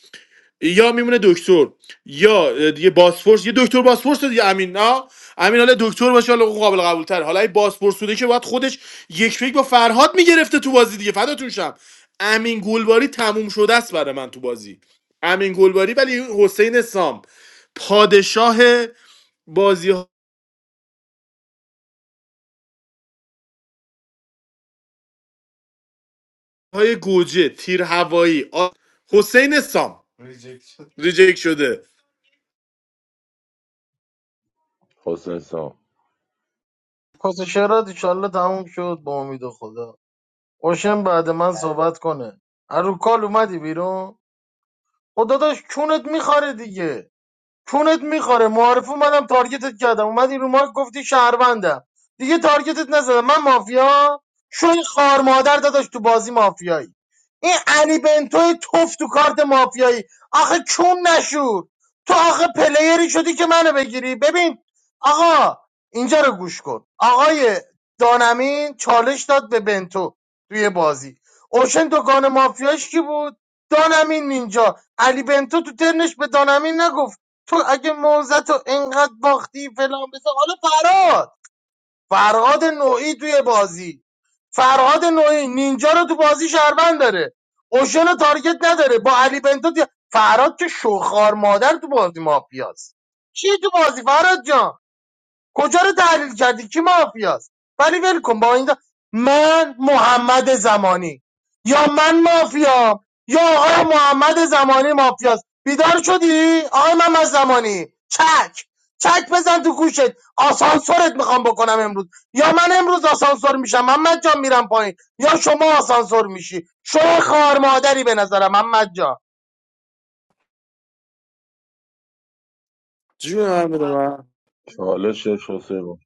S13: یا میمونه دکتر یا اه، دیگه باسفورس یه دکتر باسفورس دیگه امین نه امین حالا دکتر باشه حالا اون قابل قبول تر حالا این باسفورس بوده که باید خودش یک فکر با فرهاد میگرفته تو بازی دیگه فداتون شم امین گلباری تموم شده است برای من تو بازی امین گلباری ولی حسین سام پادشاه بازی های گوجه تیر هوایی آ- حسین سام ریجکت شده
S18: حسین سام
S3: کسشرات ایشالله تموم شد با امید خدا اوشن بعد من صحبت کنه از رو کال اومدی بیرون خدا داشت چونت میخاره دیگه کونت میخوره معارف اومدم تارگتت کردم اومدی رو مارک گفتی شهروندم دیگه تارگتت نزدم من مافیا شوی خار مادر داداش تو بازی مافیایی این علی بنتوی توف تو کارت مافیایی آخه چون نشور تو آخه پلیری شدی که منو بگیری ببین آقا اینجا رو گوش کن آقای دانمین چالش داد به بنتو توی بازی اوشن دکان مافیاش کی بود دانمین اینجا علی بنتو تو ترنش به دانمین نگفت تو اگه موزت رو انقدر باختی فلان بسه حالا فرهاد فرهاد نوعی توی بازی فرهاد نوعی نینجا رو تو بازی شهروند داره اوشن رو تارگت نداره با علی بنتو دی- فرهاد که شوخار مادر تو بازی مافیاست چی تو بازی فرهاد جان کجا رو تحلیل کردی کی مافیاست ولی ول کن با این دا... من محمد زمانی یا من مافیام یا آقای محمد زمانی مافیاست بیدار شدی آقای محمد زمانی چک چک بزن تو گوشت آسانسورت میخوام بکنم امروز یا من امروز آسانسور میشم محمد جان میرم پایین یا شما آسانسور میشی شما خار مادری به نظرم محمد جان
S13: جون هم بده من.
S18: چالشش حسین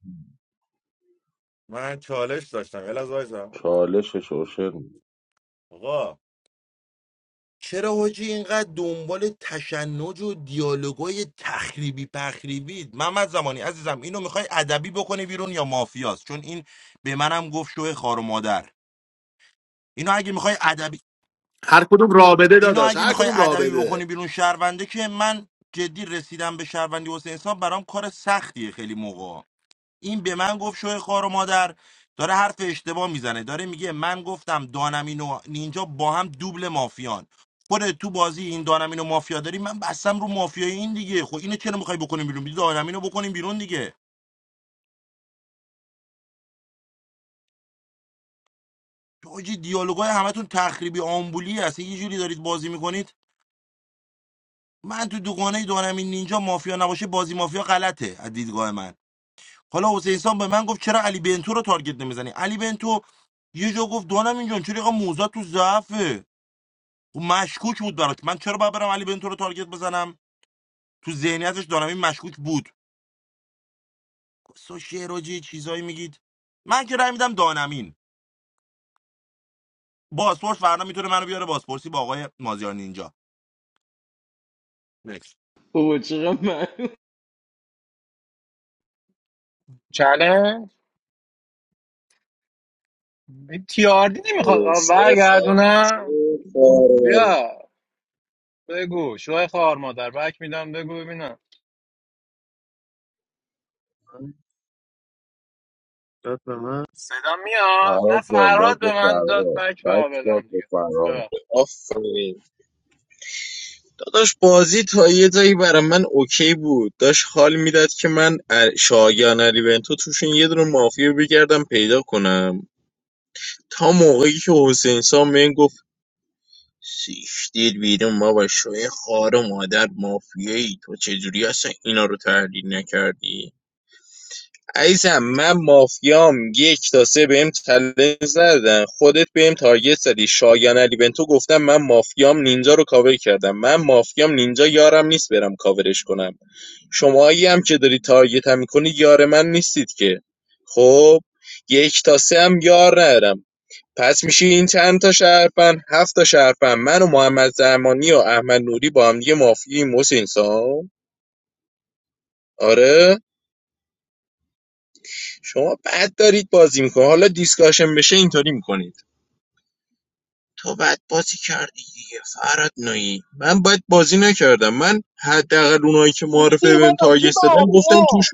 S14: من چالش داشتم الازار
S18: چالشش حسین
S14: آقا چرا حاجی اینقدر دنبال تشنج و دیالوگای تخریبی پخریبید محمد زمانی عزیزم اینو میخوای ادبی بکنی بیرون یا مافیاست چون این به منم گفت شوه خار و مادر اینو اگه میخوای ادبی
S13: هر کدوم رابطه
S14: اینو
S13: داداش
S14: اگه
S13: هر
S14: میخوای
S13: کدوم
S14: ادبی
S13: رابطه
S14: بکنی بیرون شهرونده که من جدی رسیدم به شهروندی حسین سام برام کار سختیه خیلی موقع این به من گفت شوی خار و مادر داره حرف اشتباه میزنه داره میگه من گفتم دانمین و نینجا با هم دوبل مافیان خودت تو بازی این دانمین و مافیا داری من بستم رو مافیای این دیگه خب اینو چرا میخوای بکنیم بیرون بیدی دانمین رو بکنیم بیرون دیگه حاجی دیالوگای همتون تخریبی آمبولی هست یه جوری دارید بازی میکنید من تو دوگانه دانمین نینجا مافیا نباشه بازی مافیا غلطه از دیدگاه من حالا حسین سان به من گفت چرا علی بنتو رو تارگت نمیزنی علی بنتو یه جا گفت دانم اینجا چرا اینقدر موزه تو ضعفه و مشکوک بود برات من چرا باید برم علی بنتو رو تارگت بزنم تو ذهنیتش دانمین مشکوک بود سو شعراجی چیزایی میگید من که رای میدم دانمین باسپورس فردا میتونه منو بیاره باسپورسی با آقای مازیار نینجا نکس
S19: اوه چقدر من
S17: چله تیاردی نمیخواد آه،
S10: شوی خواهر ما. شوی
S17: برگردونم
S10: خواهر
S17: بیا بگو شوه خوار مادر بک میدم بگو ببینم
S1: داد به من
S17: صدا میاد
S18: فرهاد
S17: نه
S18: جان داد
S17: فرهاد
S18: به
S17: به من داد
S18: فرهاد
S17: بک
S18: بک
S17: به بدم
S18: داد به
S17: دیگه
S18: فرهاد
S17: ببخش.
S10: آفرین داداش بازی تا یه جایی برای من اوکی بود داشت حال میداد که من ا- شایان علی بنتو توشون یه دونه مافیا بگردم پیدا کنم تا موقعی که حسین سام بهم گفت سیشتیر بیرون بابا شوی خار و مادر مافیایی تو چجوری اصلا اینا رو تحلیل نکردی عزیزم من مافیام یک تا سه بهم چالش ندادن خودت بهم تارگت زدی شایان علی بنتو گفتم من مافیام نینجا رو کاور کردم من مافیام نینجا یارم نیست برم کاورش کنم شماهایی هم که داری تارگتم میکنی یار من نیستید که خب یک تا سه هم یار ندارم پس میشه این چند تا شرفن، هفت تا شرفن. من و محمد زرمانی و احمد نوری با هم دیگه مافیاییم محسن سام آره شما بد دارید بازی میکنید حالا دیسکاشن بشه اینطوری میکنید تو بد بازی کردی دیگه فراد نویی من بد بازی نکردم من حداقل اونایی که معرفه بهم تاگست دادن گفتم توش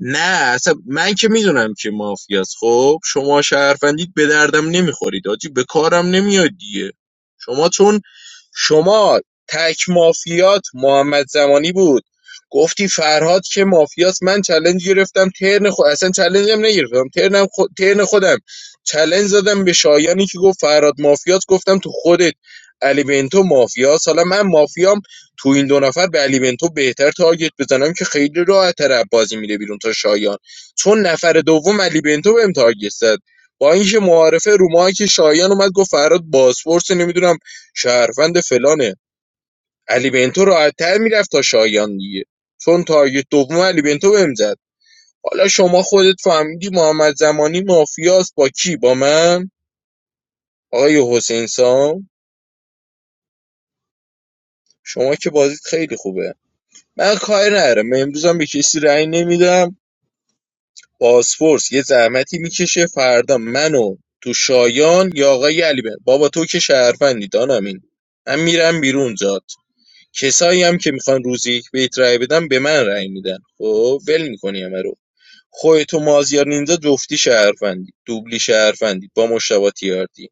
S10: نه اصلا من که میدونم که مافیاست خب شما شهروندید به دردم نمیخورید آجی به کارم نمیاد دیگه شما چون شما تک مافیات محمد زمانی بود گفتی فرهاد که مافیاست من چلنج گرفتم ترن خود اصلا چلنجم نگرفتم ترنم خو... ترن خودم چلنج زدم به شایانی که گفت فرهاد مافیاست گفتم تو خودت علی بنتو مافیاست حالا من مافیام تو این دو نفر به علی بنتو بهتر تارگت بزنم که خیلی راحت‌تر بازی میره بیرون تا شایان چون نفر دوم علی بنتو بهم تارگت زد با اینکه معارفه رو که شایان اومد گفت فراد بازپرس نمیدونم شهروند فلانه علی بنتو راحت‌تر میرفت تا شایان دیگه چون تارگت دوم علی بنتو بهم زد حالا شما خودت فهمیدی محمد زمانی مافیاست با کی با من آقای حسین سام شما که بازیت خیلی خوبه من کاری ندارم امروز هم به کسی رأی نمیدم بازپرس یه زحمتی میکشه فردا منو تو شایان یا آقای علی بن- بابا تو که شهروندی دانمین من میرم بیرون جات کسایی هم که میخوان روزی یک بهت رأی بدن به من رای میدن خب ول میکنی همه رو خودت و مازیار نینجا جفتی شهروندی دوبلی شهروندی با مشتبه تیاردی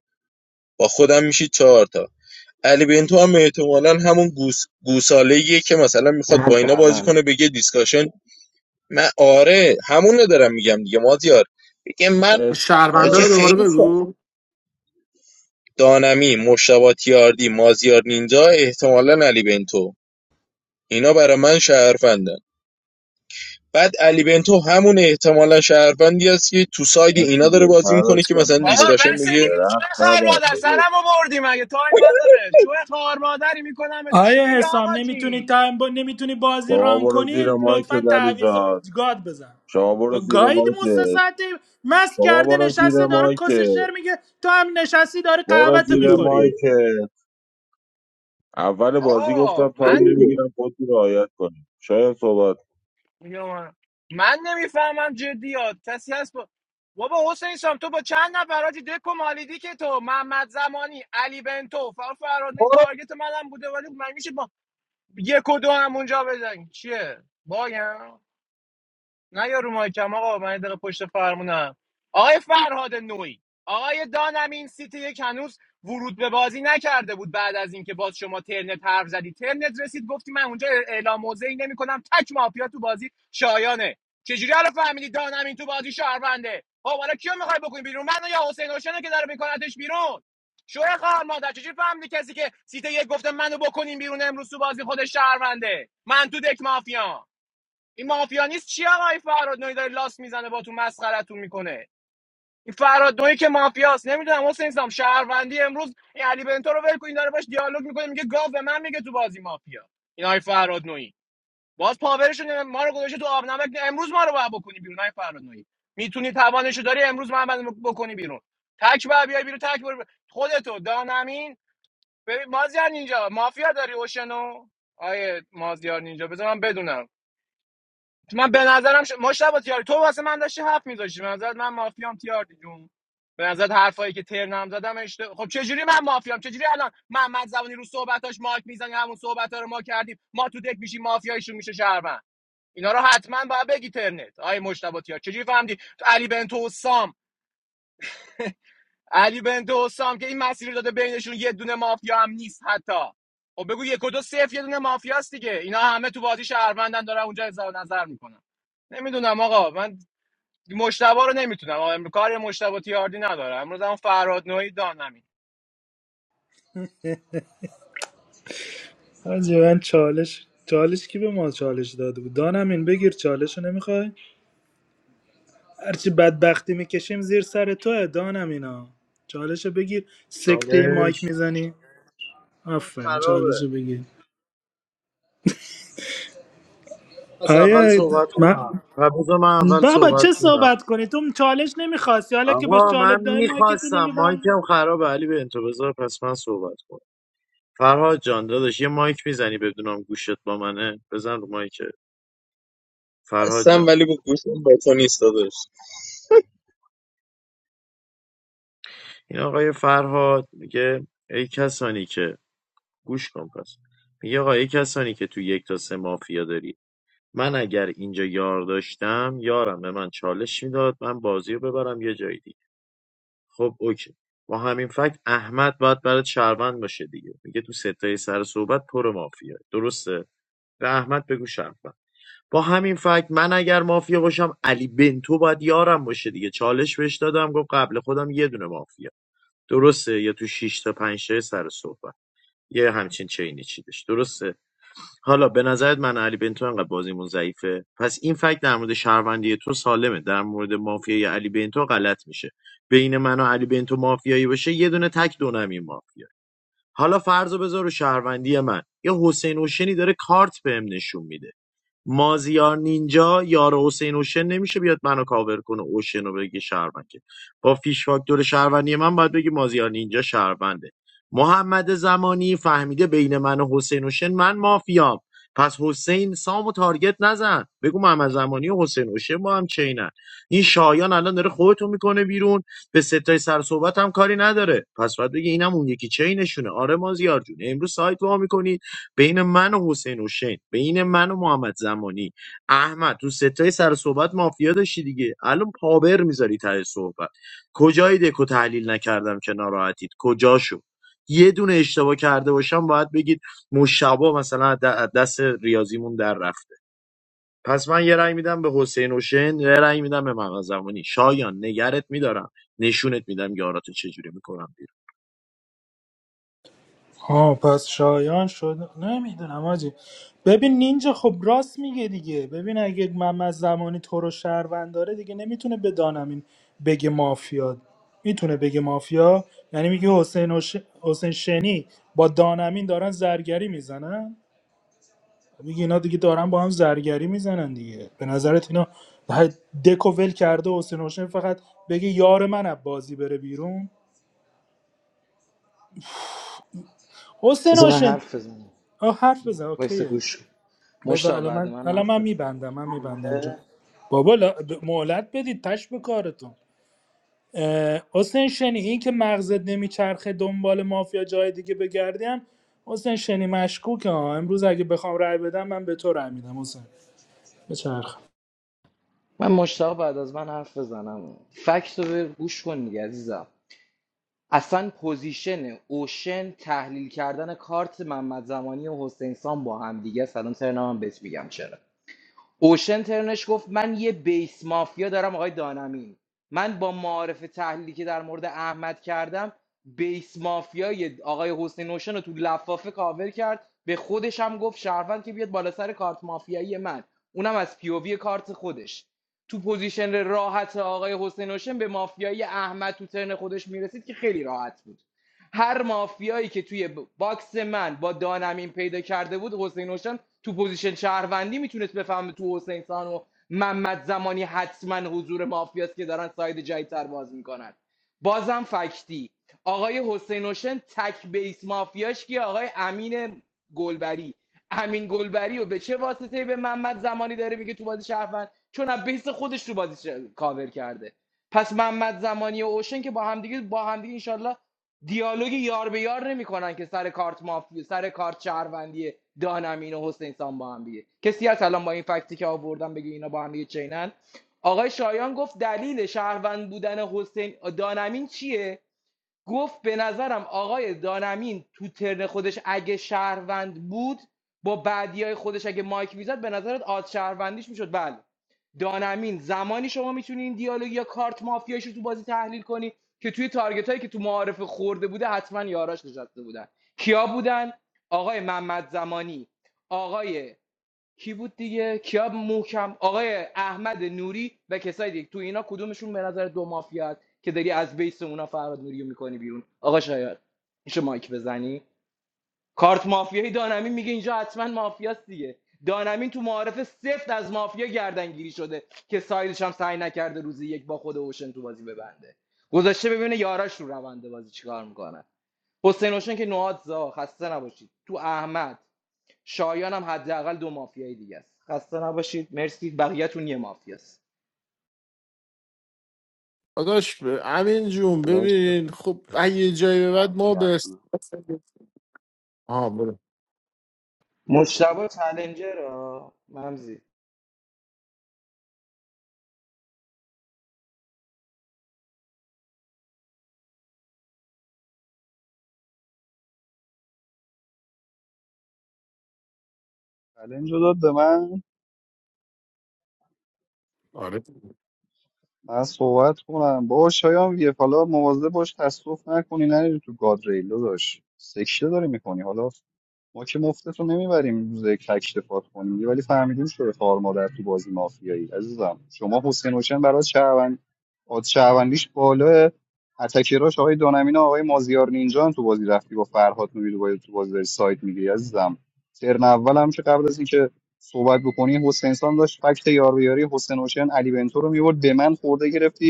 S10: با خودم میشی چهار تا علی بنتو هم احتمالا همون گوس گوساله که مثلا میخواد
S19: من
S10: با اینا بازی
S19: شهروند
S10: کنه بگه دیسکاشن من آره همون رو دارم میگم دیگه مازیار بگه من
S18: مرسی
S13: شهروندا
S10: حاجی
S13: رو
S18: فرهاد
S13: دوباره
S10: خیلی شد
S13: بگو
S10: دانمی مشتبه تیاردی مازیار نینجا احتمالا علی بنتو اینا برای من شهروندن بعد علی بنتو همون احتمالا شهروندی است که تو ساید
S18: مرسی
S10: اینا داره
S18: جون.
S10: بازی
S18: فرهاد
S10: میکنه که
S18: جان
S10: مثلا
S18: ما
S17: بابا
S18: به
S10: دیسکاشن
S17: بس
S10: میگه
S17: دیگه شوه
S18: درخت نبر
S17: خوار مادر
S18: داداش.
S17: سرمو بردی مگه تایم نداره شوه خوار مادری میکنم چی
S11: آیا
S17: میگه
S11: حسام
S17: آقا
S11: نمیتونی
S17: جی
S11: تایم با... نمیتونی بازی
S18: شما
S11: ران
S18: برو
S11: کنی
S18: زیر مایک
S11: لطفا
S18: دلی
S11: تعویض
S18: جان
S11: گاد بزن
S18: شما برو
S11: خب
S18: زیر
S11: گاید
S18: مایک
S11: مستساعته مست
S18: شما
S11: کرده
S18: برو زیر
S11: نشسته داره
S18: مایک
S11: کس شعر میگه تو هم نشستی داره
S18: برو
S11: قهوت
S18: زیر
S11: میخوری
S18: مایک اول بازی گفتم
S17: آقا
S18: تایم
S17: من
S18: نمیگیرم خودتون رعایت کنیم شاید صحبت
S17: من نمیفهمم جدی ها. کسی هست با... بابا حسین سام تو با چند نفر حاجی دکو مالیدی که تو محمد زمانی علی بنتو فر فراد این
S3: برو
S17: تارگت منم بوده ولی من میشه با یک و دو هم اونجا بزنیم چیه بایم نه یا رو مایکم آقا من یه دقیقه پشت فرمونم آقای فرهاد نوعی آقای دانمین سیتی یک هنوز ورود به بازی نکرده بود بعد از اینکه باز شما ترنت حرف زدی ترنت رسید گفتی من اونجا اعلام موضعی نمیکنم تک مافیا تو بازی شایانه چجوری الان فهمیدی دانمین تو بازی شهرونده خب حالا کیو میخوای بکنی بیرون منو یا حسین هاشمه که داره میکنتش بیرون شوی خواهر مادر چجوری فهمیدی کسی که سیتی یک گفته منو بکنین بیرون امروز تو بازی خودش شهرونده من تو دک مافیام این مافیا نیست چی آقا این فراد نوی داره لاس میزنه با تو مسخرتون میکنه این فراد نوعی که مافیاست نمیدونم حسین سام شهروندی امروز این علی بنتو رو ول کن، این داره باش دیالوگ میکنه میگه گاو به من میگه تو بازی مافیا این آی فراد باز پاورشون ما رو گذاشته تو آب نمک امروز ما رو باید بکنی بیرون آی فراد نوعی میتونی توانشو داری امروز محمد رو بکنی بیرون تک بر بیای بیرون تک بر خودتو دانمین ببین مازیار اینجا مافیا داری اوشنو آیه مازیار نینجا بذار من بدونم من به نظرم ش... مشتبه تیاری تو واسه من داشتی حرف میذاشتی به نظرت من مافیام تیاری جون به نظرت حرفایی که ترنم زدم اشت... خب چه جوری من مافیام چه جوری الان محمد زبانی رو صحبتاش ماک میزنی همون صحبتا رو ما کردیم ما تو دک میشیم مافیایشون میشه شهروند اینا رو حتما باید بگی ترنت آی مشتبه تیار جوری فهمیدی علی بنتو و سام علی بنتو و سام که این مسیر رو داده بینشون یه دونه مافیا هم نیست حتی خب بگو یک و دو صفر یه دونه مافیاست دیگه اینا همه تو بازی شهروندن دارن اونجا اظهار نظر میکنن نمیدونم آقا من مشتبه رو نمیتونم کاری مشتبه تیاردی ندارم امروز هم فراد نوعی دانمین
S11: حاجی من چالش چالش کی به ما چالش داده بود دانم این بگیر چالش رو نمیخوای هرچی بدبختی میکشیم زیر سر توه دانم اینا چالش بگیر سکته مایک
S1: چالش
S11: میزنی آفرین چالش
S1: خرابه
S11: بگیر
S1: از اول
S11: آیه
S1: صحبت
S11: ما
S1: کنم و بذار من اول
S11: بابا
S1: صحبت
S11: چه
S1: کنم
S11: صحبت کنی تو چالش نمیخواستی حالا که بهش
S1: آقا
S11: چالش
S1: من
S11: داری مایکتو
S1: میخواستم
S11: نمیبندی
S1: مایکم خرابه علی به انتظار پس من صحبت کنم فرهاد جان داداش یه مایک میزنی بدونم گوشت با منه بزن رو مایک فرهاد
S10: هستم
S1: جان
S10: ولی با گوشم با تو نیست داداش
S1: این آقای فرهاد میگه ای کسانی که گوش کن پس میگه آقا ای کسانی که تو یک تا سه مافیا داری من اگر اینجا یار داشتم یارم به من چالش میداد من بازی رو ببرم یه جای دیگه خب اوکی با همین فکت احمد باید برات شهروند باشه دیگه میگه تو ستای سر صحبت پر مافیا درسته به احمد بگو شهروند با همین فکت من اگر مافیا باشم علی بنتو باید یارم باشه دیگه چالش بهش دادم گفت قبل خودم یه دونه مافیا درسته یا تو شش تا 5 تا سر صحبت یه همچین چینی چیدش درسته حالا به نظرت من و علی بنتو انقدر بازیمون ضعیفه پس این فکت در مورد شهروندی تو سالمه در مورد مافیای علی بنتو غلط میشه بین من و علی بنتو مافیایی باشه یه دونه تک دونم این مافیا حالا فرض رو بذار رو شهروندی من یه حسین اوشنی داره کارت بهم نشون میده مازیار نینجا یار حسین اوشن نمیشه بیاد منو کاور کنه اوشن رو بگه شهروند که با فیش فاکتور شهروندی من باید بگه مازیار نینجا شهرونده محمد زمانی فهمیده بین من و حسین اوشن من مافیام پس حسین سامو و تارگت نزن بگو محمد زمانی و حسین اوشن با هم چینن این شایان الان داره خودتو میکنه بیرون به ستای سر صحبت هم کاری نداره پس باید بگه اینم اون یکی چینشونه آره مازیار جون امروز سایت وا می‌کنی بین من و حسین حسین بین من و محمد زمانی احمد تو ستای سر صحبت مافیا داشتی دیگه الان پاور میذاری ته صحبت کجای دکو تحلیل نکردم که ناراحتید کجاشو یه دونه اشتباه کرده باشم باید بگید مشابه مثلا از د- از دست ریاضیمون در رفته پس من یه رأی میدم به حسین حسین یه رأی میدم به محمد زمانی شایان نگرت میدارم نشونت میدم یاراتو چجوری میکنم بیرون
S11: آه پس شایان شده نمیدونم آجی ببین نینجا خب راست میگه دیگه ببین اگه محمد زمانی تو رو شهروند داره دیگه نمیتونه به دانمین بگه مافیا میتونه بگه مافیا یعنی میگه حسین, و ش... حسین شنی با دانمین دارن زرگری میزنن میگه اینا دیگه دارن با هم زرگری میزنن دیگه به نظرت اینا ده- دکو ول کرده حسین حسین فقط بگه یار من از بازی بره بیرون حسین
S19: بذار من
S11: حسین
S19: حرف بزنم
S11: آه، حرف بزن
S19: وایس
S11: اوکیه
S19: گوش
S11: بذار
S19: مشتاق
S11: الان
S19: بعد
S11: من
S19: من
S11: الان
S19: حرف
S11: من میبندم من میبندم جا
S19: بزن
S11: بابا لا- ب- مهلت بدید تش به کارتون اه، حسین شنی این که مغزت نمیچرخه دنبال مافیا جای دیگه بگردیم حسین شنی مشکوکه ها امروز اگه بخوام رأی بدم من به تو رأی میدم حسین بچرخ
S19: من مشتاق بعد از من حرف بزنم فکت رو به- گوش کن دیگه عزیزم اصلا پوزیشن اوشن تحلیل کردن کارت محمد زمانی و حسین سام با هم دیگه سلام سرنا هم بهت میگم چرا اوشن ترنش گفت من یه بیس مافیا دارم آقای دانمین من با معارف تحلیلی که در مورد احمد کردم بیس مافیای آقای حسین اوشن رو تو لفافه کاور کرد به خودش هم گفت شهروند که بیاد بالا سر کارت مافیایی من اونم از پیووی کارت خودش تو پوزیشن راحت آقای حسین اوشن به مافیای احمد تو ترن خودش میرسید که خیلی راحت بود هر مافیایی که توی ب- باکس من با دانمین پیدا کرده بود حسین تو پوزیشن شهروندی میتونست بفهمه تو حسین سان و محمد زمانی حتما حضور مافیاست که دارن ساید جدیدتر باز میکنن بازم فکتی آقای حسین اوشن تک بیس مافیاش که آقای امین گلبری امین گلبری و به چه واسطه به محمد زمانی داره میگه تو بازی شهروند چون از بیس خودش تو بازی ش- کاور کرده پس محمد زمانی و اوشن که با همدیگه با همدیگه انشالله دیالوگ یار به یار نمیکنن که سر کارت مافیا سر کارت شهروندی دانمین و حسین سام با هم دیگه کسی هست الان با این فکتی که آوردم بگه اینا با هم دیگه چینن آقای شایان گفت دلیل شهروند بودن حسین دانمین چیه گفت به نظرم آقای دانمین تو ترن خودش اگه شهروند بود با بعدی خودش اگه مایک میزد به نظرت آد شهروندیش میشد بله دانمین زمانی شما میتونی این دیالوگ یا کارت مافیایش رو تو بازی تحلیل کنی که توی تارگت هایی که تو معارف خورده بوده حتما یاراش نشسته بودن کیا بودن آقای محمد زمانی آقای کی بود دیگه کیا محکم آقای احمد نوری و کسای دیگه تو اینا کدومشون به نظر دو مافیا است که داری از بیس اونا فراد نوری رو میکنی بیرون آقا شاید میشه مایک بزنی کارت مافیایی دانمین میگه اینجا حتما مافیاست دیگه دانمین تو معارف سفت از مافیا گردنگیری شده که سایلش هم سعی نکرده روزی یک با خود اوشن تو بازی ببنده گذاشته ببینه یاراش رو رونده بازی چیکار میکنه حسین اوشن که نواد زا خسته نباشید تو احمد شایان هم حداقل دو مافیای دیگه است خسته نباشید مرسی بقیه‌تون یه مافیاست
S13: داداش ب- امین جون
S4: نه.
S13: ببین خب اگه یه جایی به بعد ما به
S4: برمیگردونم.
S13: است- آها برو
S19: مجتبی چالنجر ها ممزی
S16: چلنج رو داد به من
S13: آره
S16: من صحبت کنم با شایان ویف حالا مواظب باش تصادف نکنی نری تو گادریل داشت سکشه داری میکنی حالا ما که مفتتون نمیبریم روز یک تکشفات کنیم دیگه، ولی فهمیدیم شده خار مادر تو بازی مافیایی عزیزم شما حسین حسین برای شهروند آد شهروندیش بالاه اتکراش آقای دانمین و آقای مازیار نینجا هم تو بازی رفتی با فرهاد نویدو باید تو بازی داری سایت میگیری عزیزم ترن اول هم که قبل از اینکه صحبت بکنی حسین سان داشت فکت یارویاری حسین حسین علی بنتو رو میورد به من خورده گرفتی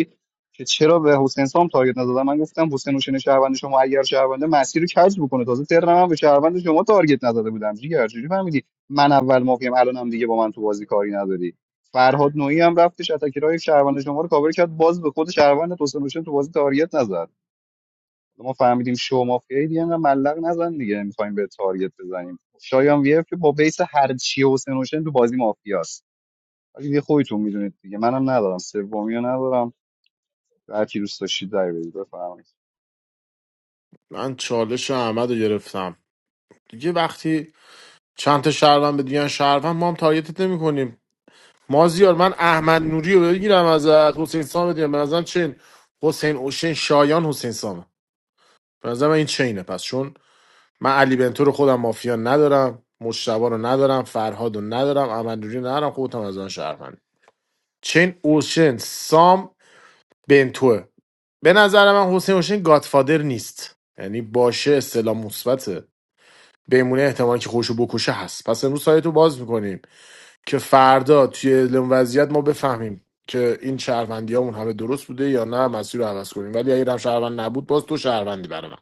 S16: که چرا به حسین سام تارگت نزدم من گفتم حسین حسین شهروند شما اگر شهرونده مسیر رو کج بکنه تازه ترنم هم به شهروند شما تارگت نزده بودم جیگر جوری فهمیدی من اول مافیام الانم دیگه با من تو بازی کاری نداری فرهاد نوعی هم رفتش اتکرای شهروند شما رو کاور کرد باز به خود شهروند حسین حسین تو بازی تارگت نزد ما فهمیدیم شما مافیایی دیگه انقدر ملق نزن دیگه میخوایم به تارگت بزنیم شایان وی اف که با بیس هر چی حسین حسین تو بازی مافیاست ولی دیگه خودتون میدونید دیگه منم ندارم سومیو ندارم هر کی دوست داشتید در بیارید بفرمایید
S13: من چالش احمد رو گرفتم دیگه وقتی چند تا شهروند به دیگه شهروند ما هم تارگتت نمی کنیم مازیار من احمد نوری رو بگیرم ازت حسین سام دیگه به نظرم چین حسین اوشین شایان حسین سامه به نظرم این چینه پس چون من علی بنتو رو خودم مافیا ندارم مشتبه رو ندارم فرهاد رو ندارم احمد نوری رو ندارم خودم از آن چین اوشن سام بنتوه به نظر من حسین اوشن گادفادر نیست یعنی باشه اصطلاح مثبته بمونه احتمال که خوشو بکشه هست پس امروز سایتو باز میکنیم که فردا توی اعلام وضعیت ما بفهمیم که این شهروندی همون همه درست بوده یا نه مسیر رو عوض کنیم ولی اگه هم شهروند نبود باز تو شهروندی برای من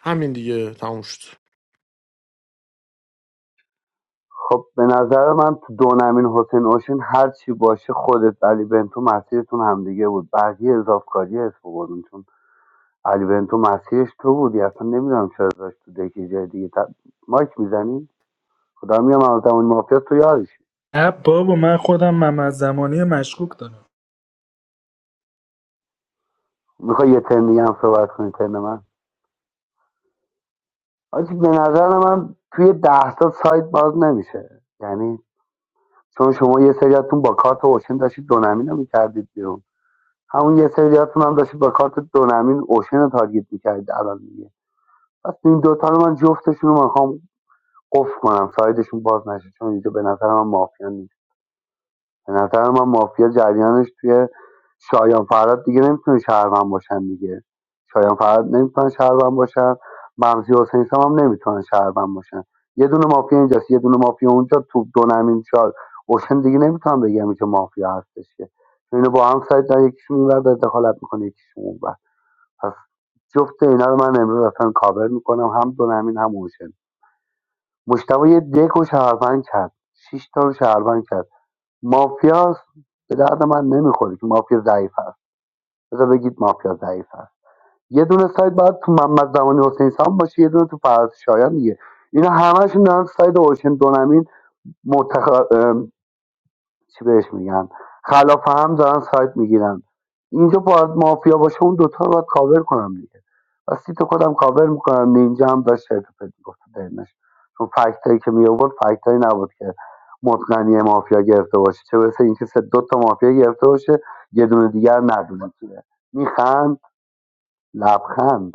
S13: همین دیگه تموم شد
S4: خب به نظر من تو دو نمین حسین اوشن هر چی باشه خودت علی بنتو مسیرتون همدیگه بود بقیه اضافه کاری اسم بردون چون علی بنتو مسیرش تو بودی اصلا نمیدونم چرا داشت تو دکی جای دیگه ت... مایک میزنی خدا میگم از اون مافیا تو یادش
S11: نه بابا من خودم محمد زمانی مشکوک دارم
S4: میخوای یه ترم دیگه هم صحبت کنی ترم من آجی به نظر من توی ده تا سایت باز نمیشه یعنی چون شما یه سریاتون با کارت اوشن داشتید دونمین رو میکردید بیرون همون یه سریاتون هم داشتید با کارت دونمین اوشن رو تارگت میکردید الان دیگه پس این دوتا رو من جفتشون رو میخوام قفل کنم سایدشون باز نشه چون اینجا به نظر من مافیا نیست. به نظر من مافیا جریانش توی شایان فراد دیگه نمیتونه شهروند باشن دیگه شایان فراد نمیتونن شهروند باشن ممزی حسین سام هم نمیتونن شهروند باشن یه دونه مافیا اینجاست یه دونه مافیا اونجا تو دو نمین شار اوشن دیگه نمیتونم بگم که مافیا هستش که اینو با هم سایت در یکیشون اینور داره دخالت میکنه یکیشون اونور پس جفت اینا رو من امروز اصلا کاور میکنم هم دو نمین هم اوشن مشتبه یه دک و شهروند کرد شیش تا رو شهروند کرد مافیا به درد من نمیخوره که مافیا ضعیف است بذار بگید مافیا ضعیف است یه دونه سایت باید تو محمد زمانی حسین سام باشه یه دونه تو فرز شایان دیگه اینا همشون دارن سایت اوشن دونمین متخ... چی بهش میگن خلاف هم دارن سایت میگیرن اینجا باید مافیا باشه اون دوتا رو باید کاور کنم دیگه و سیت خودم کاور میکنم نینجا هم داشت شرط پرت گفت دینش چون فکت که می آورد فکت نبود که متقنی مافیا گرفته باشه چه برسه اینکه سه دو تا مافیا گرفته باشه یه دونه دیگر ندونه میخند لبخند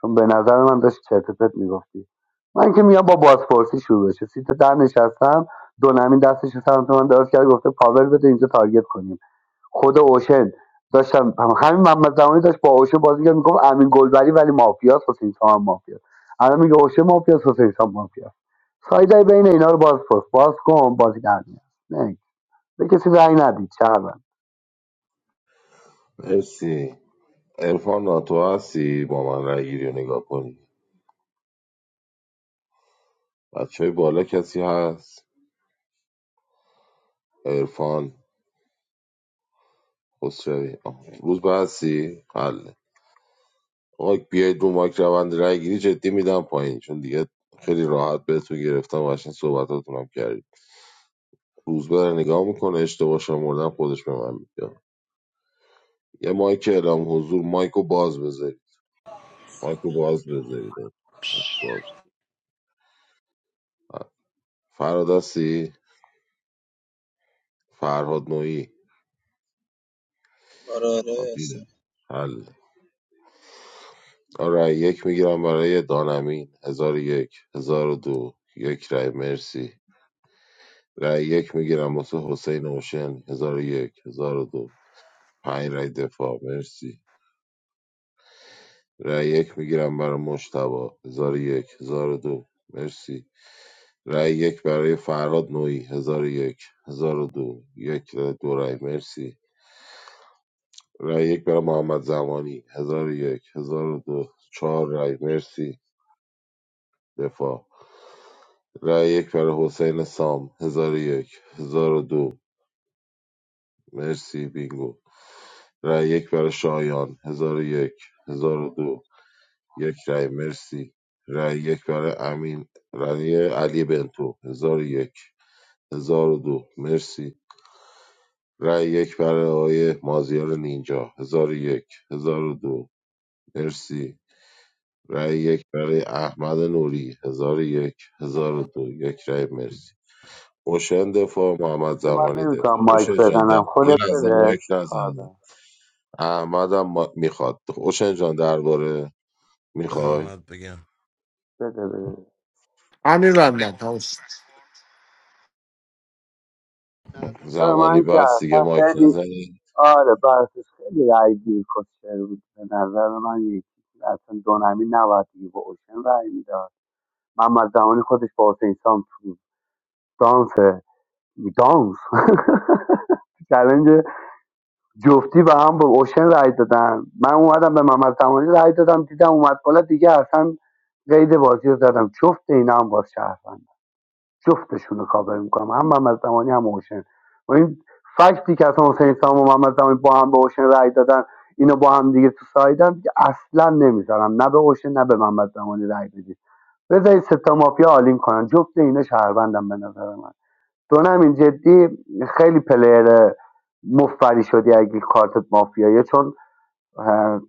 S4: چون به نظر من داشت چرت و پرت میگفتی من که میام با بازپرسی شروع بشه سیت در نشستم دو نمین دستش رو سمت من دراز کرد گفته پاور بده اینجا تارگت کنیم خود اوشن داشتم همین محمد زمانی داشت با اوشن بازی کرد میگفت امین گلبری ولی مافیاس حسین سام هم مافیاس الان میگه اوشن مافیاس حسین سام مافیاس سایدای بین اینا رو باز پست باز کن بازی در میاد نه به کسی رأی ندید چرا
S18: مرسی ارفان ناتو هستی با من رای گیری رو نگاه کنی بچه های بالا کسی هست ارفان خسروی آه. روز به هستی حله آقا بیاید رو مایک روند رای گیری جدی میدم پایین چون دیگه خیلی راحت بهتون گرفتم و قشنگ صحبتاتونم کردید روز به رو نگاه میکنه اشتباه شمردن خودش به من میگه یه مایک اعلام حضور مایکو باز بذارید مایکو باز بذارید مایک باز فراد هستی فرهاد نوعی
S10: آره آره
S18: آه،
S10: هستم
S18: دیدم حل آره یک میگیرم برای دانمین هزار و یک هزار و دو یک رای مرسی رای یک میگیرم واسه حسین اوشن هزار و یک هزار و دو پنج رای دفاع مرسی رای یک میگیرم برای مشتبا هزار و یک هزار و دو مرسی رای یک برای فرهاد نوعی هزار و یک هزار و دو یک رأی دو رأی مرسی رای یک برای محمد زمانی هزار و یک هزار و دو چهار رای مرسی دفاع رای یک برای حسین سام هزار و یک هزار و دو مرسی بینگو رای یک برای شایان هزار و یک هزار و دو یک رای مرسی رای یک برای امین رای علی بنتو هزار و یک هزار و دو مرسی رای یک برای آقای مازیار نینجا هزار و یک هزار و دو مرسی رای یک برای احمد نوری هزار و یک هزار و دو یک رای مرسی اوشن دفاع محمد
S4: اوشن من
S18: زمانی
S4: نمیتونم
S18: دفاع
S4: مایک
S18: اوشن جان در-
S4: بزنم
S18: یه
S4: خودت
S18: لحظه
S4: بده
S18: مایک
S4: کار
S18: نزنید
S4: دارم.
S18: احمدم ما... میخواد اوشن جان درباره میخوای
S14: احمد بگم
S4: بده بده
S13: همین بندم تموم شد
S4: نظر
S18: زمانی
S4: من که
S18: بس دیگه
S4: اصلا
S18: مایک
S4: خیلی
S18: نزنی
S4: آره براتش خیلی رای گیر کشتر بود به نظر من یکی اصلا دونمی نباید دیگه به اوشن رای میداد محمد زمانی خودش با حسین سام تو دانس دانس [laughs] چلنج جفتی به هم با اوشن رای دادن من اومدم به محمد زمانی رای دادم دیدم اومد بالا دیگه اصلا قید بازی رو زدم جفت اینا هم باز شهروند جفتشون رو کاور میکنم هم محمد زمانی هم اوشن و این فکتی که اصلا حسین سام و محمد زمانی با هم به اوشن رأی دادن اینو با هم دیگه تو سایدن دیگه اصلا نمیذارم نه به اوشن نه به محمد زمانی رأی بدید بذارید ستا مافیا عالیم کنن جفت اینا شهروندم به نظر من دونم این جدی خیلی پلیر مفری شدی اگه کارت مافیاییه چون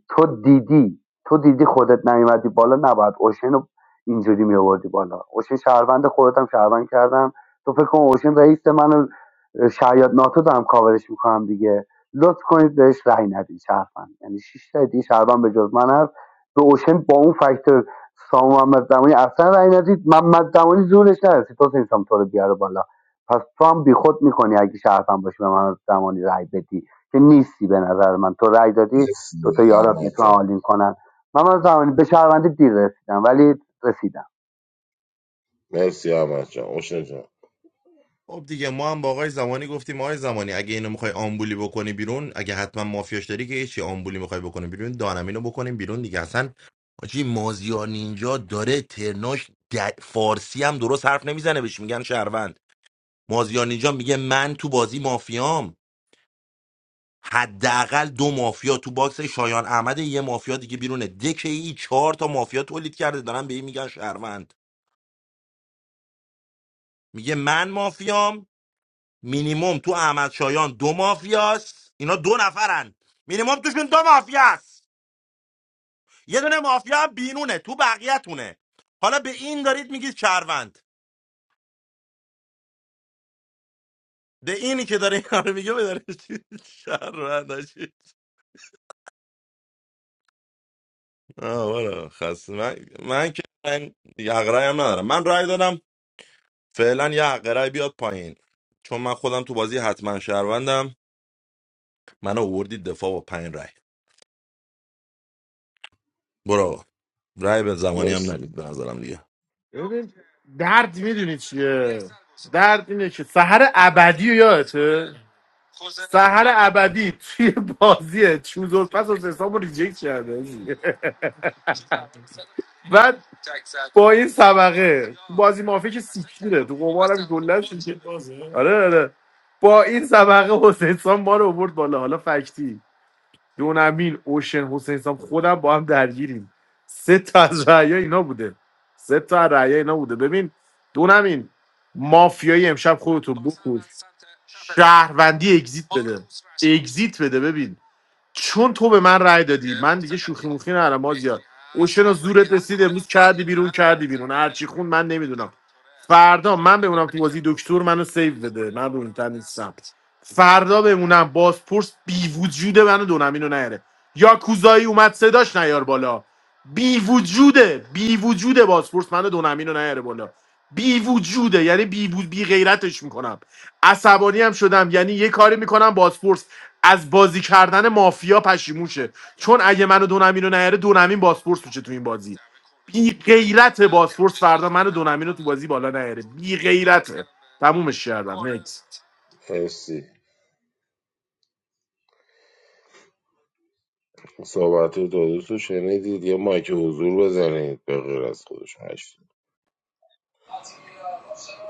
S4: تو دیدی تو دیدی خودت نیومدی بالا نباید اوشن رو اینجوری می بالا اوشن شهروند خودت هم شهروند کردم تو فکر کن اوشن رئیس منو شاید ناتو دارم کاورش میکنم دیگه لطف کنید بهش رأی ندید شهروند یعنی شش تا دیگه شهروند به جز من هست به اوشن با اون فاکتور سام محمد زمانی اصلا رأی ندید محمد زمانی زورش نرسید تو سام تو رو بیاره بالا پس تو هم بیخود میکنی اگه شهروند باشی به محمد زمانی رأی بدی که نیستی به نظر من تو رأی دادی
S18: مرسی
S4: دوتا یارم
S18: احمد
S4: میتونن
S18: جان
S4: آلین کنن من من زمانی به شهروندی دیر رسیدم ولی رسیدم
S18: مرسی احمد جان اوشن جان
S14: خب دیگه ما هم با آقای زمانی گفتیم آقای زمانی اگه اینو میخوای آمبولی بکنی بیرون اگه حتما مافیاش داری که هیچی آمبولی میخوای بکنی بیرون دانمینو بکنیم بیرون دیگه اصلا آجی مازیار نینجا داره ترناش د- فارسی هم درست حرف نمیزنه بهش میگن شهروند مازیار نینجا میگه من تو بازی مافیام حداقل دو مافیا تو باکس شایان احمد یه مافیا دیگه بیرونه دکه ای چهار تا مافیا تولید کرده دارن به این میگن شهروند میگه من مافیام مینیمم تو احمد شایان دو مافیاست اینا دو نفرن مینیمم توشون دو مافیاست یه دونه مافیا هم بینونه تو بقیه‌تونه حالا به این دارید میگید شهروند به اینی که داره اینا رو میگه به داره [laughs] شهروند آه، والا خسته من, من که من یقرایی هم ندارم من رای دادم فعلا یه یقرایی بیاد پایین چون من خودم تو بازی حتما شهروندم من اووردید دفاع با پایین رای برو آقا. رأی به زمانی هم
S18: مرسی
S14: ندید به نظرم دیگه
S13: ببین درد میدونی چیه درد اینه که سهر ابدی رو یادته سهر ابدی توی بازی چوز و پس و حساب رو ریجکت کرده بعد با این سبقه بازی مافیا که سیکیره تو قمارم گلن شده آره آره با این سبقه حسین سام ما رو آورد بالا حالا فکتی دونمین اوشن حسین سام خودم با هم درگیریم سه تا از رعیا اینا بوده سه تا از رعیا اینا بوده ببین دونمین مافیایی امشب خودتو بکن شهروندی اگزیت اگزیت بده ببین چون تو به من رأی دادی شوخی نرم ما چی خون من نمیدونم فردا من بمونم تو بازی دکتر منو سیو بده فردا بمونم بازپرس بی وجود منو دونمینو نیاره یا کوزایی اومد صداش نیار بالا بی وجوده بی وجوده بازپرس منو دونمینو نیاره بالا بی وجوده یعنی بی, وو- بی غیرتش میکنم عصبانی هم شدم یعنی یه کاری میکنم بازپرس از بازی کردن مافیا پشیموشه چون اگه منو دونمینو نیاره دونمین بازپرس میشه تو این بازی بی غیرت بازپرس فردا منو دونمینو تو بازی بالا نیاره بی غیرته تمومش کردم Next.
S18: مرسی صحبت رو دو دوستو شنیدید یه مایک حضور بزنید به غیر از خودشون هشت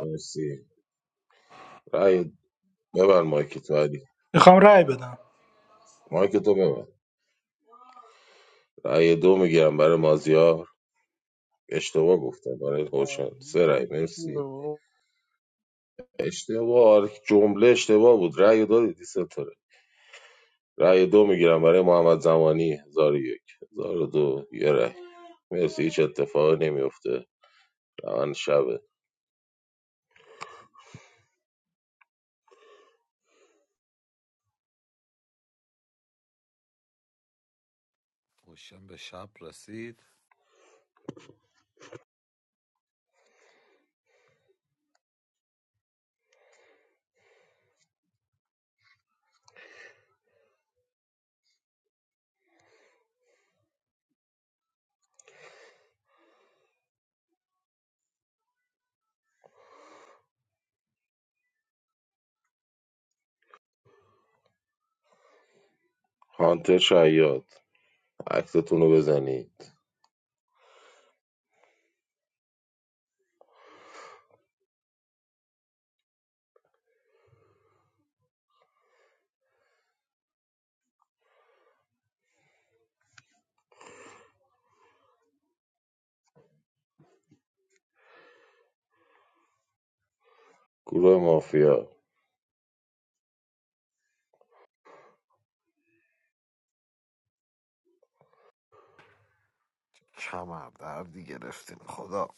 S18: مرسی رأی ببر مایک تو علی
S11: میخوام رأی بدم
S18: مایک تو ببر رأی دو میگیرم برای مازیار اشتباه گفتم برای هوشن سه رأی مرسی اشتباه آره، جمله اشتباه بود رأی دادی سه تا رأی. رأی دو میگیرم برای محمد زمانی هزار و یک هزار و دو یه رأی مرسی هیچ اتفاقی نمیفته روند شبه
S2: خوشم به شب رسید
S18: هانتر شیاد عکستون رو بزنید گروه مافیا
S2: کمر دردی گرفتیم خدا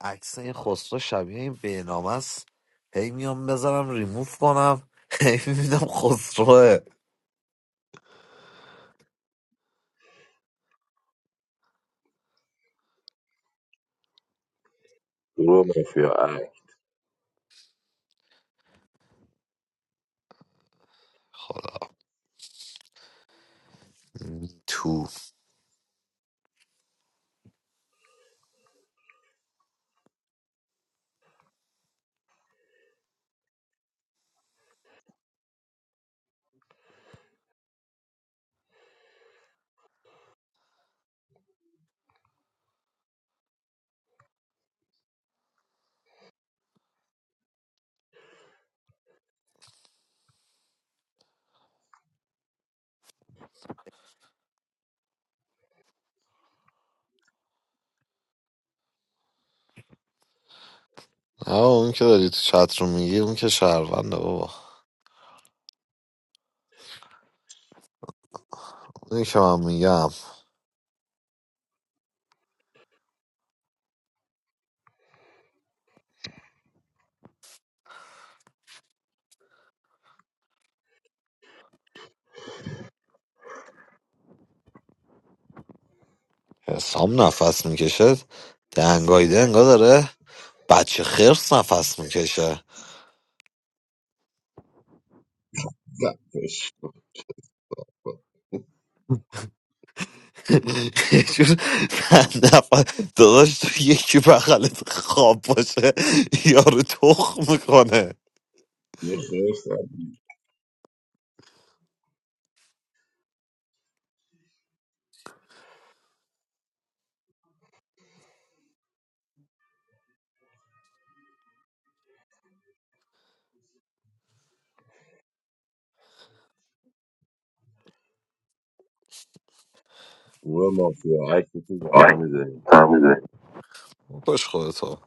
S2: عکس این خسرو شبیه این بینامه است هی میام بذارم ریموف کنم [laughs] هی میبینم خسروه
S18: گروه مافیا عکس
S2: خدا تو نه اون که داری تو چت رو میگی اون که شهرونده بابا اونی که من میگم حسام نفس میکشه دنگایده انگا داره بچه خرس نفس میکشه
S18: زدش
S2: [laughs] یه جور نفس داداش تو یکی بغلت خواب باشه یارو تخ میکنه
S18: یه خیلی سر گروه مافیا عکستون زودتر میزنید
S2: کش خودتا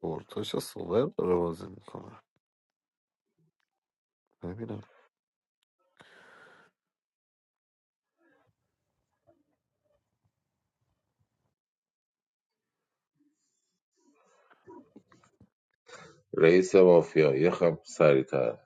S2: پورتو چه سوبر داره بازی میکنه ببینم
S18: رئیس مافیا یه خم سریعتر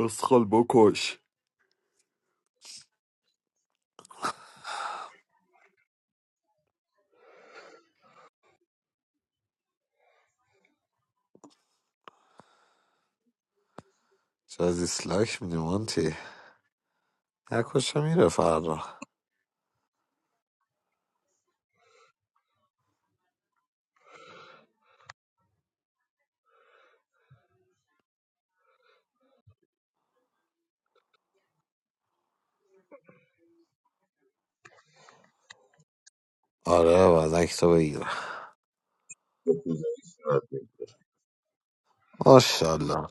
S2: اسخال بکش چه از دیسلایک میدی مانتی نکشه میره فردا آره بعد تو بگیره
S18: یه کوزه‌ای صورت بگیر.
S2: ماشاءالله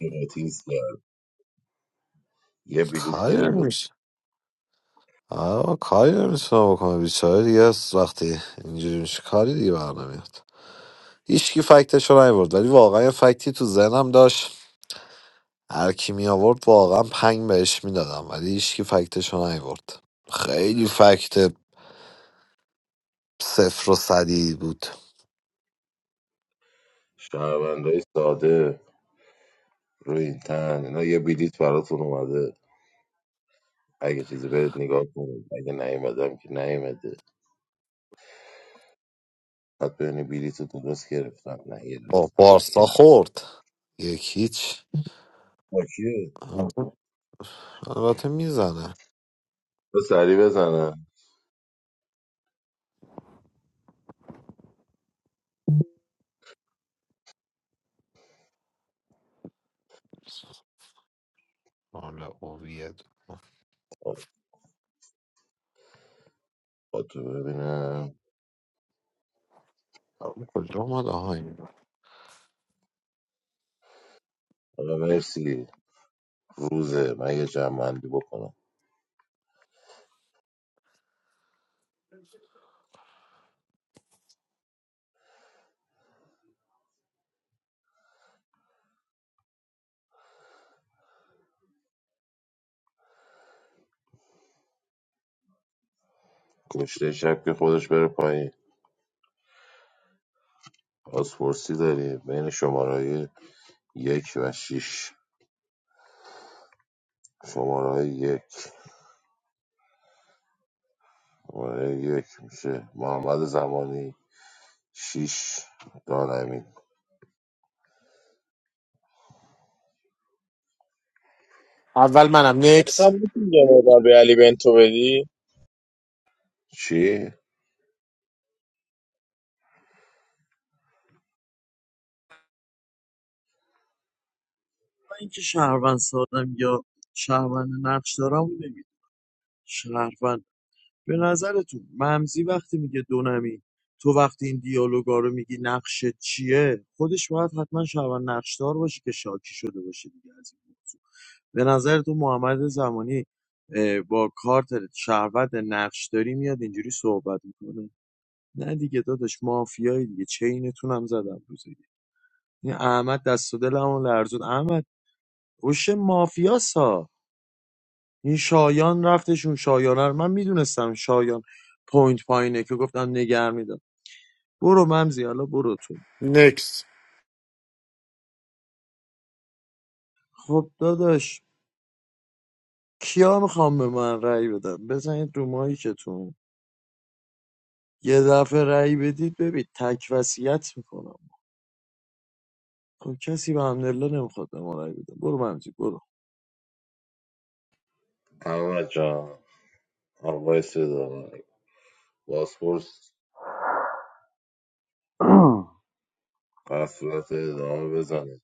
S18: یه قطیس کرد یه بلیت
S2: کاری
S18: گرفت
S2: نمیشه آه کاری نمیتونه بکنه بیچاره دیگه از وقتی اینجوری میشه کاری دیگه برنمیاد هیچکی فکتش رو نیورد ولی واقعا یه فکتی تو ذهنم داشت هر کی می آورد واقعا پنگ بهش میدادم ولی هیچکی فکتش رو نیورد خیلی فکت صفر و صدی بود
S18: شهروندهای ساده روی این تن اینا یه بلیت براتون اومده اگه چیزی برید نگاه کنید اگه نیومدم که نیومده بعد ببینی بلیط رو درست گرفتم نگرفت
S2: با بارسا خورد یک هیچ
S18: با کیه
S2: البته میزنه
S18: تو سری بزنم
S2: حالا اوویه
S18: آه، با تو ببینم
S2: کجا اومد آها این
S18: آقا مرسی روزه من یه جمعندی بکنم کشته شب که خودش بره پایین پاسپورسی داری بین شماره یک و شیش شماره یک شماره یک میشه محمد زمانی شیش دانمی
S13: اول منم نکس
S10: حساب می‌کنی یه مقدار به علی بنتو بدی
S18: چی؟
S1: من اینکه شهروند سادم یا شهروند نقش دارم نمیدونم شهروند به نظرتون ممزی وقتی میگه دونمی تو وقتی این دیالوگا رو میگی نقشه چیه خودش باید حتما شبان نقشدار باشه که شاکی شده باشه دیگه از این موضوع به نظرتون محمد زمانی اه، با کارت شهروند نقشداری میاد اینجوری صحبت میکنه نه دیگه داداش مافیایی دیگه چینتون هم زدم روزه دیگه. این احمد دست و دلمو لرزون احمد هوش مافیاسا این شایان رفتش اون شایانه رو من میدونستم شایان پوینت پایینه که گفتم نگر میدم برو ممزی حالا برو تو
S13: نکس
S1: خب داداش کیا میخوام به من رأی بدم بزنید رو مایکتون یه دفعه رأی بدید ببین تک وصیت میکنم خب کسی به حمدالله نمیخواد به ما رأی بده برو ممزی برو
S18: احمد جان آقای صدا باسپورس
S4: [clears throat]
S18: در صورت ادامه بزنه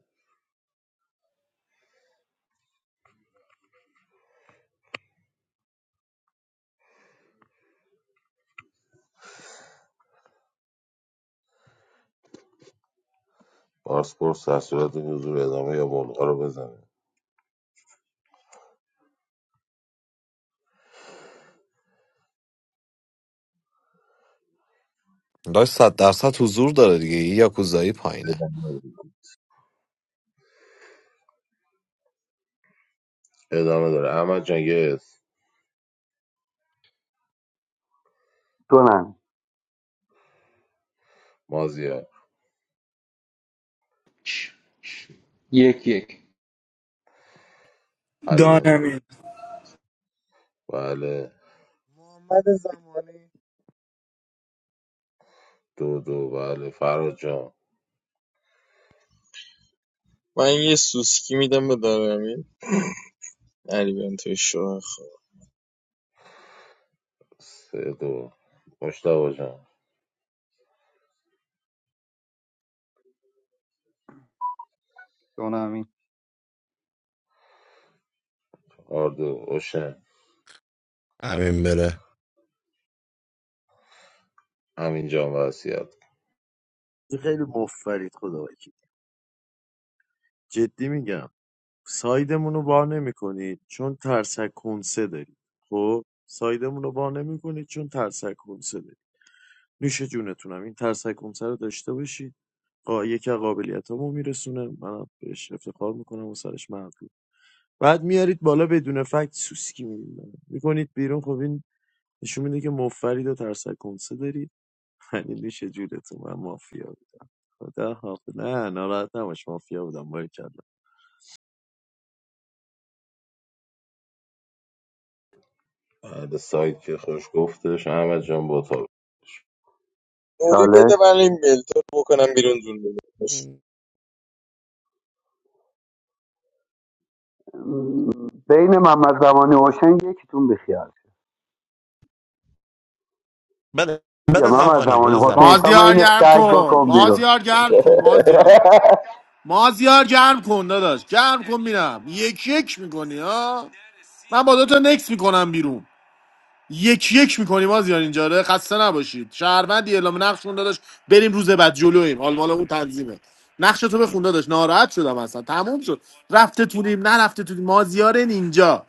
S18: باسپورس در صورت حضور ادامه یا ملغا رو بزنه
S2: داشت صد درصد حضور داره دیگه یه یاکوزایی پایینه
S18: ادامه داره. ادامه داره احمد جان یه اسم.
S4: دونم
S18: مازیار
S19: یک یک
S18: علی بنتو
S11: دانمین
S18: بله دو دو بله فراد جان
S10: من یه سوسکی میدم به دانمی علی بنتو شوخ
S18: سه دو مشتاق جان
S16: دونمین
S18: چهار اوشن
S14: همین بره
S18: همین جان وسیعت
S1: این خیلی مفرید خدا وکیل. جدی میگم سایدمون رو وا نمیکنید چون ترسک کنسه دارید خب سایدمون رو وا نمیکنید چون ترسک کنسه دارید. نوش جونتونم این ترسکونسه رو داشته باشید قا یکی از قابلیتامو میرسونه منم بهش افتخار میکنم و سرش مرد بعد میارید بالا بدون فکت سوسکی میدید میکنید بیرون خب این نشون میده که مفرید و ترسکونسه دارید [laughs] یعنی نوش جونتون من مافیا بودم خدا حافظ نه ناراحت نباش مافیا بودم باید
S18: بله سایت که خوش گفتش احمد جان با تا
S10: نوری
S4: چالش
S10: بده من این بلتو رو بکنم بیرون دون داداش
S4: بین محمد زمانی و حسین یکیتون بخیال
S14: بده
S4: یا
S14: بده
S4: محمد
S14: زمانی
S4: زمانی
S14: بده
S4: حسین
S14: زمانی
S4: سام
S13: مازیار
S4: این سگ بکن بیرون
S13: کن
S4: [laughs]
S13: مازیار گرم کن داداش گرم کن میرم یک یک میکنی ها من با دوتا نکس میکنم بیرون یک یک میکنی مازیار اینجا رو خسته نباشید شهروندی اعلام نقشون داداش بریم روز بعد جلویم حال مال اون تنظیمه نقش تو بخون داداش ناراحت شدم اصلا تموم شد رفته تونیم نرفته تونیم مازیار اینجا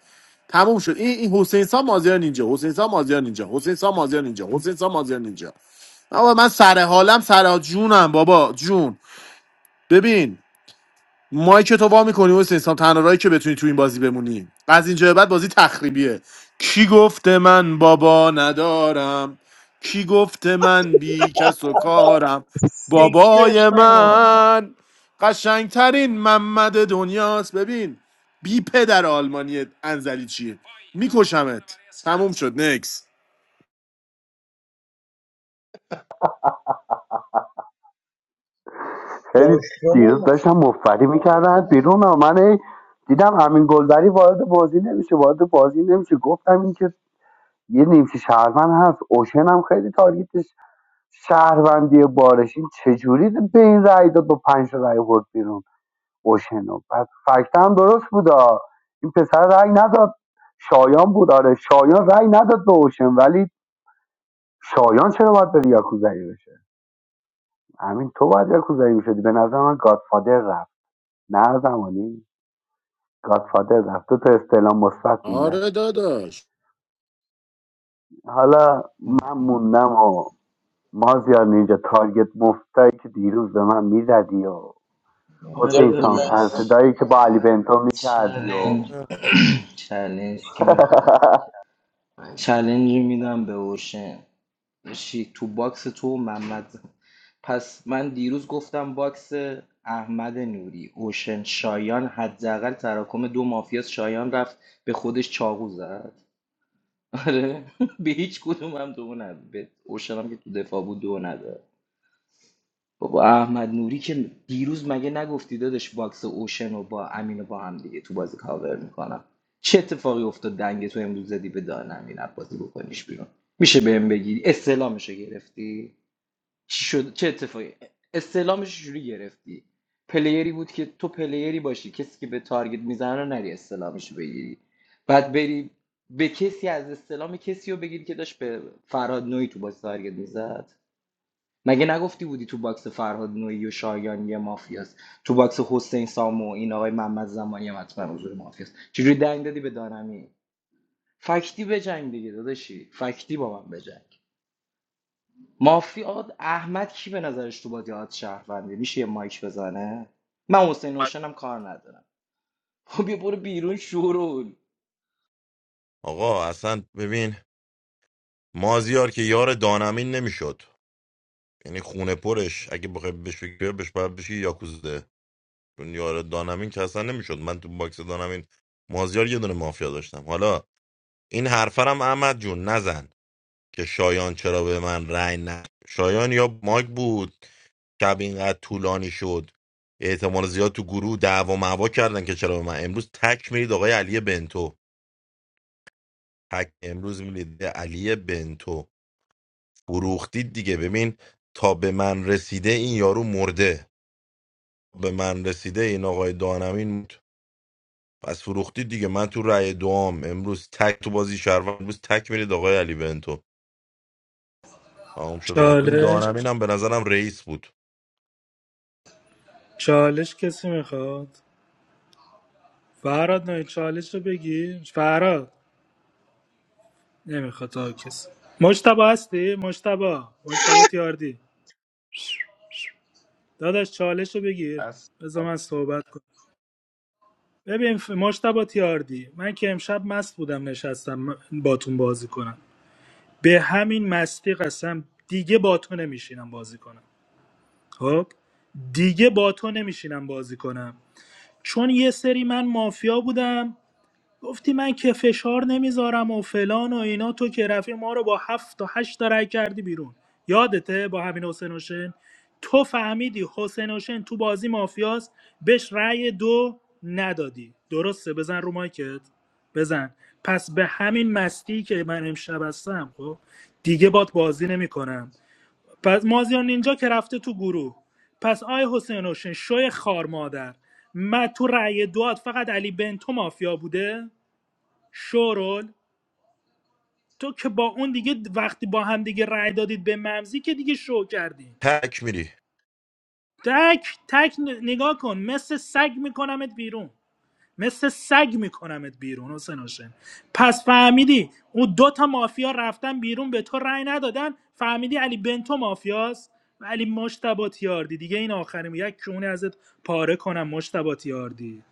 S13: تموم شد این این حسین سام مازیار اینجا حسین سام مازیار اینجا حسین سام مازیار اینجا حسین سام مازیار اینجا آقا من سر حالم سر جونم بابا جون ببین مایک تو وا میکنی حسین سام تنها راهی که بتونی تو این بازی بمونی از اینجا به بعد بازی تخریبیه کی گفته من بابا ندارم کی گفته من بی کس و کارم
S3: سکتر
S13: بابای
S3: جان
S13: من قشنگترین محمد دنیاست ببین بی پدر آلمانی انزلی چیه میکشمت تموم شد نکس
S4: خیلی دیروز
S3: داشتم
S4: داشتم مفری میکردن بیرون و من دیدم همین گلبری وارد بازی نمیشه وارد بازی نمیشه گفتم این که یه نیمچه شهرمن هست اوشن هم خیلی تارگیتش شهروندی بارشین چجوری به این رأی داد با پنج تا رأی برد بیرون اوشنو بعد فکت هم درست بودا این پسر رأی نداد شایان بود آره شایان رأی نداد به اوشن ولی شایان چرا باید بری یاکوزایی بشه همین تو باید یاکوزایی میشدی به نظر من گادفادر رفت نه زمانی گادفادر رفت دو تا استعلام مثبت مونده
S13: آره داداش
S4: حالا من موندم و مازیار نینجا تارگت مفتایی که دیروز به من میزدی و
S10: بذار
S19: آره
S4: حسین
S10: بده
S4: سان
S10: من
S4: سر
S19: داداش
S4: صدایی که با علی بنتو میکردی و [laughs]
S19: چلنج چلنج که میخواد چلنج میدم به اوشن بشی تو باکس تو و محمد پس من دیروز گفتم باکس احمد نوری اوشن شایان حداقل تراکم دو مافیاس شایان رفت به خودش چاقو زد آره [laughs] به هیچ کدوم هم دو نداد به اوشن هم که تو دفاع بود دو نداد بابا احمد نوری که دیروز مگه نگفتی دادش باکس اوشن رو با امین رو با هم دیگه تو بازی کاور میکنم چه اتفاقی افتاد دنگ تو امروز زدی به دان امین بازی بکنیش بیرون میشه بهم بگی استعلامش رو گرفتی چی شد چه اتفاقی استعلامش رو چجوری گرفتی پلیری بود که تو پلیری باشی کسی که به تارگت میزنه رو نری استعلامش رو بگیری بعد بری به کسی از استعلام کسی رو بگیری که داشت به فرهاد نوعی تو باکس تارگت میزد مگه نگفتی بودی تو باکس فرهاد نوعی و شایان یه مافیاست تو باکس حسین سامو این آقای محمد زمانی هم حتما حضور مافیاست چجوری دنگ دادی به دانمی فکتی بجنگ دیگه داداشی فکتی با من بجنگ مافیا احمد کی به نظرش تو بازی آد شهرونده میشه یه مایک بزنه من حسین نوشنم کار ندارم خب یه برو بیرون شورول
S14: آقا اصلا ببین مازیار که یار دانمین نمیشد یعنی خونه پرش اگه بخوای بهش بگی بهش باید بشی یاکوزه چون یار دانمین که اصلا نمیشد من تو باکس دانمین مازیار یه دونه مافیا داشتم حالا این حرفرم احمد جون نزن که شایان چرا به من رأی نه شایان یا ماگ بود شب اینقدر طولانی شد احتمال زیاد تو گروه دعوا معوا کردن که چرا به من امروز تک میرید آقای علی بنتو تک امروز میرید علی بنتو فروختید دیگه ببین تا به من رسیده این یارو مرده به من رسیده این آقای دانمین پس فروختی دیگه من تو رأی دوام امروز تک تو بازی شهروند امروز تک میرید آقای علی بنتو تمام شده رفت این
S11: چالش
S14: دانمین هم به نظرم رئیس بود
S11: چالش کسی میخواد فراد نه چالش رو بگی فراد نمیخواد تا کسی مجتبا هستی مجتبا مجتبا تیاردی داداش چالش رو بگیر
S16: هست
S11: بذار من صحبت کنم ببین ف- مجتبا تیاردی من که امشب مست بودم نشستم م- باتون بازی کنم به همین مستی قسم دیگه باتون نمیشینم بازی کنم خب دیگه با تو نمیشینم بازی کنم چون یه سری من مافیا بودم گفتی من که فشار نمیذارم و فلان و اینا تو که رفی ما رو با هفت تا هشت تا رای کردی بیرون یادته با همین حسین حسین تو فهمیدی حسین حسین تو بازی مافیاست بهش رأی دو ندادی درسته بزن رو مایکت بزن پس به همین مستی که من امشب هستم خب دیگه بات بازی نمیکنم پس مازیار نینجا که رفته تو گروه پس آی حسین روشن شوی خار مادر من تو رأی دوات فقط علی بنتو مافیا بوده شورول تو که با اون دیگه وقتی با هم دیگه رأی دادید به ممزی که دیگه شو کردین
S14: تک میری
S11: تک تک ن- نگاه کن مثل سگ میکنمت بیرون مثل سگ میکنمت بیرون حسین هاشم پس فهمیدی اون دو تا مافیا رفتن بیرون به تو رأی ندادن فهمیدی علی بنتو مافیاست ولی مشتبات یاردی دیگه این آخرین یک کونه ازت پاره کنم مشتبات یاردی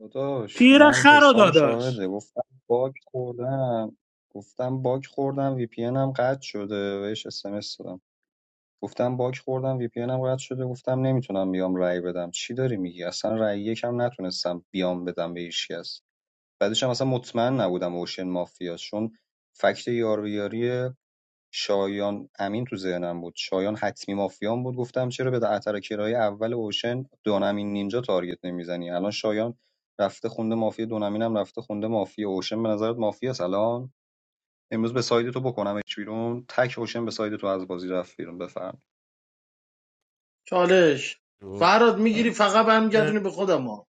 S16: داداش
S11: پیر
S16: من
S11: خر و
S16: حسام
S11: داداش
S16: شاهده گفتم باگ خوردم گفتم باگ خوردم وی پی هم قطع شده بهش اس ام اس دادم گفتم باگ خوردم وی پی هم قطع شده گفتم نمیتونم بیام رأی بدم چی داری میگی اصلا رأی یکم نتونستم بیام بدم به هیچ کس بعدش هم اصلا مطمئن نبودم اوشن مافیا چون فکت یار شایان امین تو ذهنم بود شایان حتمی مافیان بود گفتم چرا به اتر کرایه اول اوشن دونمین نینجا تارگت نمیزنی الان شایان رفته خونده مافیا دونمین هم رفته خونده مافیا اوشن به نظرت مافیا الان امروز به ساید تو بکنم بیرون تک اوشن به ساید تو از بازی رفت بیرون بفهم
S3: چالش فراد میگیری فقط برمیگردونی به خودم ها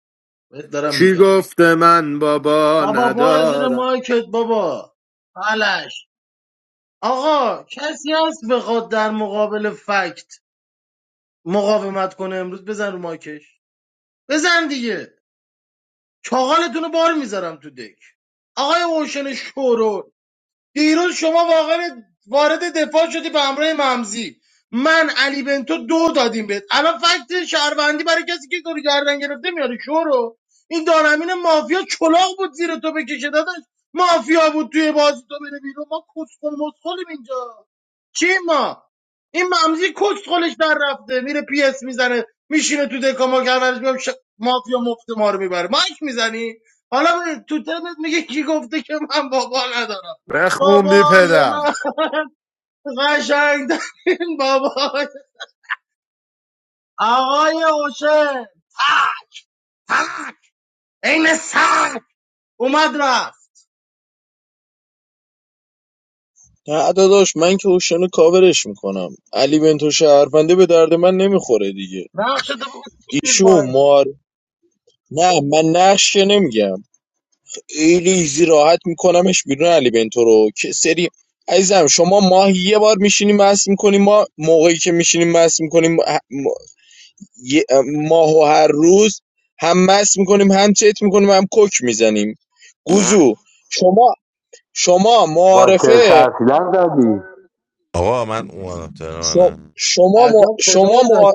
S3: بهت دارم
S13: کی
S3: میگم
S13: گفته من بابا
S3: بابا برو زیر
S13: ندارم
S3: مایکت بابا حالش آقا کسی هست بخواد در مقابل فکت مقاومت کنه امروز بزن رو مایکش بزن دیگه چاقالتون رو بار میذارم تو دک آقای اوشن شورو دیروز شما واقعا وارد دفاع شدی به همراه ممزی من علی بنتو دو دادیم بهت الان فکت شهروندی برای کسی که تو رو گردن گرفته میاری شورو این دانمین مافیا چلاق بود زیر تو بکشه داداش مافیا بود توی بازی تو بره بیرون ما کسخل مسخلیم اینجا چی ما این ممزی کسخلش در رفته میره پی اس میزنه میشینه تو دکا ما گردنش میام ش... مافیا مفت ما رو میبره مایک میزنی حالا تو تنت میگه کی گفته که من بابا ندارم
S13: بخون بی
S3: بابای
S13: پدر
S3: من قشنگ این بابای آقای حسین تق تق این سر اومد رفت
S10: نه داداش من که اوشنو کاورش میکنم علی بنتو شهرونده به درد من نمیخوره دیگه
S3: نقش تو بگو کشتیر
S10: ایشون
S3: پایین
S10: مار نه من نقش که نمیگم خیلی ایزی راحت میکنمش بیرون علی بنتو رو که سری عزیزم شما ماهی یه بار میشینیم مس میکنیم ما موقعی که میشینیم مس میکنیم ماهو هر روز هم مس میکنیم هم چت میکنیم هم کوک میزنیم گوزو شما شما
S4: [applause] با شعر
S10: معارفه
S4: سرسیلر دادی
S14: آقا من اومدم
S10: شما
S14: تهرانم
S10: شما مع-
S3: عجب
S10: شما
S3: صدایی داشت
S10: مع-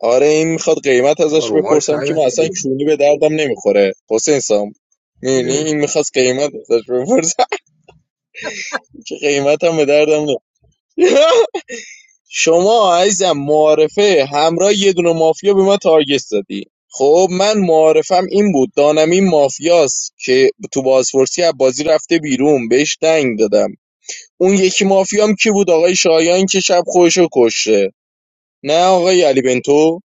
S10: آره این میخواد قیمت
S18: آقا
S10: ازش
S18: رو مایک
S10: بپرسم که
S18: نیاد
S10: من اصلا
S18: دیگه
S10: کونی به دردم نمیخوره حسین سام می‌بینی این میخواست قیمت ازش بپرسم که قیمتم به دردم نمیخوره [laughs] شما عزیزم معارفه همراه یه دونه مافیا به من تارگت زدی خب من معارفم این بود دانم این مافیاست که تو بازپرسی از بازی رفته بیرون بهش دنگ دادم اون یکی مافیام کی بود آقای شایان که شب خودشو کشته نه آقای علی بنتو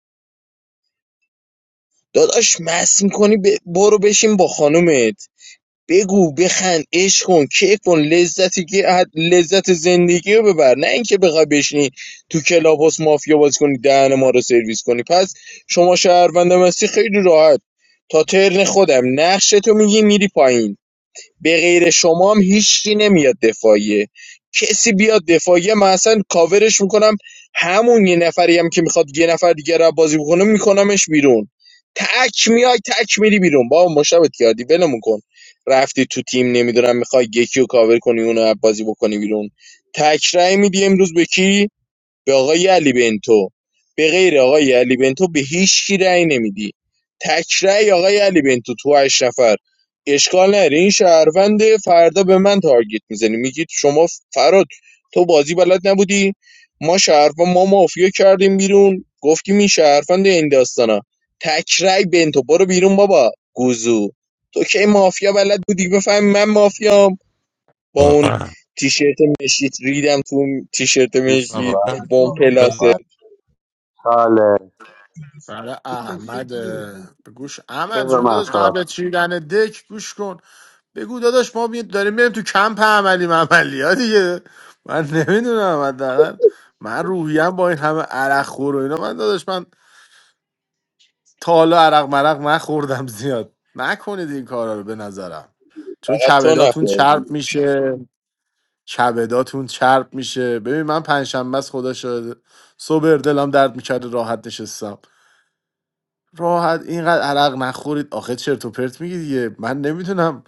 S10: داداش مست میکنی ب... برو بشین با خانومت بگو بخند عشق کن کیف کن لذتی که از- لذت زندگی رو ببر نه اینکه بخوای بشینی تو کلاباس مافیا بازی کنی دهن ما رو سرویس کنی پس شما شهروندم هستی خیلی راحت تا ترن خودم نقشتو میگی میری پایین به غیر شما هم هیچی نمیاد دفاعیه کسی بیاد دفاعیه من اصلا کاورش میکنم همون یه نفری هم که میخواد یه نفر دیگه رو بازی بکنه میکنمش بیرون تک میای تک میری بیرون با مشابهت کردی ولمون کن رفتی تو تیم نمیدونم میخوای یکی رو کاور کنی اونو از بازی بکنی بیرون تک رای میدی امروز به کی به آقای علی بنتو به غیر آقای علی بنتو به هیچ کی رأی نمیدی تک رأی آقای علی بنتو تو هشت نفر اشکال نره این شهرونده فردا به من تارگت میزنی میگید شما فراد تو بازی بلد نبودی ما شهروند ما مافیا کردیم بیرون گفتیم این شهروند این داستانا تک رأی بنتو برو بیرون بابا گوزو تو که مافیا بلد بودی بفهمی من مافیا با اون تیشرت مشکیت ریدم تو اون تیشرت
S18: مرسی
S10: مشکیت
S14: آقا
S18: فراد
S10: با اون
S18: جان
S14: بل...
S10: پلاسه
S18: فراد
S4: چاله
S18: جان.
S13: برای
S18: یه توصیه
S13: احمد
S18: دیگه.
S13: به گوش احمد
S4: بذار
S13: جون
S4: من
S13: داداش
S4: صحبت
S13: قبل از چیدن دک گوش کن بگو داداش ما می- داریم میریم تو کمپ عملی عملی ها دیگه من نمیدونم حداقل من روحیم با این همه عرق خور و اینا من داداش من تا حالا عرق مرق نخوردم زیاد نکنید این کارا رو به نظرم چون
S10: فقط تو
S13: کبداتون
S10: نخورد
S13: چرب میشه کبداتون چرب میشه ببین من پنجشنبه است خدا شاهده صبح دلم درد میکرد راحت نشستم راحت اینقدر عرق نخورید آخه چرت و پرت میگی دیگه من نمیدونم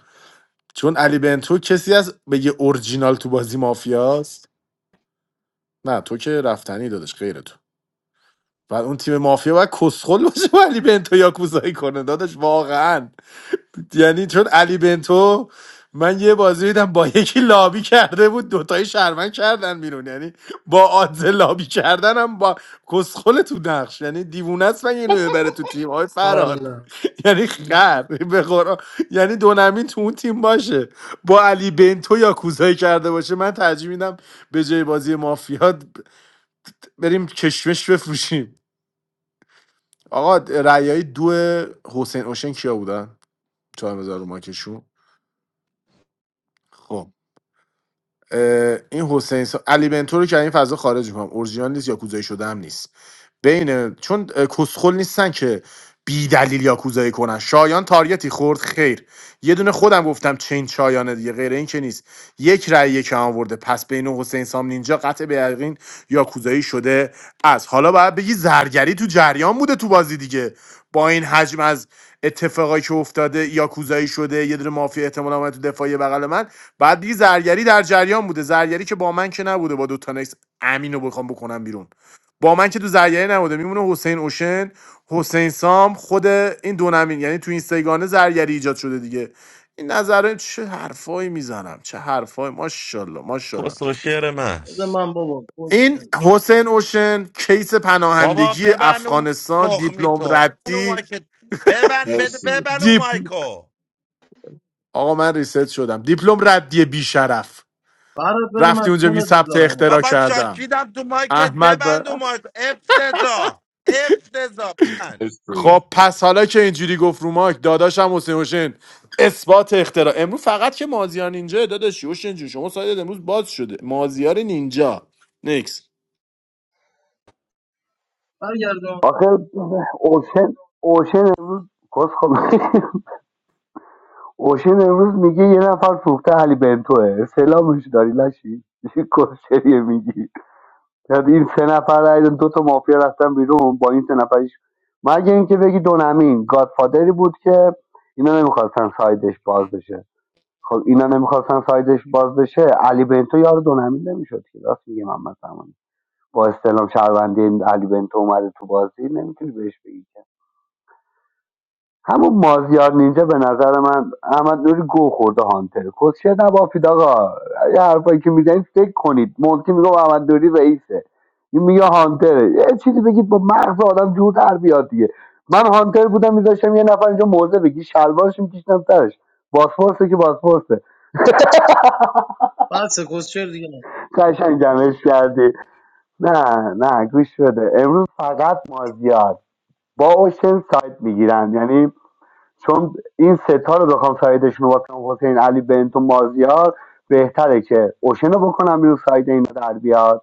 S13: چون علی بنتو کسی از بگه اورجینال تو بازی مافیاست نه تو که رفتنی دادش غیر تو بعد اون تیم مافیا باید کسخل باشه با علی بنتو یا کوزایی کنه دادش واقعا یعنی چون علی بنتو من یه بازی دیدم با یکی لابی کرده بود دوتای شرمن کردن بیرون یعنی با آدز لابی کردن هم با کسخل تو نقش یعنی دیوونه است من اینو ببره تو تیم های فراد
S11: والا
S13: یعنی خر به قرآن یعنی دونمین تو اون تیم باشه با علی بنتو یا کوزایی کرده باشه من ترجیح میدم به جای بازی مافیا بریم کشمش بفروشیم آقا رعیه دو حسین اوشن کیا بودن؟ 4000 رو ماکشون خب اه، این حسین سا... علی بنتو رو که از این فضا خارج میکنم اورجینال نیست یا کوزایی شده هم نیست بین چون اه، کسخل نیستن که بی دلیل یا کوزایی کنن شایان تاریتی خورد خیر یه دونه خودم گفتم چین شایانه دیگه غیر این که نیست یک رأی یک هم آورده پس بین حسین سام نینجا قطع به یقین یا کوزایی شده از حالا باید بگی زرگری تو جریان بوده تو بازی دیگه با این حجم از اتفاقایی که افتاده یا کوزایی شده یه دونه مافیا احتمالاً اومد تو دفاعی بغل من بعد دیگه زرگری در جریان بوده زرگری که با من که نبوده با دو تا نکس امین رو بخوام بکنم بیرون با من که تو زرگری نبوده میمونه حسین اوشن حسین سام خود این دو نمین یعنی تو این سگانه زرگری ایجاد شده دیگه این نظر چه حرفایی میزنم چه حرفایی ماشاءالله ماشاءالله
S14: کس و شعر
S3: بده
S14: محض
S3: من بابا پست
S13: این
S3: کن.
S13: حسین اوشن کیس
S14: بابا
S13: پناهندگی
S14: ببن اون
S13: افغانستان
S14: تخمی
S13: دیپلم
S14: تو ببن اون
S13: ردی
S14: مایکت ببن بده
S18: مرسی
S14: ببن اون
S13: دیپ
S14: مایکو
S13: آقا من ریست شدم دیپلم ردی بیشرف
S3: برات بده
S13: رفتی
S3: من
S13: اونجا بی
S3: کونت
S13: ثبت
S3: میذارم
S13: اختراع
S14: بابا
S13: کردم
S14: شاشیدم تو مایکت
S13: احمد
S14: ببند اون مایکو افتضا افتضا ببن
S18: مرسی
S13: خب پس حالا که اینجوری گفت رو مایک داداشم حسین حسین اثبات اختراع امروز فقط که مازیار نینجا داداشی حسین جون شما سایدت امروز باز شده مازیار نینجا نیکس
S4: آخر آخه اوشن اوشن امروز کس خب [laughs] [applause] اوشن امروز میگه یه نفر فروخته علی بنتوه سلامش داری لشی کسچریه میگی یعنی این سه نفر رای دو تا مافیا رفتن بیرون با این سه نفرش مگه اینکه بگی دونمین گادفادری بود که اینا نمیخواستن سایدش باز بشه خب اینا نمیخواستن سایدش باز بشه علی بنتو یار دونمین نمیشد که راست میگه محمد زمانی با استلام شهروندی علی بنتو اومده تو بازی نمیتونی بهش بگی همون مازیار نینجا به نظر من احمد نوری گو خورده هانتر کسیه نبافید آقا یه حرفایی که میزنید فکر کنید مونتی میگه احمد نوری رئیسه این میگه هانتره یه چیزی بگید با مغز آدم جور در بیاد دیگه من هانتر بودم میذاشتم یه نفر اینجا موزه بگی شلوارش میکشتم سرش باسپورسه که باسپورسه قشنگ جمعش کردی نه نه گوش بده امروز فقط مازیار با اوشن ساید میگیرم یعنی چون این ستا رو بخوام سایدشون رو بکنم حسین علی بنتو مازیار بهتره که اوشن رو بکنم بیرون ساید اینا در بیاد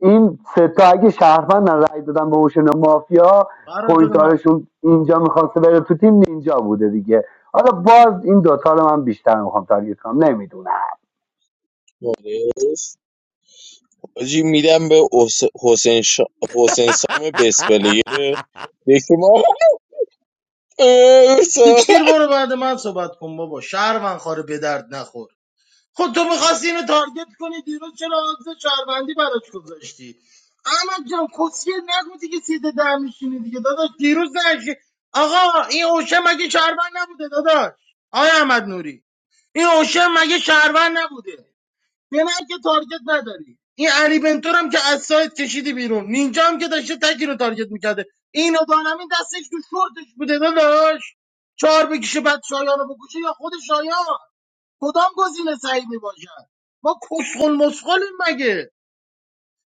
S4: این ستا اگه شهروند رای دادن به اوشن و مافیا
S3: برات بده من
S4: پوینتارشون اینجا میخواسته بره تو تیم اینجا بوده دیگه حالا باز این دوتا رو من بیشتر میخوام تارگت کنم نمیدونم
S10: حاجی میدم به حسین شا... حسین سام
S14: [laughs]
S10: بسپلیر یکی ما [laughs]
S3: تکشتیر برو بعد من صحبت کن بابا شهر من خاره به درد نخور خود تو میخواستی اینو تارگت کنی دیروز چرا آدرس شهروندی براش گذاشتی احمد جان کسیه نگو دیگه سیده در میشینی دیگه داداش دیروز نشی آقا این اوشه مگه شهروند نبوده داداش آیا احمد نوری این اوشه مگه شهروند نبوده به من که تارگت نداری این علی بنتور هم که از سایت کشیدی بیرون نینجا هم که داشته تکی رو تارگت میکرده این دانمین دستش تو شورتش بوده داداش چهار بکشه بعد شایان رو بکشه یا خود شایان کدام گزینه صحیح می باشد ما کسخل مسخلیم مگه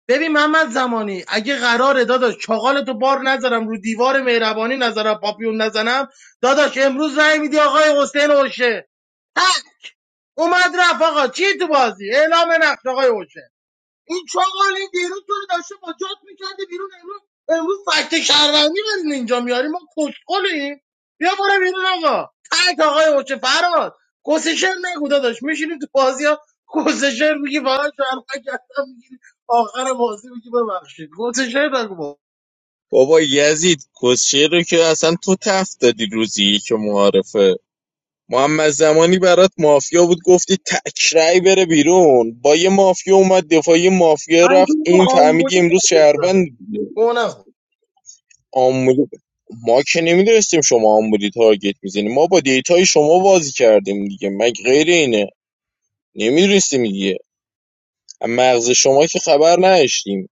S3: ببین محمد زمانی اگه قراره داداش چاغالتو بار نذارم رو دیوار مهربانی نذارم پاپیون نزنم داداش امروز رای میدی آقای حسین اوشه ها اومد رفت آقا چی تو بازی اعلام نقش آقای اوشه این چاقالی دیروز تو رو داشته با جات میکرده بیرون امروز امروز فکت شهروندی برین اینجا میاری ما کسخلیم بیا برو بیرون آقا تک آقای اوچه فراد کسشر نگو داداش میشینی تو بازی ها کسشر میگی فقط شهروند کردم میگی آخر بازی میگی ببخشید کسشر نگو با
S10: بابا یزید کسشه رو که اصلا تو تفت دادی روزی که معارفه محمد زمانی برات مافیا بود گفتی تکرای بره بیرون با یه مافیا اومد دفاع مافیا
S3: من تو
S10: رفت
S3: تو
S10: این
S3: آمبولی
S10: فهمیدی امروز
S3: تارگت زدم
S10: شهروند
S3: گوه نخور
S10: آمبولی ما که نمیدونستیم شما آمبولی تارگت میزنیم ما با دیتای شما بازی کردیم دیگه مگه غیر اینه نمیدونستیم دیگه از مغز شما که خبر نداشتیم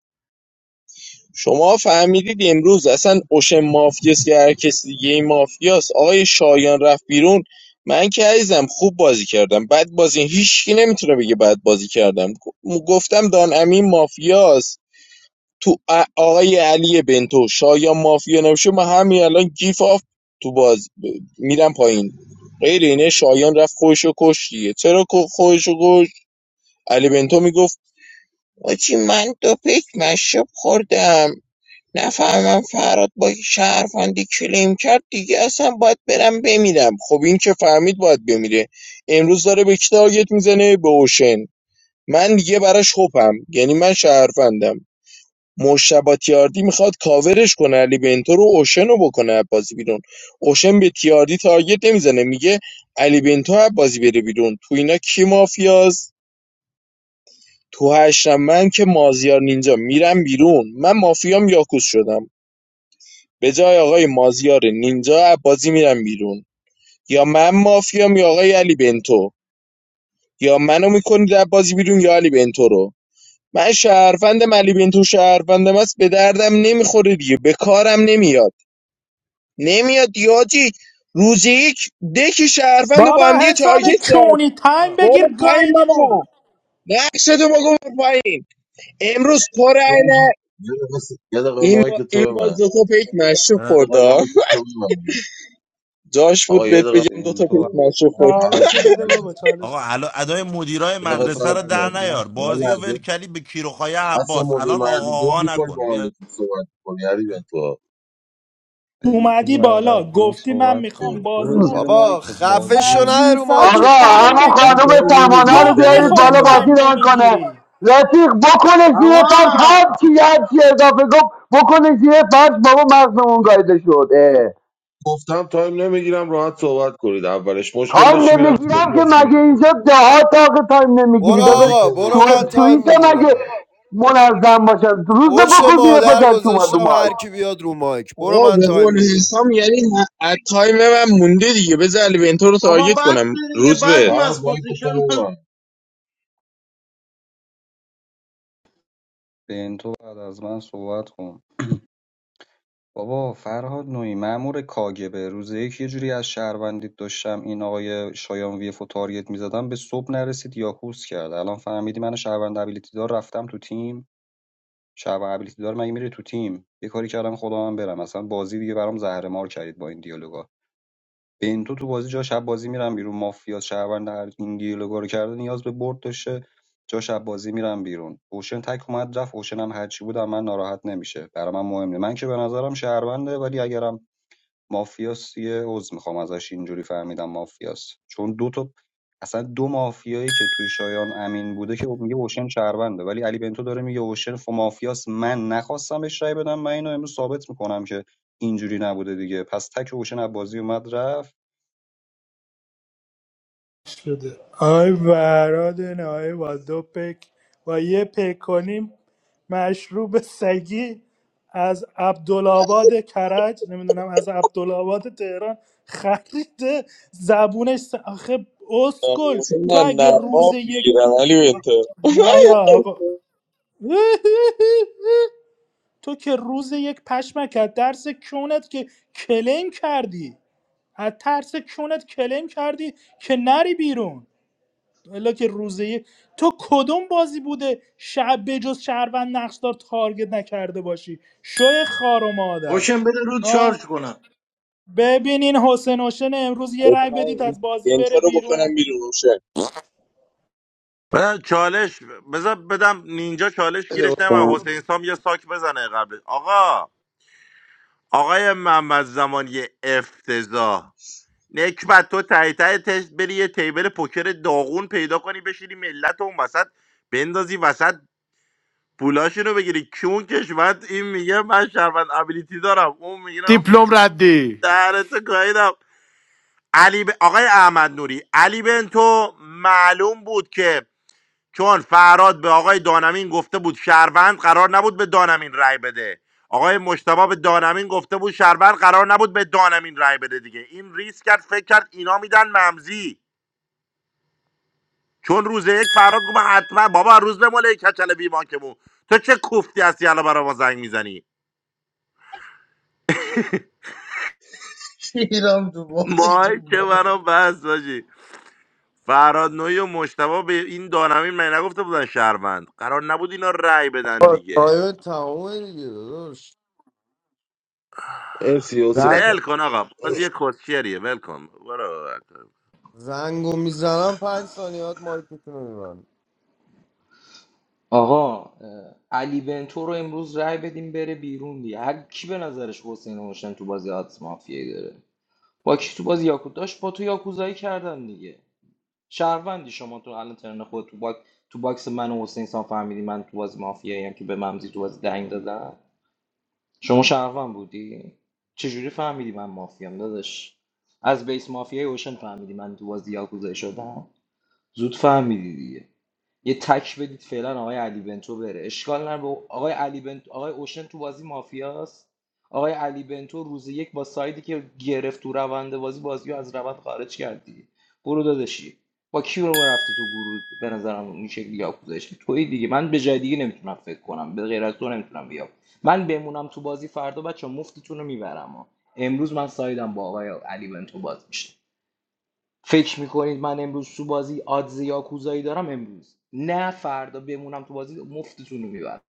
S10: شما فهمیدید امروز اصلا اوشن مافیاست که هر کس دیگه این مافیاست آقای شایان رفت بیرون من که عزیزم خوب بازی کردم بد بازی هیچکی نمیتونه بگه بد بازی کردم گفتم دان امین مافیاست تو آقای علی بنتو شایان مافیا نباشه من همین الان گیف آف تو باز ب- میرم پایین غیر اینه شایان رفت خودشو کش دیگه چرا کو- خودشو کش علی بنتو میگفت آجی من دو پیک مشروب خوردم نفهمم فراد با شهروندی کلیم کرد دیگه اصلا باید برم بمیرم خب این که فهمید باید بمیره امروز داره به کی تارگت میزنه به اوشن من دیگه براش خوبم یعنی من شهروندم مجتبی تیاردی میخواد کاورش کنه علی بنتو رو اوشن رو بکنه بازی بیرون اوشن به تیاردی تارگت نمیزنه میگه علی بنتو بازی بره بیرون تو اینا کی مافیاست تو هشتم من که مازیار نینجا میرم بیرون من مافیام یاکوس شدم به جای آقای مازیار نینجا از بازی میرم بیرون یا من مافیام یا آقای علی بنتو یا منو میکنید از بازی بیرون یا علی بنتو رو من شهروندم علی بنتو شهروندم است به دردم نمیخوره دیگه به کارم نمیاد نمیاد یاجی روز یک دکی شهروند رو
S11: بابا
S10: با هم دیگه
S11: حسام
S10: تارگت کرد
S11: کونی تایم بگیر
S10: برو پایین
S11: گایدیمون
S10: بابا نقشه تو بگو برو پایین امروز تو
S18: یه
S10: رای
S18: دقیقه
S10: نه
S18: یه دقیقه س- یه دقیقه
S10: این با
S18: مایک تو
S10: این
S18: به
S10: باز
S18: من
S10: دو تا پیک مشروب
S14: نه.
S18: یه
S10: خورد
S18: دقیقه
S10: ها.
S18: مایک تو به من
S10: جاش بود
S18: آقا یه
S10: بهت
S18: دقیقه
S10: بگم دو
S16: این
S10: تا
S18: تو
S10: پیک
S16: تو
S18: به من.
S10: مشروب خورد
S18: همه
S11: چالش
S18: چی
S11: رو
S18: دیگه، یه
S11: بده بابا
S18: لحظه
S11: چالش
S14: آقا الان ادای مدیرای
S18: یه
S16: این
S18: دقیقه
S16: تو
S14: مدرسه
S18: صبر
S14: رو
S16: بعد
S18: کن
S14: در
S16: از من
S14: نیار
S18: یه
S14: بازی
S16: صحبت
S14: و ول
S18: لحظه
S14: کردی به کیروخای
S18: اصلا
S14: عباس
S18: موقع
S14: الان
S18: مرد
S14: آقا
S18: دو
S14: آقا
S18: میکنی با
S14: نکن بیا
S18: من که صحبت کنی یعنی به تو
S16: این تو
S11: اومدی
S16: بعد از
S11: بالا
S16: من
S11: گفتی من
S16: صحبت
S11: میخوام
S16: کن
S11: بازی
S16: برو
S11: ران
S16: زیر
S11: کنم
S22: بابا
S16: مایکت
S22: خفه
S16: بازی
S22: شو
S16: و
S22: نه رو
S4: آقا
S22: مایکت
S11: وظیفت تایم
S22: دیگه
S4: همون
S18: گفتم
S11: بگیری
S4: خانوم
S18: تایم
S4: سمانه
S18: نمیگیرم
S4: رو
S11: گه
S4: بیارید
S18: دهنت
S11: میخوری
S18: هم
S4: بالا
S11: تایم
S4: بازی
S18: ببند
S4: ران کنه
S11: نمیگیری
S4: رفیق بکنه زیر فرش هر
S3: آقا
S4: چی هر چی اضافه گفت بکنه زیر فرش بابا مغزمون گایده شد اه.
S18: گفتم تایم نمیگیرم راحت صحبت کنید اولش مشکل
S4: تایم
S18: داشتی میرفتی کنی
S4: نمیگیرم که
S18: بازی
S4: مگه
S18: نمیکرد
S4: اینجا دهات آقا تایم نمیگیری
S22: برو
S4: داداش
S18: بازی
S22: آقا
S18: کن
S22: برو
S4: سو-
S22: من
S18: مشکل
S22: تایم
S4: سوئیس مگه
S22: میگیرم
S4: منظم باشه روز
S22: پشت
S4: بکن زیر فرش
S22: مادر
S4: هر چی اومد رو
S22: گذاشتم
S4: ماش
S22: هر کی بیاد رو مایک برو
S10: آقا
S22: من
S10: به
S22: تایم
S10: قول
S22: میگیرم
S10: حسام یعنی ه- از تایم من مونده دیگه بذار علی بنتو رو
S3: بابا
S10: تارگت
S3: بد
S10: کنم
S3: دیگه
S10: روز
S3: بد
S10: به
S18: فراد
S3: مست
S18: مایک تو به
S3: کسشر
S18: من.
S16: این تو بعد از من صحبت کن بابا فرهاد نوعی مأمور کاگبه روز یک یه جوری از شهروندیت داشتم این آقای شایان ویفو تارگت میزدم به صبح نرسید یاکوس کرد الان فهمیدی من شهروند ابیلیتی دار رفتم تو تیم شهروند ابیلیتی دار مگه میره تو تیم یه کاری کردم خدا من برم اصلا بازی دیگه برام زهر مار کردید با این دیالوگا بنتو تو تو بازی جا شب بازی میرم بیرون مافیا شهروند هر این دیالوگا رو کرده نیاز به برد داشته جا شب بازی میرم بیرون اوشن تک اومد رفت اوشن هم هرچی بودم من ناراحت نمیشه برای من مهم نه. من که به نظرم شهرونده ولی اگرم مافیاس یه عذر میخوام ازش اینجوری فهمیدم مافیاس چون دو تا اصلا دو مافیایی که توی شایان امین بوده که خب میگه اوشن شهرونده ولی علی بنتو داره میگه اوشن ف مافیاس من نخواستم بهش رأی بدم من اینو امروز ثابت میکنم که اینجوری نبوده دیگه پس تک اوشن از بازی اومد رفت
S11: شده آی برادن آی با دو پک با یه پک کنیم مشروب سگی از عبدالآباد کرج نمیدونم از عبدالآباد تهران خریده زبونش س- آخه اسکل تو
S10: نه
S11: اگه
S10: نه
S11: روز
S10: باب
S11: یک
S10: میگیرم علی
S11: آ-
S10: بنتو [laughs]
S11: نه یا آقا [laughs] تو که روز یک پشمک از درس کونت که کلیم کردی از ترس کونت کلیم کردی که نری بیرون الا که روز یک تو کدوم بازی بوده شب بجز شهروند نقشدار تارگت نکرده باشی شوی خار و مادر
S3: اوشن بده رو
S11: ها
S3: چارج کنم
S11: ببینین حسین حسین امروز یه
S10: بذار
S11: رای
S10: من
S11: بدید
S10: این
S11: از بازی بره
S10: بنتو رو بکنم
S11: بیرون
S10: بیرون روشه
S14: بذار چالش بذار بدم نینجا چالش
S4: بده.
S14: گیرش نمه حسین سام یه ساک بزنه قبل آقا آقای محمد زمانی افتضاح نکبت تو تایی تایی تش بری یه تیبل پوکر داغون پیدا کنی بشینی ملت اون وسط بندازی وسط پولاشونو بگیری کیون کشمت این میگه من شربت ابیلیتی دارم اون میگه
S13: دیپلم ردی
S14: دهنتو گاهیدم علی ب... آقای احمد نوری علی بنتو معلوم بود که چون فراد به آقای دانمین گفته بود شهروند قرار نبود به دانمین رای بده آقای مشتبا به دانمین گفته بود شهروند قرار نبود به دانمین رای بده دیگه این ریس کرد فکر کرد اینا میدن ممزی چون روز یک فراد گفت حتما بابا روز به مله کچل بیمانکمون تو چه کوفتی هستی الان برا ما زنگ میزنی
S3: [laughs] شیرم تو بازی
S14: مای که
S3: تو
S14: برا بس باشی فراد نوعی و مشتبه به این دانمین من نگفته بودن شهروند قرار نبود اینا رأی بدن
S22: آقا،
S14: دیگه
S22: تایم تمامه دیگه داداش
S18: مرسی حسین
S22: زنگ
S18: جان
S14: ول کن آقا بازی کسچریه ول کن برو ول کن.
S22: زنگو میزنم پنج ثانیات مایکتون رو میبند
S19: آقا اه، علی بنتو رو امروز رای بدیم بره بیرون دیگه هر کی به نظرش حسین نوشن تو بازی آد مافیایی داره با کی تو بازی یاکود داشت با تو یاکوزایی کردن دیگه شهروندی شما تو الان ترن خود تو باک تو باکس من و حسین سان فهمیدی من تو بازی مافیایی هم که به ممزی تو بازی دنگ دادم شما شهروند بودی چجوری فهمیدی من مافیام داداش از بیس مافیای اوشن فهمیدی من تو بازی یاکوزایی شدم زود فهمیدی دیگه یه تک بدید فعلا آقای علی بنتو بره اشکال نداره آقای علی بنتو، آقای اوشن تو بازی مافیاست آقای علی بنتو روز یک با سایدی که گرفت تو روند بازی بازیو از روند خارج کردی برو داداشی با کی رو رفته تو گروه به نظرم این شکلی یاکوزش توی دیگه من به جای دیگه نمیتونم فکر کنم به غیر از تو نمیتونم بیام من بمونم تو بازی فردا بچه مفتتون رو میبرم ها. امروز من سایدم با آقای علی بنتو باز میشه فکر میکنید من امروز تو بازی آدز یاکوزایی دارم امروز نه فردا بمونم تو بازی مفتتون رو میبرم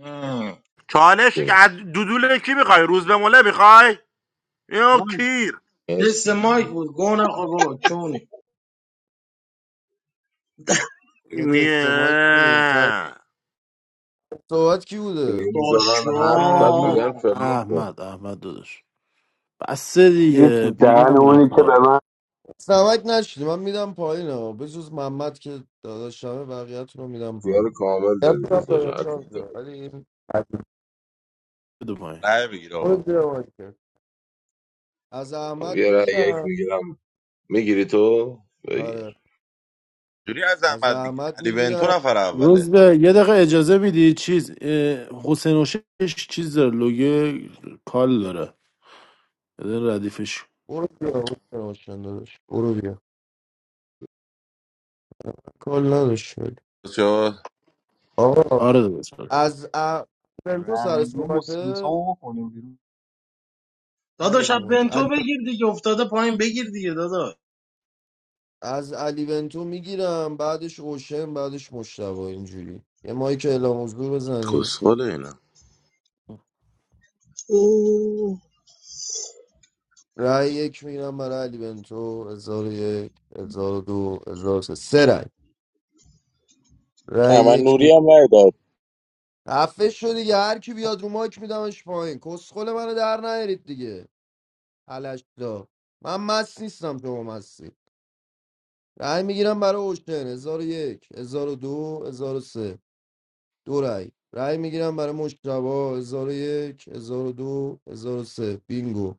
S3: آه.
S14: چالش
S18: اه،
S14: از دودول کی میخوای روز به مله میخوای یا
S3: من
S14: کیر
S3: تست
S18: مرسی
S3: مایک بود گو نخور بابا
S18: مرسی.
S3: کونی
S22: یه تست مایک ببین سر
S14: نه.
S22: صحبت کی بوده
S3: داشا
S18: میذارن حرف بعد
S13: احمد
S18: میگن فلان کن
S13: احمد احمد داداش بس
S4: چیه
S13: دیگه
S4: تو دهن
S13: بیگم من
S4: اونی که به
S13: کار
S4: من
S22: سمک نشدی من میدم پایین ها بجز محمد که داداشمه بقیه‌تون رو میدم پایین
S18: اختیار کامل داری
S22: گفتم
S18: روز باشن
S22: داداشم شد، ولی این- حدود.
S13: بدو پایین
S14: رای بگیر
S22: برو
S14: آقا
S22: زیر مایکت. از احمد
S18: یه رای یک
S22: میگیرم
S18: میگیرم میگیری تو بگیر
S22: آره
S14: جوری از
S22: از
S14: زحمت بگیری
S22: زحمت
S14: علی بنتو
S22: میگیرم
S14: نفر اوله
S13: روز به یه دقیقه اجازه میدی چیز اه، حسین و شش چیز داره لوگه کال داره بده ردیفش
S22: برو بیا حسین حسین داداش برو بیا کار نداشت ولی.
S14: شد
S22: آقا
S13: آره داداش آره.
S22: از ا... ونتو سر
S16: رندوم و
S22: صحبته
S16: سمسامو بکنیم بیرون
S3: داداش
S22: نیاد
S3: از
S22: رو مایک.
S3: بنتو
S22: علی...
S3: بگیر دیگه افتاده پایین بگیر دیگه داداش
S22: از علی ونتو میگیرم بعدش اوشن بعدش مشتبه اینجوری یه مایک اعلام حضور بزنیم
S14: کسخله اینا
S22: رأی یک میگیرم برای علی بنتو هزار و یک هزار و دو هزار و سه سه رأی رأی
S10: احمد
S22: یک
S10: نوری هم نداد
S22: خفه شو دیگه هر کی بیاد رو مایک میدمش پایین کسخل منو در نیارید دیگه الشدا من مست نیستم شما مستی رأی میگیرم برای اوشن 1001 1002 1003 دو هزار و سه، دو رأی رأی میگیرم برای مجتبا 1001 1002 1003 بینگو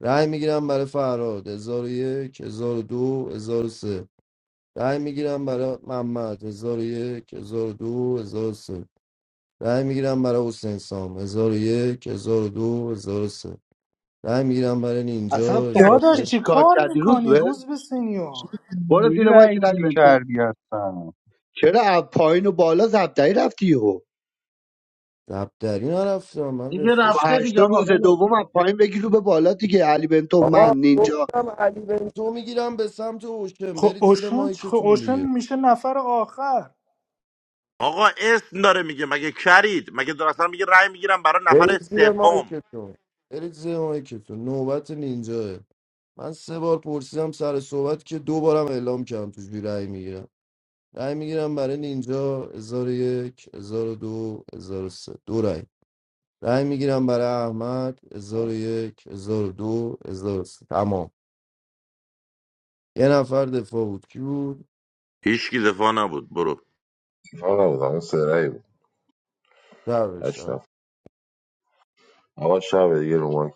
S22: رأی میگیرم برای فراد 1001 1002 1003 رأی میگیرم برای محمد 1001 1002 1003 رای میگیرم برای حسین سام 1001 1002 سه. رای میگیرم برای
S4: اصلا
S22: نینجا
S11: داداش
S4: فهمیده
S22: 1001
S11: چی
S4: چی کار
S11: کار
S4: کردی روز
S11: میکنی
S4: به
S11: روز به
S16: چه
S11: سینیور
S4: برو
S16: اینجوری
S4: زیر ما
S16: رای
S4: که
S16: گیری
S4: دل
S16: کردی هستن
S4: چرا از پایین و بالا زبدری رفتی یهو
S22: دبدری نرفتم من
S3: دیگه
S4: تو
S22: رفرش
S3: رفته دیگه
S4: هشتا
S3: آقا
S4: روز
S3: ولش
S4: دوم از
S3: کن
S4: پایین بگی رو به بالا دیگه علی بنتو
S22: آقا
S4: من نینجا
S22: گفتم علی بنتو میگیرم به سمت اوشن
S11: خب
S22: برید زیر
S11: اوشن خب
S22: مایکتون
S11: اوشن
S22: دیگه
S11: میشه نفر آخر
S14: آقا اسم داره میگه مگه کرید مگه داستان میگه رأی میگیرم برای نفر
S22: برید زیر
S14: سوم
S22: مایکتون برید زیر مایکتون نوبت نینجاه من سه بار پرسیدم سر صحبت که دو بارم اعلام کردم توش بی رأی میگیرم رأی میگیرم برای نینجا 1001 1002 1003 دو هزار و سه. دو رأی رای میگیرم برای احمد هزار و یک هزار و دو هزار و سه تمام یه نفر دفاع بود کی بود
S14: هیچ کی دفاع نبود برو
S18: اینا نبودم اون سه رأی بود
S22: درش
S18: هشت
S22: شد
S18: نفر آقا شب دیگه رو مایک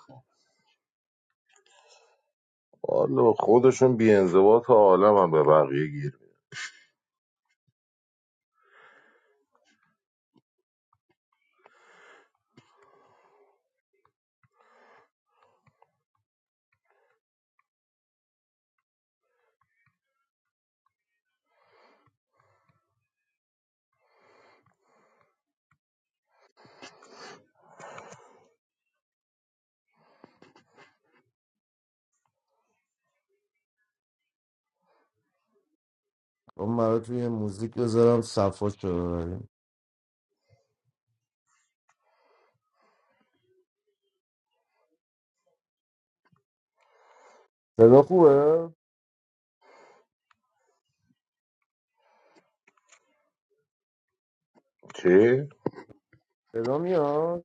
S18: والا خودشون بی انضباط عالم هم به بقیه گیر میدن.
S22: اون مرا توی موزیک بذارم صفا شده بریم صدا خوبه
S18: چی؟
S22: صدا میاد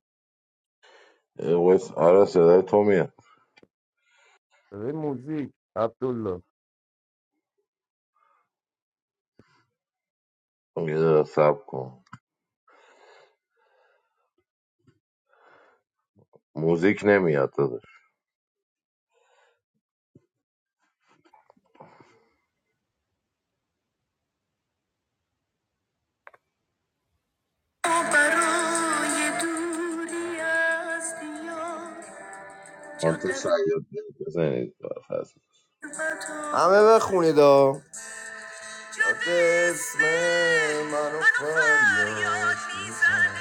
S18: اه، وایس آره صدای تو میاد
S22: صدای موزیک عبدالله
S18: یه دقیقه صبر کن موزیک نمیاد داداش هانتر شاید بزنید بفرست.
S22: همه بخونید ها اسم منو فریاد بزن.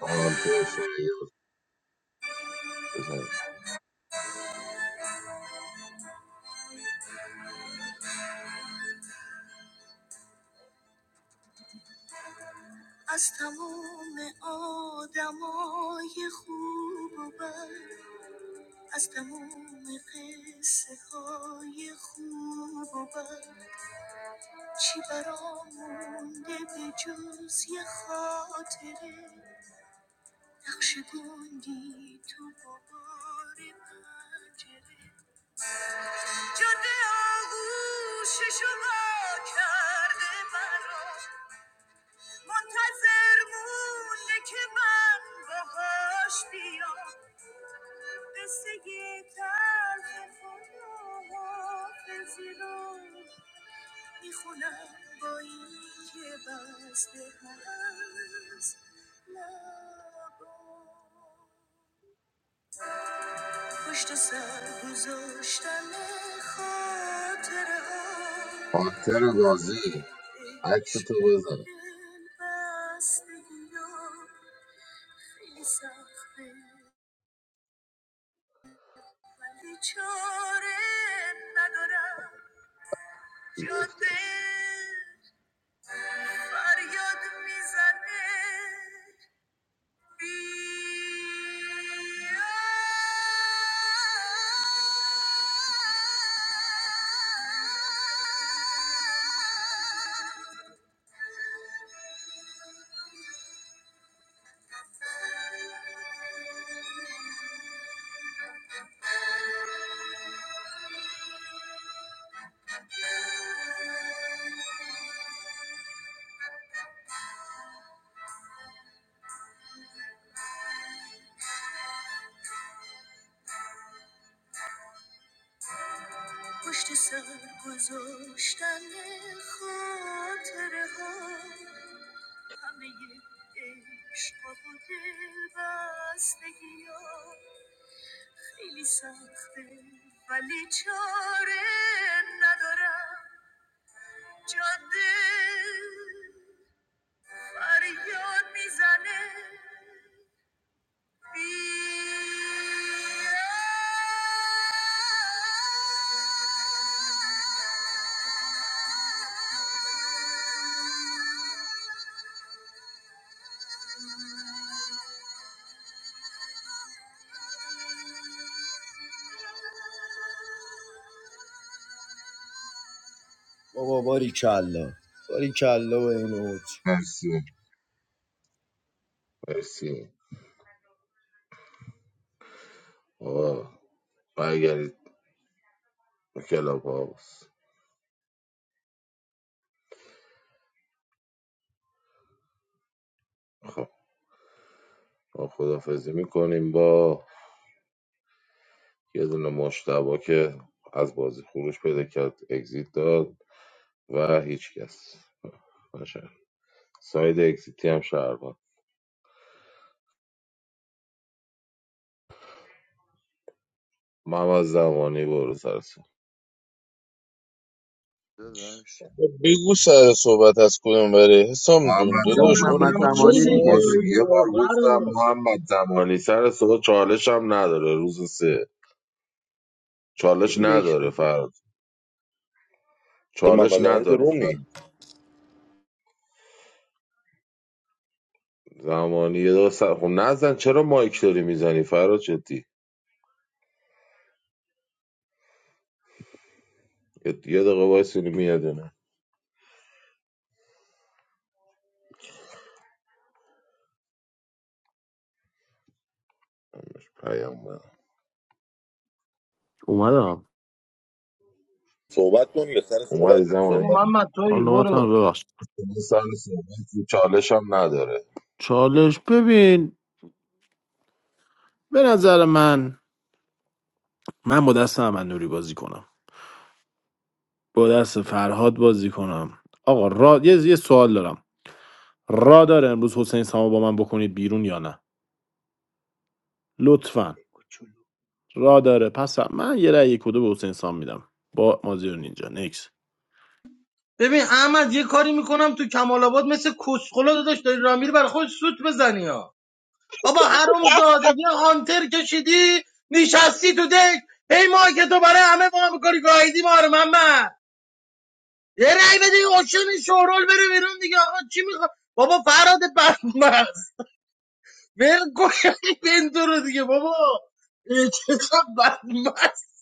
S18: هانتر شاید بزنید. پانتر بازی عکس تو بزن گرفتش
S22: بابا باری کلا باری کلا به این اوج
S18: مرسی مرسی آقا برگردید به کلاب هاوس خب ما خدافزی میکنیم با یه دونه مشتبا که از بازی خروج پیدا کرد اگزیت داد و هیچ کس باشه ساید اگزیتی هم شهروند محمد زمانی برو سرسون
S4: داداش
S10: بگو سر صحبت از کدوم بره حسام جون
S18: محمد
S4: گفت
S10: داداش
S3: محمد
S10: ما رو
S18: زمانی
S4: محمد
S10: کس
S18: دارم
S3: زمانی
S18: از
S4: زمانی
S3: دیگه
S4: دیگه
S10: میدونی
S18: شما
S3: گایدی
S18: یه بار
S3: برو
S18: گفتم محمد زمانی سر صبح چالش هم نداره روز سه
S4: یه
S18: چالش
S4: نکس
S18: نداره
S4: بدی
S18: فرد
S14: محمد
S18: چالش
S14: زمانی تو
S18: نداره
S14: روم نیست.
S18: فرد زمانی یه دقیقه سر... خب نزن چرا مایک داری میزنی فراد جدی یه یه دقیقه وایس میاد نه پیام من.
S13: اومدم
S14: صحبت کن یه سر صحبت
S18: اومدی
S14: کن
S3: برو
S18: زمانی
S14: صحبت کن
S3: محمد توی
S13: آن نوبت من،
S3: برو
S13: ببخشید.
S18: سال صحبت چالش هم نداره
S13: چالش ببین به نظر من من با دست احمد نوری بازی کنم با دست فرهاد بازی کنم آقا را... یه, یه سوال دارم را داره امروز حسین سامو با من بکنید بیرون یا نه لطفا را داره پس من یه رأی کدو به حسین سام میدم با مازیار نینجا نکس
S3: ببین احمد یه کاری میکنم تو کمال آباد مثل کسخلا داداش داری رامیری برای خود سوت بزنی ها بابا حروم زاده یه هانتر کشیدی نشستی تو دک هی ما که تو برای همه ما میکنی گایدی ما رو محمد یه رأی بده این اوشن این شورول بره بیرون دیگه آقا چی میخواد بابا فراد بدمست ول کن این بنتو رو دیگه بابا اه، چقدر بدمست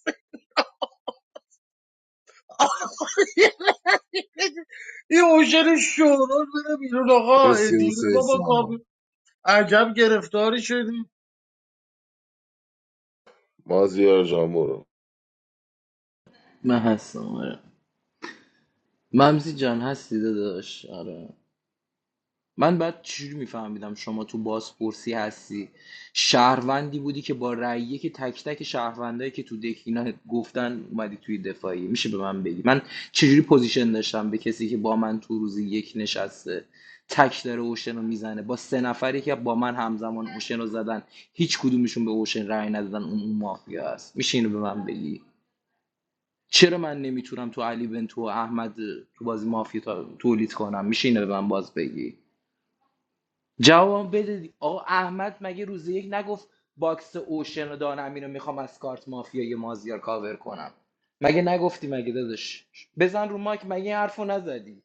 S3: این اوشن شورول بره بیرون آقا اه،
S18: مرسی حسین
S3: بابا کابل
S18: سام
S3: عجب گرفتاری شدی
S18: مازیار جان برو
S19: من هستم آره ممزی جان هستی داداش آره من بعد چجوری میفهمیدم شما تو بازپرسی هستی شهروندی بودی که با رأیه که تک تک شهروندایی که تو دک اینا گفتن اومدی توی دفاعی میشه به من بگی من چجوری پوزیشن داشتم به کسی که با من تو روزی یک نشسته تک داره اوشن رو میزنه با سه نفری که با من همزمان اوشن رو زدن هیچ کدومشون به اوشن رأی ندادن اون اون مافیا است میشه اینو به من بگی چرا من نمیتونم تو علی بنتو و احمد تو بازی مافیا تا- تولید کنم میشه اینو به من باز بگی جواب بده دی- آقا احمد مگه روز یک نگفت باکس اوشن و دان امین رو میخوام از کارت مافیای مازیار کاور کنم مگه نگفتی مگه داداش بزن رو مایک مگه این حرفو نزدی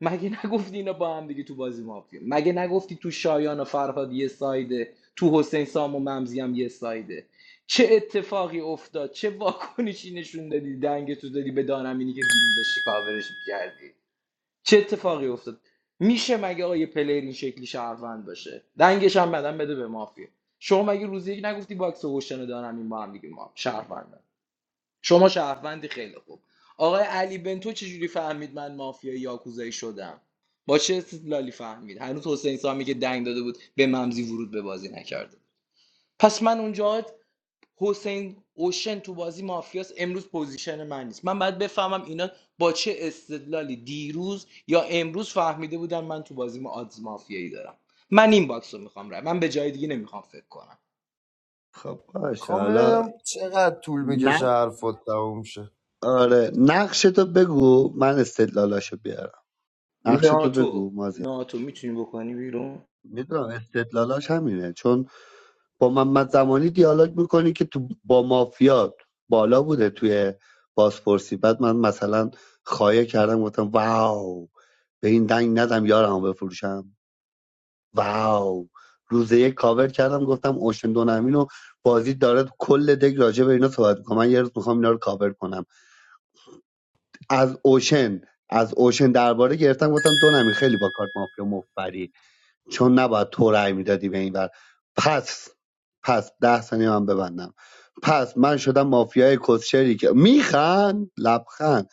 S19: مگه نگفتی اینا با هم دیگه تو بازی مافیا مگه نگفتی تو شایان و فرهاد یه سایده تو حسین سام و ممزی هم یه سایده چه اتفاقی افتاد چه واکنشی نشون دادی دنگ تو دادی به دانمینی که دیروزش کاورش میکردی چه اتفاقی افتاد میشه مگه آقا یه پلیر این شکلی شهروند باشه دنگش هم بدن بده به مافیا شما مگه روزی یک نگفتی باکس و هوشتن دارم این با هم دیگه ما شهروندن شما شهروندی خیلی خوب آقای علی بنتو چجوری فهمید من مافیا یاکوزایی شدم با چه استدلالی فهمید هنوز حسین سامی که دنگ داده بود به ممزی ورود به بازی نکرده پس من اونجا حسین اوشن تو بازی مافیاس امروز پوزیشن من نیست من باید بفهمم اینا با چه استدلالی دیروز یا امروز فهمیده بودن من تو بازی ما آدز مافیایی دارم من این باکس رو میخوام رای من به جای دیگه نمیخوام فکر کنم
S4: خب باشه
S22: خواهم
S4: حالا
S22: ببینم چقدر طول میکشه حرفات تموم شه
S4: آره نقشتو بگو من بیارم نقشتو
S19: ناتو
S4: بگو مازیار
S19: ناتو میتونی بکنی بیرون
S4: میدونم استدلالاش همینه چون با محمد زمانی دیالوگ میکنی که تو با مافیا بالا بوده توی بازپرسی بعد من مثلا خایه کردم گفتم واو به این دنگ ندم یارمو بفروشم واو روزه یک کاور کردم گفتم اوشن دونمین و بازی داره کل دک راجع به اینا صحبت میکنم من یه روز میخوام اینا رو کاور کنم از اوشن از اوشن درباره گرفتم گفتم دونمی خیلی با کارت مافیا مفبری چون نباید تو رأی میدادی به این ور پس پس ده ثانیه من ببندم پس من شدم مافیای کسشری که میخند لبخند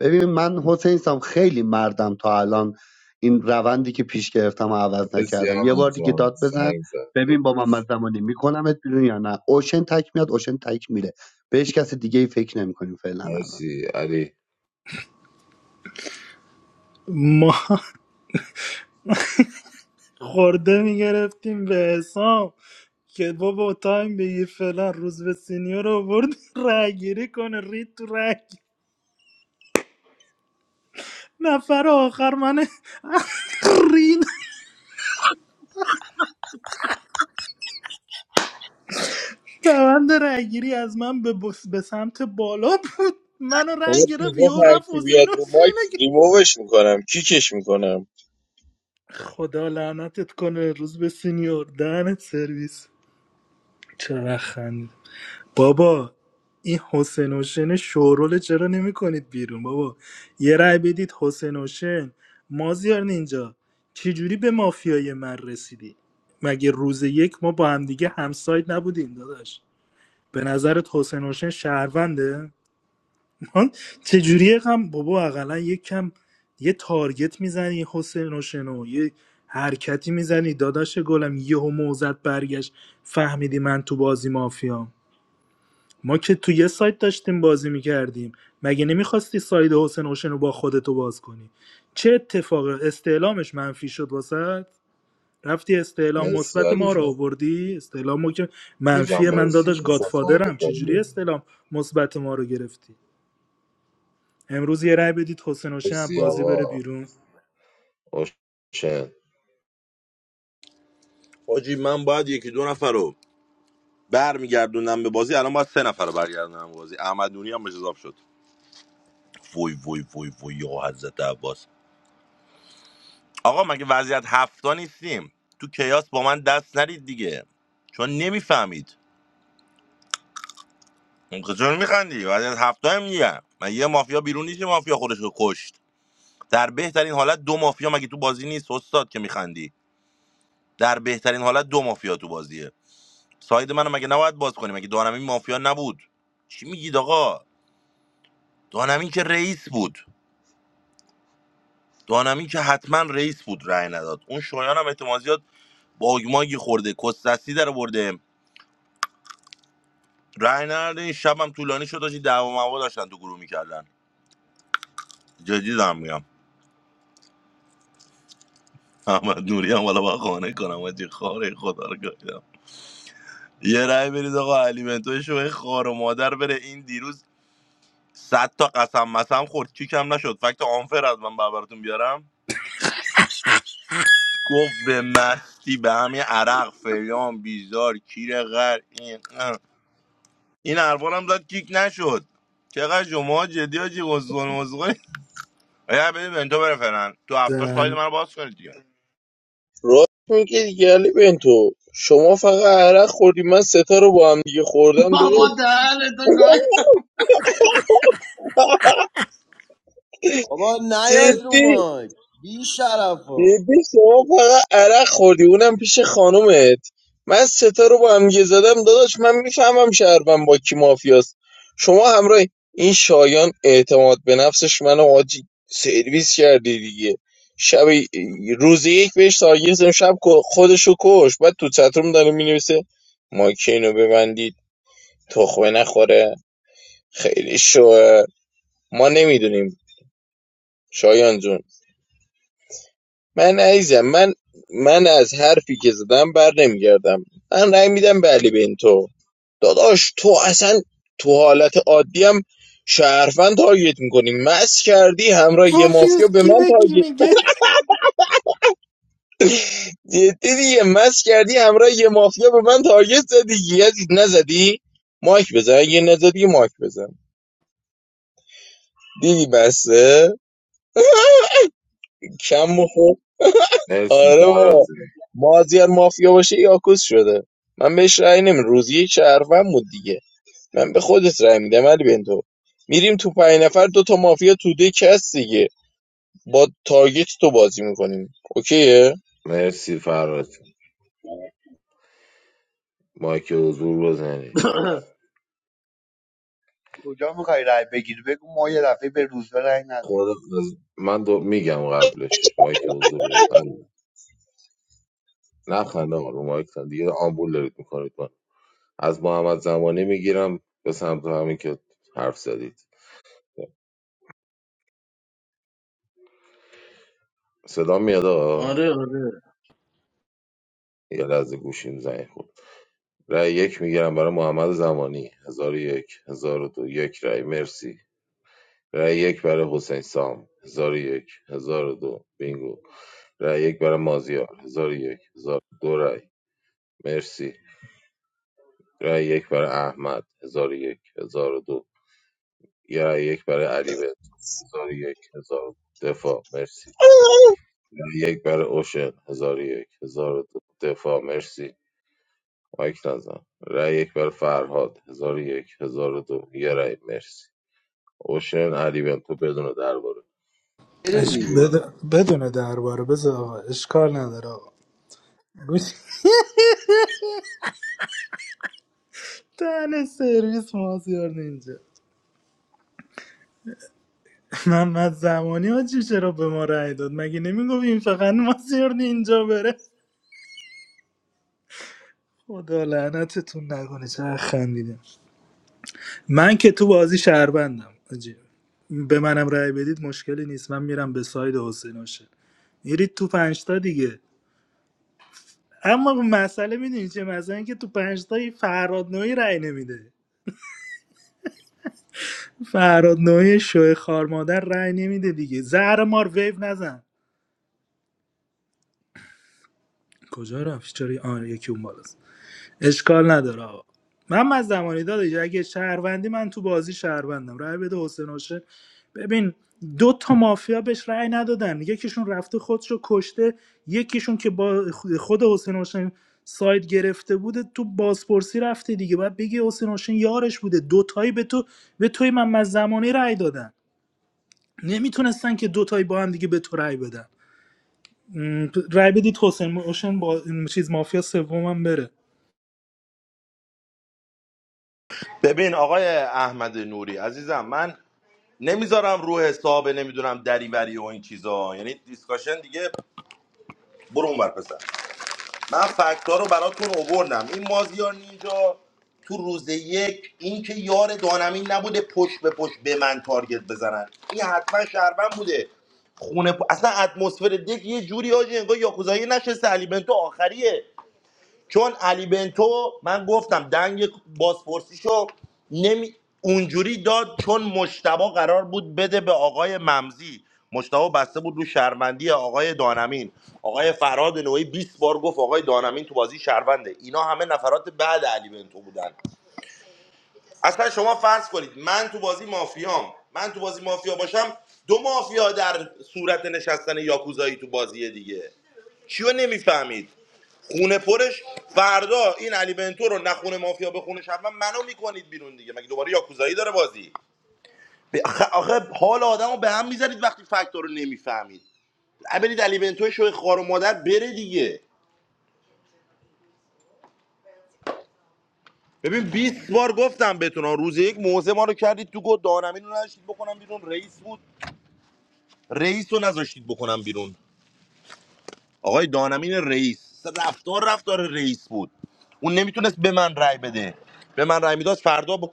S4: ببین من حسین سام خیلی مردم تا الان این روندی که پیش گرفتم و عوض
S18: مرسی
S4: نکردم یه بار
S18: احمد
S4: دیگه
S18: جان
S4: داد بزن
S18: سنگ زد
S4: ببین با محمد زمانی میکنمت بیرون یا نه اوشن تک میاد اوشن تک میره به هیچ کس دیگه ای فکر نمیکنیم فعلا الان
S18: مرسی علی
S11: ما [laughs] خورده میگرفتیم به حسام که بابا تایم به یه فلان روز به سینیور رو برد رای گیری کنه رید تو رای گیری. نفر آخر من [laughs] رید روند رای گیری از من به, بس به سمت بالا بود منو رای
S10: بعد
S11: گرفت
S10: میگفت
S11: یهو
S10: هر
S11: رفت
S10: بیاد
S11: حسین و
S10: رو مایک
S11: سینه گرفت.
S10: ریمووش میکنم کیکش میکنم
S11: خدا لعنتت کنه روز به سینیور دهنت سرویس چرا خندی بابا این حسین حسین شورول چرا نمیکنید بیرون بابا یه رأی بدید حسین حسین مازیار نینجا چجوری به مافیای من رسیدی مگه روز یک ما با همدیگه همسایت نبودیم داداش به نظرت حسین حسین شهرونده من چجوری هم بابا اقلا یک کم یه تارگت میزنی حسین حسین یه حرکتی میزنی داداش گلم یهو موزت برگشت فهمیدی من تو بازی مافیام ما که تو یه سایت داشتیم بازی میکردیم مگه نمیخواستی ساید حسین اوشن رو با خودتو باز کنی چه اتفاق استعلامش منفی شد واسه رفتی استعلام
S18: مرسی
S11: مثبت
S18: علی
S11: ما رو
S18: جان
S11: آوردی استعلام ما که
S18: علی جان
S11: منفی من
S18: مرسی
S11: داداش
S18: مثلا
S11: گادفادرم
S18: تایمت داره
S11: چجوری
S18: میره
S11: استعلام مثبت ما رو گرفتی امروز یه رأی بدید حسین اوشن از
S18: مرسی
S11: بازی بره
S18: آقا
S11: بیرون
S18: اوشن
S14: حاجی من باید یکی دو نفر رو برمیگردوندم به بازی الان باید سه نفر رو برگردونم به بازی احمد نوری هم مجزاب شد وای وای وای وای یا حضرت عباس آقا مگه وضعیت هفتا نیستیم تو کیاس با من دست نرید دیگه چون نمیفهمید چون میخندی وضعیت هفته هم میگم من یه مافیا بیرون نیست یه مافیا خودش رو کشت در بهترین حالت دو مافیا مگه تو بازی نیست استاد که میخندی در بهترین حالت دو مافیا تو بازیه ساید منو مگه نباید باز کنیم مگه دانمین مافیا نبود چی میگید آقا دانمین که رئیس بود دانمین که حتما رئیس بود رأی نداد اون شایان هم احتمال زیاد باگ خورده کس در برده رأی نداد این شب هم طولانی شد داشتی دعوا موا داشتن تو گروه میکردن جدی دارم میگم احمد نوری هم والا با خانه کنم آجی خاره خدا رو گایدم یه رأی برید آقا علی بنتو شوی خار و مادر بره این دیروز صد تا قسم مسم خورد کیکم نشد فکت آنفر از من براتون بیارم گفت به مستی به همین عرق فلان بیزار کیر غر این اه. این حرفان هم داد کیک نشد چقدر شما جدی حاجی قزقون مزقون یا ببین بنتو بره فعلا تو هفتاش ساید
S11: دن-
S14: من رو باز کنید دیگه
S10: راست میگه دیگه علی بنتو شما فقط عرق خوردی من ستا رو با هم دیگه خوردم داره
S3: بابا دهنتو گاهی
S10: [laughs]
S22: بابا نیاید رو
S10: جدی
S22: مایک بی شرفا
S10: جدی شما فقط عرق خوردی اونم پیش خانومت من ستا رو با هم یه زدم داداش من میفهمم شهروند با کی مافیاست شما همراه این شایان اعتماد به نفسش منو آجی سرویس کردی دیگه شب روز یک بهش تارگیر زدم شب خودشو کش بعد تو چتروم داره مینویسه ما که اینو ببندید تخمه نخوره خیلی شوه ما نمیدونیم شایان جون من عزیزم من من از حرفی که زدم بر نمیگردم من رأی میدم به علی بنتو داداش تو اصلا تو حالت عادی هم شهروند تارگت میکنی مس کردی همراه یه مافیا
S11: پوفیوز
S10: به
S11: کی
S10: من
S11: به کی
S10: تارگت
S11: میگه
S10: جدی دیگه مس کردی همراه یه مافیا به من تارگت زدی یزید نزدی مایک بزن اگه نزدی مایک بزن دیدی بسه کم بخور
S18: مرسی
S10: آره
S18: فراد
S10: با
S18: جان.
S10: مازیار مافیا باشه یاکوس شده من بهش رأی نمی روزی شهروند بود دیگه من به خودت رأی میدم علی بنتو میریم تو پنج نفر دو تا مافیا تو دک هست دیگه با تارگت تو بازی میکنیم اوکیه
S18: مرسی فراد مایک حضور بزنی
S4: کجا میخوای رای بگیری بگو ما یه دفعه به روزبه رای ندیم
S18: خود از- من دو... میگم قبلش مایک حضور بزن نه خنده آقا، رو مایک تن دیگه آمبول دارید میکنید من از محمد زمانی میگیرم به سمت همین که حرف زدید صدا میاد آقا؟
S3: آره آره
S18: یه لحظه گوشیم زنگ خورد رأی یک میگیرم برای محمد زمانی هزار و یک هزار و دو یک رأی مرسی رأی یک برای حسین سام هزار و یک هزار و دو بینگو رأی یک برای مازیار هزار و یک هزار و دو رأی مرسی رای یک برای احمد هزار و یک هزار و دو یه رای یک برای علی بنتو هزار و یک هزار و دو دفاع مرسی رای یک برای اوشن هزار و یک هزار و دو دفاع مرسی مایک نزن رای یک برای فرهاد هزار و یک هزار و دو یه رای مرسی اوشن علی بنتو بدون درباره بدون.
S19: بده
S11: اش...
S19: دیگه
S11: بد...
S18: درباره.
S11: بدون درباره بذار آقا اشکال نداره آقا گوش- تن سرویس مازیار نینجا محمد زمانی حاجی چرا به ما رأی داد مگه نمیگفت این فقط مازیار اینجا بره خدا لعنتتون نکنه چقدر خندیدم من که تو بازی شهروندم حاجی به منم رأی بدید مشکلی نیست من میرم به ساید حسین باشه میرید تو پنجتا دیگه اما مسئله میدونی چه مثلا اینکه تو پنجتا این فرهاد نوعی رأی نمیده فرهاد نوعی شوه خار مادر رأی نمیده دیگه زهر مار ویو نزن کجا رفت چرا آن یکی اون بالاست. اشکال نداره آقا من از زمانی داداش اگه شهروندی من تو بازی شهروندم رای بده حسین حسین ببین دو تا مافیا بهش رأی ندادن یکیشون رفته خودشو کشته یکیشون که با خود حسین حسین ساید گرفته بوده تو بازپرسی رفته دیگه باید بگی حسین حسین یارش بوده دوتایی به تو به توی من از زمانی رأی دادن نمیتونستن که دوتایی با هم دیگه به تو رأی بدن م، رأی بدید حسین حسین با این چیز مافیا سومم بره
S14: ببین آقای احمد نوری عزیزم من نمیذارم رو حساب نمیدونم دریوری و این چیزا یعنی دیسکاشن دیگه برو اونور پسر من فکت‌ها رو براتون اووردم این مازیار نینجا تو روز یک اینکه یار دانمین نبوده پشت به پشت به من تارگت بزنن این حتما شهروند بوده خونه پ- اصلا اتمسفر دک یه جوری آجی انگار یاکوزایی نشسته علی بنتو آخریه چون علی بنتو من گفتم دنگ بازپرسیشو نمی اونجوری داد چون مشتبه قرار بود بده به آقای ممزی مشتبه بسته بود رو شهروندی آقای دانمین آقای فراد نوعی 20 بار گفت آقای دانمین تو بازی شهرونده اینا همه نفرات بعد علی بنتو بودن اصلا شما فرض کنید من تو بازی مافیام من تو بازی مافیا باشم دو مافیا در صورت نشستن یاکوزایی تو بازی دیگه چیو نمیفهمید خونه پرش فردا این علی بنتو رو نخونه مافیا به خونه شهروند منو میکنید بیرون دیگه مگه دوباره یاکوزایی داره بازی به- آخه, آخه حال آدمو به هم میذارید وقتی فکتور رو نمیفهمید برید علی بنتو شو خار و مادر بره دیگه ببین 20 بار گفتم بهتون ها، روز یک موزه ما رو کردید تو گل دانمین رو نذاشتید بکنم بیرون رئیس بود رئیس رو نذاشتید بکنم بیرون آقای دانمین رئیس رفتار رفتار رئیس بود اون نمیتونست به من رأی بده به من رأی میداد فردا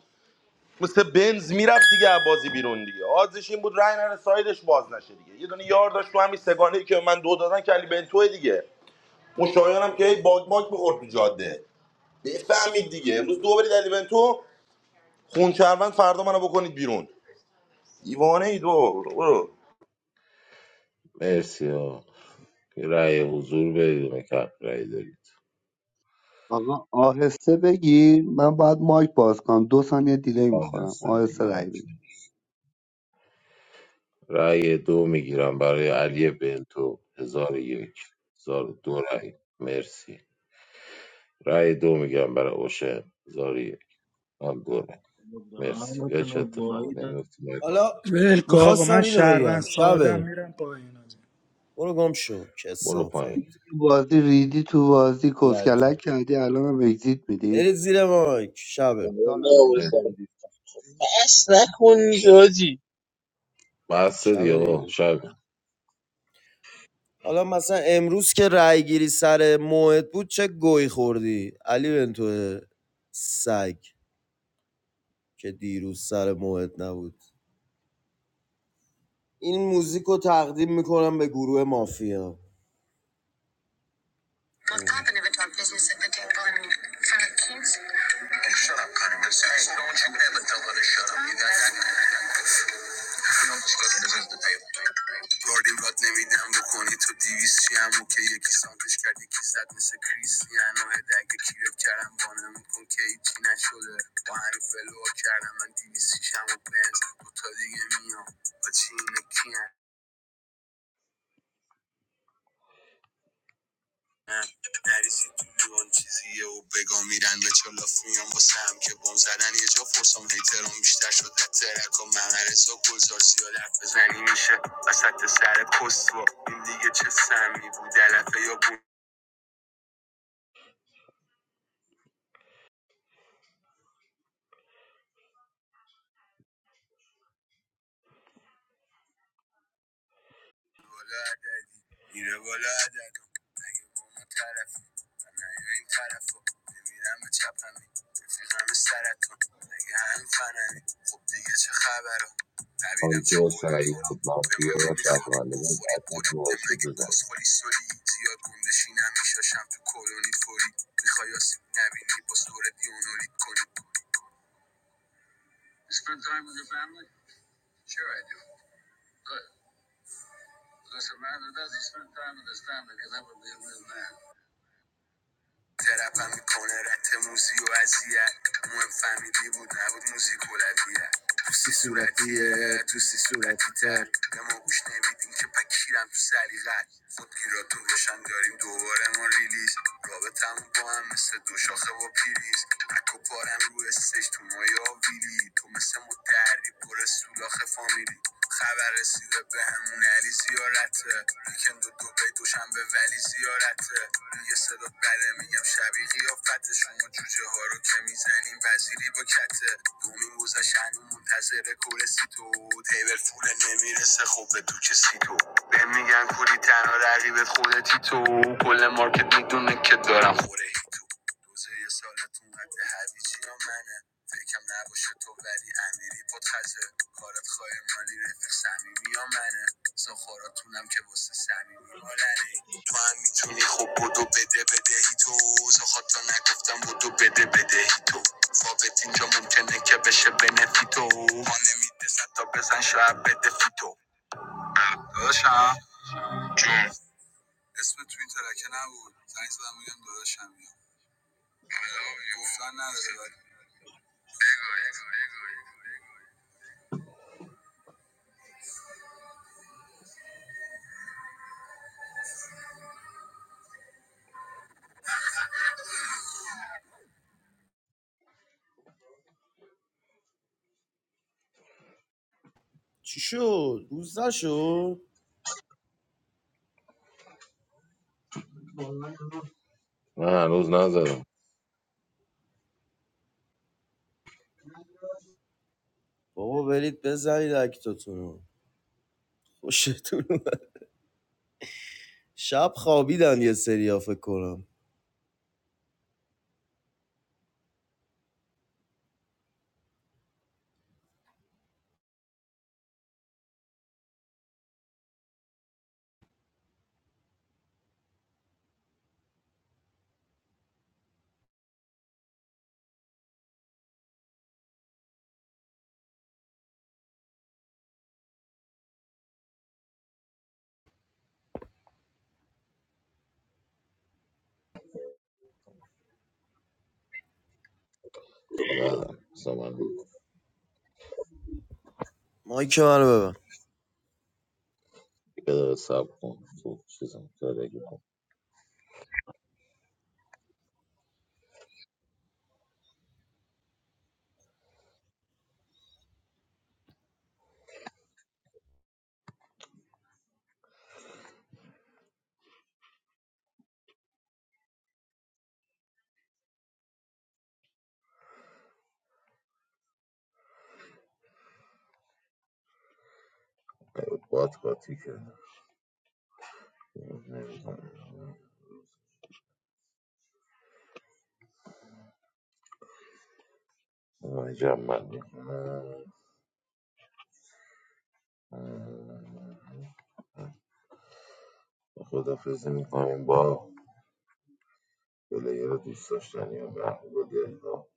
S14: مثل بنز میرفت دیگه از بازی بیرون دیگه آزش این بود رای نره سایدش باز نشه دیگه یه دونه یار داشت تو همین سگانه ای که من دو دادن که علی بنتوه دیگه اون شایانم که هی باگ باگ میخورد تو جاده بفهمید دیگه امروز دو برید علی بنتو خون چربند فردا منو بکنید بیرون دیوانه ای دو برو.
S18: مرسی آقا رای حضور بدون کپ رای دارید
S4: آقا آهسته بگیر من باید مایک باز کنم دو ثانیه دیلی
S18: آقا
S4: میخورم
S18: دست
S4: آهسته رای
S18: میگیره
S4: بگیر
S18: رأی دو میگیرم برای علی بنتو هزار و یک هزار و دو رأی مرسی رأی دو میگیرم برای اوشن هزار و یک هزار و دو رأی مرسی
S3: دهنتون
S18: هیچ
S3: رو
S18: اتفاق
S3: باید
S18: نمیفته مایکات
S22: حالا
S11: ولکن آقا من
S22: میخواستم اینو
S11: شهروند
S22: بگم
S11: سادم
S22: شبه
S11: میرم پایین آجی
S22: برو گم شو
S18: برو
S22: کسافت
S18: پایین
S4: تو بازی ریدی تو بازی
S22: لطه
S4: کسکلک کردی الان هم اگزیت میدی
S22: برید زیر مایک شبه
S4: دارم
S18: مرسی.
S4: براتون
S10: بس نکن یاجی
S18: بس دیگه
S22: شبه
S18: آقا
S22: دیگه
S18: شب
S22: حالا مثلا امروز که رای گیری سر موعد بود چه گوی خوردی علی بنتو سگ که دیروز سر موعد نبود این موزیک رو تقدیم میکنم به گروه مافیا اشکالی نداره. گاردین راد نمیدم بکنی تو دیویس هم و که یکی سانتش کرد یکی زد مثل کریستیانو هده اگه کیرت کردم بانه میکن که هیچی نشده با همین فلو کردم من دیویس هم و بنز تا دیگه میام با چی اینه کیم نریسی تو لیوان چیزیه و بگا میرن به چلاف میان واسه هم که بم زدن یه جا فرسام هیتران بیشتر شده ترک و ممرزا گلزار زیاد حرف بزنی میشه وسط سر کسوا این دیگه چه سمی بود علفه یا بود میره بالا عدد اگه با اون طرف من نیا این طرف رو بمیرم به چپ همین رفیقم سرطان اگه همین فنمی خب دیگه چه خبر ها نبینم چه
S18: تو
S22: قولی
S18: سعید
S22: کنی به من
S18: مافیا
S22: نمیخوری
S18: شهرمندگان
S22: بخوری
S18: اکنون
S22: قریده
S18: باز شد
S22: مگه
S18: بزنید
S22: کسخولی سولی زیاد گندشی نمیشاشم تو کلونی فوری میخوای آسیب نبینی با دوره دیونولید کنی You spend time with your family? Sure I do. Good. Because a man that doesn't spend time with his family can never be a real man. ترپم میکنه رت موزی و اذیت مهم فهمیدی بود نبود موزیک اولویت تو سی صورتیه تو سی صورتی تر به ما گوش نمیدین که پکیرم تو سلیقت خودگیراتون روشن داریم دوباره ما ریلیز رابطمون با هم مثل دو شاخه و پیریز تک پارم رو استش تو مایا ویلی تو مثل متحری پر سولاخ فامیلی خبر رسیده به همون علی زیارته ویکند و دوبه دوشنبه ولی زیارته یه صدا بره میگم شبیه قیافته شما جوجه ها رو که میزنیم وزیری با کته دومین موزه شنو منتظر کورسی تو تیبل فول نمیرسه خوب به تو کسی تو به میگن کوری تنها رقیبت خودتی تو کل مارکت میدونه که دارم خوره هی تو روزه یه سالتون قد هویجی یا منه فکرم نباشه تو ولی امیری پد کارت خواهی مالی رفیق صمیمی یا منه سخوراتونم که واسه صمیمی مالنه تو هم میتونی خب بدو بده بدهی تو زخات نگفتم بدو بده بدهی تو فاوت اینجا ممکنه که بشه بنفیتو ما نمیده صد تا بزن شاید بده فیتو داداشم جون اسم تو این ترکه نبود زنگ زدم بگم داداشم یا گفتن نداره ولی چی شد؟ روز نشد؟
S18: من هنوز نزدم
S22: بابا برید بزنید اکتاتونو خوشتون شب خوابیدن یه سریا فکر کنم
S18: زدم اصلا من یه
S22: مایک منو ببن
S18: دقیقه صبر کن تو چیزم داره که بات قاطی کرد نمی‌دونم. من جمع بندی کنم خدافزی میکنیم با پلیر دوست داشتنی و محبوب دلها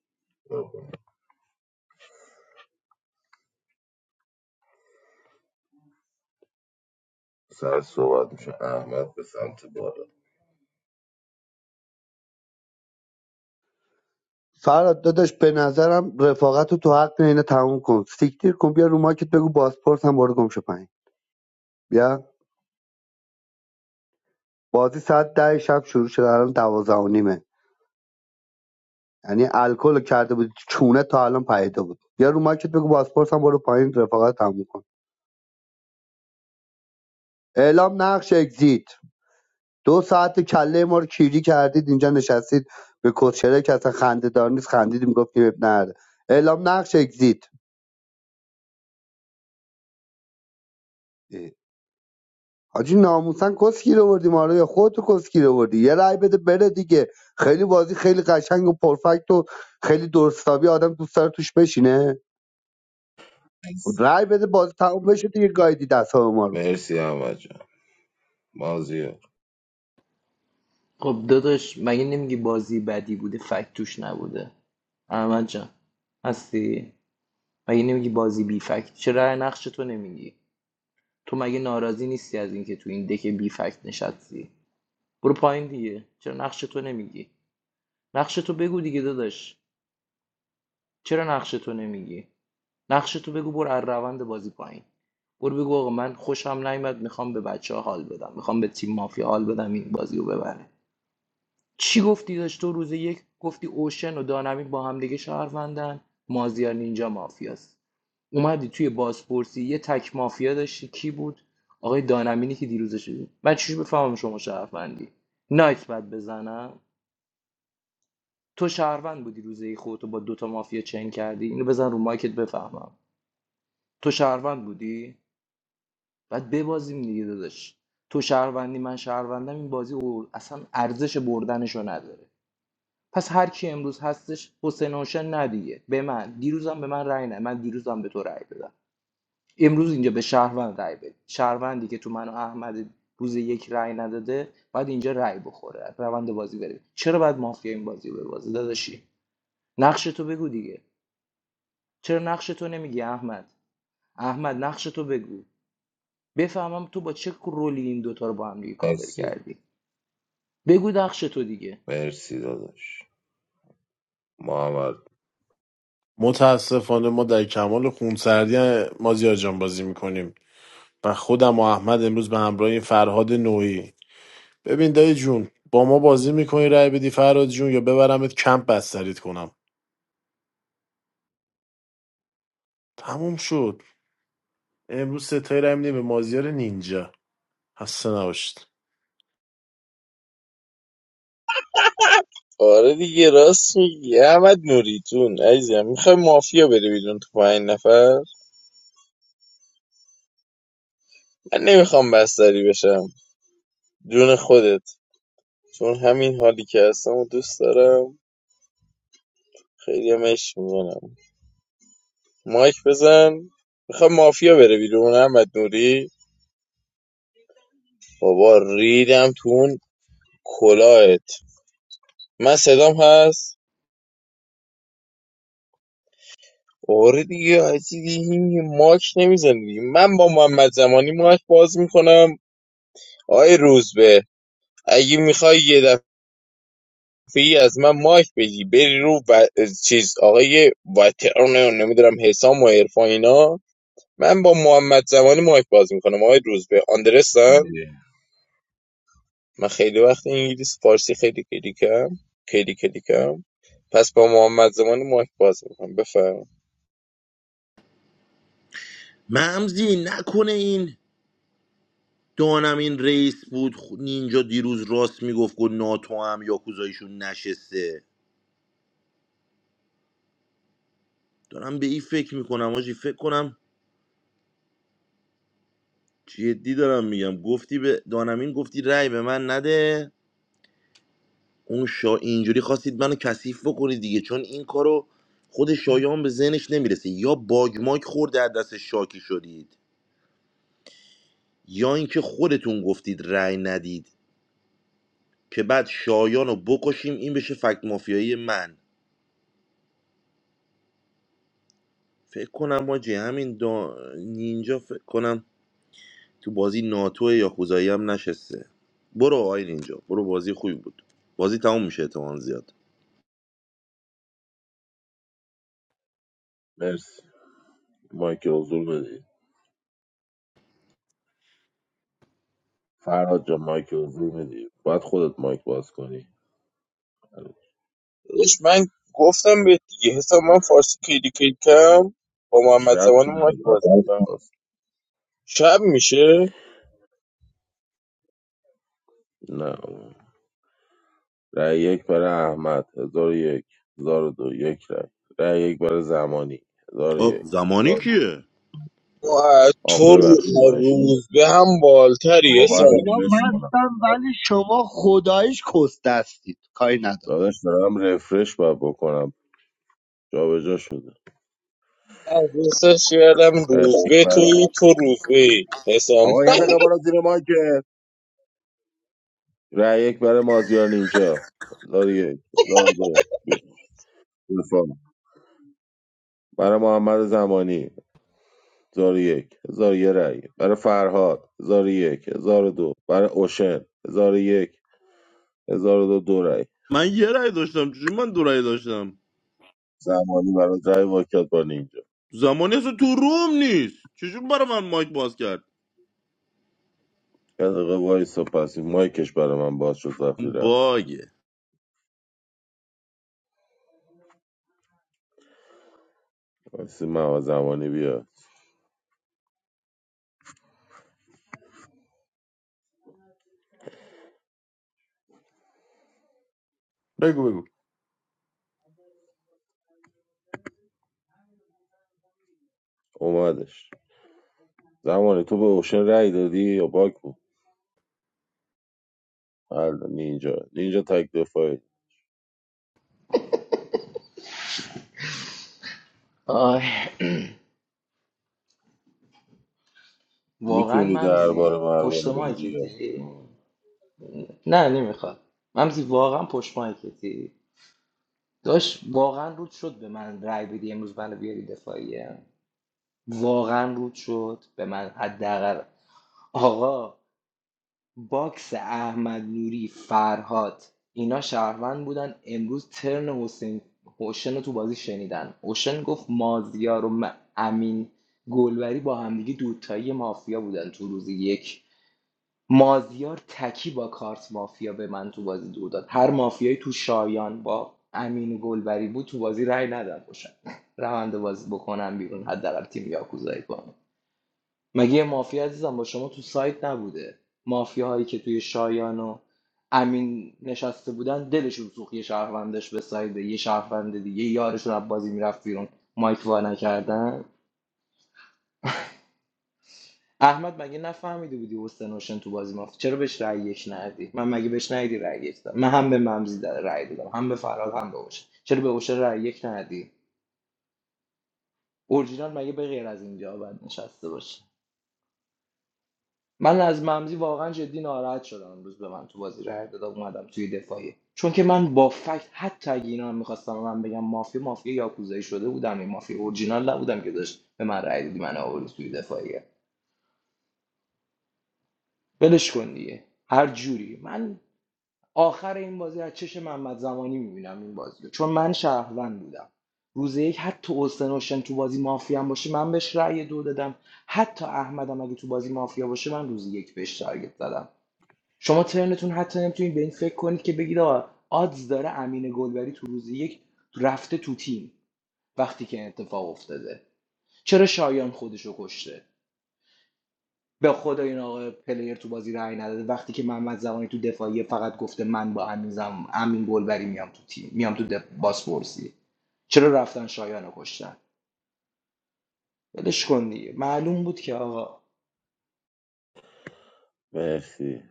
S18: سر صحبت میشه احمد به سمت بالا
S4: فرهاد داداش به نظرم رفاقت رو تو حق اینا تموم کن سیکتیر کن بیا رو ماکت بگو بازپرس هم برو گم شو پایین بیا بازی ساعت ده شب شروع شده الان دوازده و نیمه یعنی الکل رو کرده بود چونه تا الان پیدا بود بیا رو ماکت بگو بازپرس هم برو پایین رفاقت تموم کن اعلام نقش اگزییت دو ساعت کله ما رو کیری کردید اینجا نشستید به کسچره که اصلا خنده دار نیست خندیدیم گفتیم اب نره اعلام نقش اگزییت حاجی ناموسن کسگیر آوردیم آره یا خودتو کسکی رو آوردی یه رای بده بره دیگه خیلی بازی خیلی قشنگ و پرفکت و خیلی درستابی آدم دوست داره توش بشینه خب
S18: مرسی
S4: رای بده بازی تموم بشه دیگه گایدی دستام ما رو
S18: مرسی احمد جان مازیار
S19: خب داداش مگه نمیگی بازی بدی بوده فکت توش نبوده احمد جان هستی مگه نمیگی بازی بی فکت چرا نقش تو نمیگی تو مگه ناراضی نیستی از اینکه تو این دک بی فکت نشستی برو پایین دیگه چرا نقش تو نمیگی نقش تو بگو دیگه داداش چرا نقش تو نمیگی نقش تو بگو برو از روند بازی پایین برو بگو آقا من خوشم نیومد میخوام به بچه ها حال بدم میخوام به تیم مافیا حال بدم این بازی رو ببره چی گفتی داشت تو روز یک گفتی اوشن و دانمین با هم دیگه شهروندن مازیار نینجا مافیاست اومدی توی بازپرسی یه تک مافیا داشتی کی بود آقای دانمینی که دیروزش بود من چجوری بفهمم شما شهروندی نایت بعد بزنم تو شهروند بودی روزی خودتو با دوتا مافیا چین کردی اینو بزن رو مایکت بفهمم تو شهروند بودی بعد ببازیم دیگه داداش تو شهروندی من شهروندم این بازی او- اصلا ارزش بردنشو نداره پس هر کی امروز هستش حسین هوشن ندیگه به من دیروزم به من رأی نه من دیروزم به تو رأی دادم امروز اینجا به شهروند رای بدید شهروندی که تو من و احمد روز یک رای نداده باید اینجا رای بخوره روند بازی بره چرا باید مافیا این بازی به بازی داداشی نقش تو بگو دیگه چرا نقش تو نمیگی احمد احمد نقش تو بگو بفهمم تو با چه رولی این دوتا رو با هم دیگه کاور
S18: مرسی
S19: کردی بگو نقش تو دیگه
S18: مرسی داداش محمد
S13: متاسفانه ما در کمال خونسردی مازیار جان بازی میکنیم من خودم و احمد امروز به همراه فرهاد نوعی ببین دایی جون با ما بازی میکنی رای بدی فرهاد جون یا ببرمت کمپ بستریت کنم تموم شد امروز ستایی رای می‌دیم به مازیار نینجا خسته نباشید
S10: آره دیگه راست میگی احمد نوریتون عزیزم میخوای مافیا بره بیرون تو پنج نفر من نمیخوام بستری بشم جون خودت چون همین حالی که هستم و دوست دارم خیلی هم عشق میکنم مایک بزن میخوای مافیا بره بیرون احمد نوری بابا ریدم تو اون کلاهت من صدام هست آره دیگه حاجی دیگه این ماک نمیزن دیگه من با محمد زمانی ماک باز میکنم آی روزبه اگه میخوای یه دفعه از من ماک بگی بری رو و... چیز آقای وترن نمیدونم حسام و عرفان اینا من با محمد زمانی ماک باز میکنم آقای روزبه آندرستن من خیلی وقت انگلیس فارسی خیلی کلیکم خیلی کلیکم پس با محمد زمان مایک باز میکنم بفرم
S14: ممزی نکنه این دانم این رئیس بود خ- نینجا دیروز راست میگفت گفت ناتو هم یاکوزاییشون نشسته دارم به این فکر میکنم آجی فکر کنم جدی دارم میگم گفتی به دانمین گفتی رأی به من نده اون شا... اینجوری خواستید منو کثیف بکنید دیگه چون این کارو خود شایان به ذهنش نمیرسه یا باگ ماگ خورده از دست شاکی شدید یا اینکه خودتون گفتید رأی ندید که بعد شایان رو بکشیم این بشه فکت مافیایی من فکر کنم ماجی همین دا... نینجا فکر کنم تو بازی ناتو یا خوزایی هم نشسته برو آی نینجا برو بازی خوبی بود بازی تموم میشه احتمال زیاد
S18: مرسی مایک حضور بدی فراد جان مایک حضور بدی باید خودت مایک باز کنی
S10: داداش من گفتم به دیگه حساب من فارسی کلی کلیکم با
S18: هیچ
S10: محمد زمان
S18: ربطی
S10: مایک
S18: نداره باید
S10: باز
S18: خودت
S10: میکنم
S18: باز کنی.
S10: شب میشه
S18: نه رای یک برای احمد هزار و یک هزار و دو یک رای. رای یک برای زمانی هزار و
S14: آب
S18: یک
S14: زمانی
S18: هزار و-
S14: کیه
S10: ما از
S18: آقا
S10: تو
S18: ببخشید من
S10: رو-
S18: اشتباه
S10: روز به هم بالتری
S18: آقا
S4: حاجی
S18: باید
S4: اینا
S10: حسام
S18: رفرش کنم
S4: مستن ولی شما خدایش کس دستید کاری ندارم
S18: داداش دارم رفرش باید بکنم جابجا شده
S10: از حسش یادم
S18: رأی
S10: روز
S18: یک
S10: به
S18: برای
S10: توی تو روز به حسام
S18: آقا یه دقیقه
S10: [laughs]
S18: برو زیر مایکت رأی یک برای مازیار نینجا هزار و یک هزار و دو دفاع. برای محمد زمانی هزار و یک هزار و یه رای. برای فرهاد هزار و یک هزار و دو برای اوشن هزار و یک 1002 دو, دو رای.
S14: من یه رأی داشتم چجوری من دو رأی داشتم
S18: زمانی برای رای واکت با اینجا
S14: زمانی اصلا تو روم نیست چجوری برای من مایک باز کرد
S18: یه دقیقه وایسا پس این مایکش برای من باز شد وقتی رفت
S14: باگه
S18: وایسی محمد زمانی بیاد
S13: بگو بگو
S18: اومدش زمانی تو به اوشن رای دادی یا باک بود حل نینجا نینجا تک دفاعی
S19: آه. واقعا
S18: میتونی درباره
S19: ممزی پشت
S18: مرباره بدی یا
S19: مایکتی نه نمیخواد ممزی واقعا پشت مایکتی داشت واقعا رود شد به من رای بدی امروز منو بیاری دفاعیه واقعا رود شد به من حداقل آقا باکس احمد نوری فرهاد اینا شهروند بودن امروز ترن حسین اوشن رو تو بازی شنیدن اوشن گفت مازیار و م- امین گلبری با همدیگه دوتایی مافیا بودن تو روز یک مازیار تکی با کارت مافیا به من تو بازی دو داد هر مافیایی تو شایان با امین گلبری بود تو بازی رأی نداد باشن روند بازی بکنم بیرون حداقل تیم یاکوزایی کنم مگه یه مافیا عزیزم با شما تو سایت نبوده مافیاهایی که توی شایان و امین نشسته بودن دلشون سوخت یه شهروندش به سایده یه شهروند دیگه یه یارشون از بازی میرفت بیرون مایک وا نکردن احمد مگه نفهمیده بودی حسین حسین تو بازی مافت چرا بهش رأی یک ندی من مگه بهش ندی رأی یک دادم من هم به ممزی در- رأی دادم هم به فراد هم به اوشه چرا به اوشه رأی یک ندی اورجینال مگه به غیر از اینجا باید نشسته باشه من از ممزی واقعا جدی ناراحت شدم امروز به من تو بازی رأی دادم اومدم توی دفاعی چون که من با فکت حتی اگه اینا هم میخواستم من بگم مافیا مافیا یاکوزایی شده بودم این مافیا اورجینال نبودم که داشت به من رأی دادی من آوردی توی دفاعیه ولش کن دیگه هر جوری من آخر این بازی از چش محمد زمانی میبینم این بازی رو چون من شهروند بودم روز یک حتی اوسنوشن تو بازی مافیا هم باشه من بهش رأی دو دادم حتی احمدم اگه تو بازی مافیا باشه من روز یک بهش تارگت زدم شما ترنتون حتی نمیتونید به این فکر کنید که بگید آقا آدز داره امین گلبری تو روز یک رفته تو تیم وقتی که این اتفاق افتاده چرا شایان خودشو کشته به خدا این آقا پلیر تو بازی رأی نداده وقتی که محمد زمانی تو دفاعیه فقط گفته من با امین زم امین گلبری میام تو تیم میام تو دف- بازپرسی چرا رفتن شایان کشتن ولش کن دیگه معلوم بود که آقا
S18: مرسی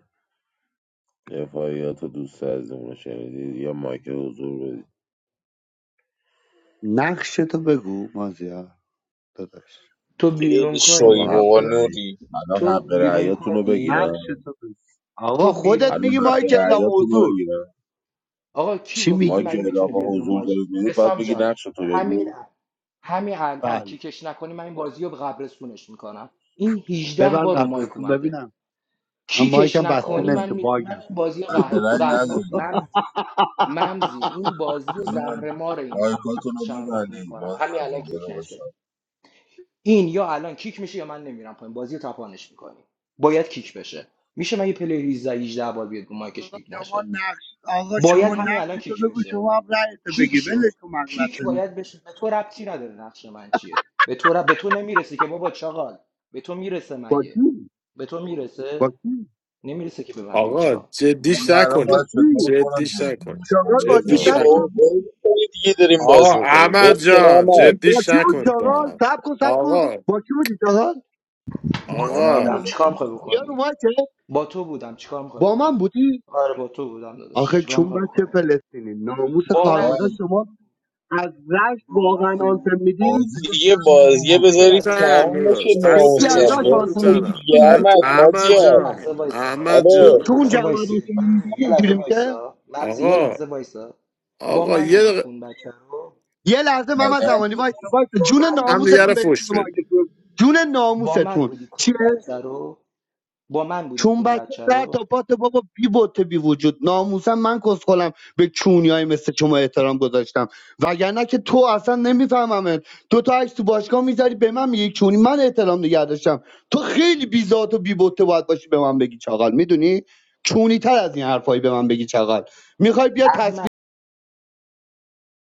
S18: دفاعیات رو دوست عزیزمون رو شنیدید یا مایک حضور بدید
S4: نقش تو بگو مازیار داداش
S19: تو
S10: خیلی
S19: بیرون
S18: شما
S10: شوی
S4: ن-
S18: حق
S10: بابا
S19: کنی
S18: رأی
S10: نوری
S18: الان
S19: تو
S18: حق
S19: بیرون
S18: رأیاتون رو
S19: کنی
S18: بگیرم
S4: نقش تو بگو. آقا
S19: تو
S4: خودت
S19: بیرون
S18: الان
S4: میگی
S18: حق
S4: مایک اعلام
S18: رأیاتون رو
S4: حضور
S18: بگیرم
S19: آقا کی
S4: چی
S19: گفت
S18: ما
S19: این
S18: که
S4: میگی
S19: مگه میتونه
S18: اعلام
S19: بیاد رو
S18: حضور
S19: مایک
S18: دارید میدید باید
S19: حسام
S18: بگی
S19: جان
S18: نقش تو
S19: همین
S18: بگو
S19: الان- همین الان
S4: بله
S19: کیکش نکنی من این بازی رو به قبرستونش میکنم این 18
S4: ببند
S19: بار رو مایک
S4: قبرتون
S19: اومده
S4: ببینم من
S19: کیکش
S4: مایکم بسته
S18: آقا
S19: نکنی من
S4: نمیشه
S19: می...
S4: باگم
S19: من این بازی رو
S18: حق
S19: قهر...
S18: رأی
S19: زه... ممزی
S18: ندارید
S19: ممزی این بازی رو
S18: نمی‌دونم.
S19: زهر مار این
S18: مایکاتون رو
S19: شهروند
S18: ببندید
S19: میکنم
S18: بازی
S19: همین
S18: رو
S19: الان
S18: یه
S19: کیک
S18: دقیقه
S19: نشه
S18: صبر.
S19: این یا الان کیک میشه یا من نمیرم پایین بازی رو تپانش میکنی باید کیک بشه میشه من یه پلی 18 18 بار بیاد رو مایکش
S4: آقا
S19: کیک
S4: شما
S19: نشه
S4: نقش آقا
S19: باید
S4: شما
S19: همین
S4: نقش
S19: الان
S4: تو
S19: کیک
S4: بگو
S19: بشه
S4: شما هم رأی تو
S19: کیک
S4: بگی ولش
S19: شو
S4: تو
S19: کیک
S4: مغلطه
S19: باید بشه
S4: میکنه
S19: به تو ربطی نداره نقش من چیه به تو رب... به تو نمیرسی که بابا چاقال به تو میرسه
S4: با
S19: مگه
S4: کی
S19: به تو
S4: با
S19: میرسه
S4: کی
S19: نمیرسه که به من بگی
S13: آقا
S19: چاقال
S18: ما
S13: جدیش
S18: من الان
S4: با
S18: باید
S13: نکنیم
S18: چطور
S4: کی
S18: کنم
S13: جدیش
S18: جدی با
S13: نکنیم
S18: شما
S4: چاغال با کی
S10: یه
S13: جدیش
S18: دوتا
S4: سب کن
S10: بابا
S13: نکنیم
S10: بابا دیگه داریم
S13: آقا
S10: بازی میکنیم ول
S13: احمد
S10: کن
S13: جان
S4: با
S13: جدیش
S4: کی بود
S13: نکنید با
S4: چاغال
S13: هم
S4: سب کن سب کن
S13: آقا
S4: با کی بودی چاغال
S18: با من
S13: آقا
S19: بودم
S18: بوده
S19: چیکار میخوای
S4: یا رو
S19: بکنی
S4: مایکه
S19: با تو بودم چیکار میخوای
S4: با من
S19: بکنی
S4: بودی
S19: آره با تو بودم داداش
S4: آخه
S19: چیکار
S4: چون
S19: میخوای
S4: بچه
S19: بکنی
S4: فلسطینی ناموس
S19: با
S18: آقا
S19: من
S4: خارمده شما از رشت
S19: با
S4: واقعا
S19: من.
S4: آنتم میدین
S18: بازی رو
S10: دیگه
S18: چرا
S10: بازیه
S19: مغز یه
S18: نمیدید
S10: بذارید
S19: لحظه
S13: تنم
S10: تموم
S19: وایسا
S10: بشه
S13: میراش
S19: من
S4: جدی
S19: یه
S10: ناموسم
S4: از
S19: لحظه
S4: رشت
S13: خستگیشمون
S10: ول
S13: تو
S4: آنتم
S10: کن
S19: وایسا
S4: میدی
S13: تنم
S10: دیگه
S4: چونی
S13: خ-
S10: احمد
S13: احمد
S19: آقا یه
S10: مازیار
S19: لحظه
S13: جان
S19: وایسا
S13: احمد
S4: به
S10: الو
S19: یه
S13: جان
S4: چون
S19: لحظه
S4: جوانتون
S19: وایسی
S4: میدی
S19: من یه لحظه
S4: اینجوری میشه
S19: وایسا مغز یه
S13: آقا
S19: لحظه وایسا با
S13: آقا
S19: من
S13: یه
S19: بودی
S13: دقیقه
S19: کون بچه رو
S4: یه لحظه محمد
S18: نظرم
S4: زمانی وایس وایس
S19: با
S4: جون
S19: من
S13: هم دیگه
S4: ناموستون
S13: رو
S19: بودی
S4: برید
S13: فش
S4: توی
S13: بدید
S4: مارکتتون. جون
S19: با من
S4: ناموستون
S19: بودی
S4: چیه
S19: کون بچه رو با من بودی
S4: چون
S19: کون
S4: بچه
S19: بچه
S4: سر
S19: رو
S4: تا پات بابا بی بوت بی وجود ناموسم من کسخلم به چونیای مثل شما احترام گذاشتم وگرنه که تو اصلا نمیفهممت تو تا عکس تو باشگاه میذاری به من میگی چونی من احترام نگه داشتم تو خیلی بی ذات و بی بوته باید باشی به من بگی چاقال میدونی چونی تر از این حرفایی به من بگی چاقال میخوای بیا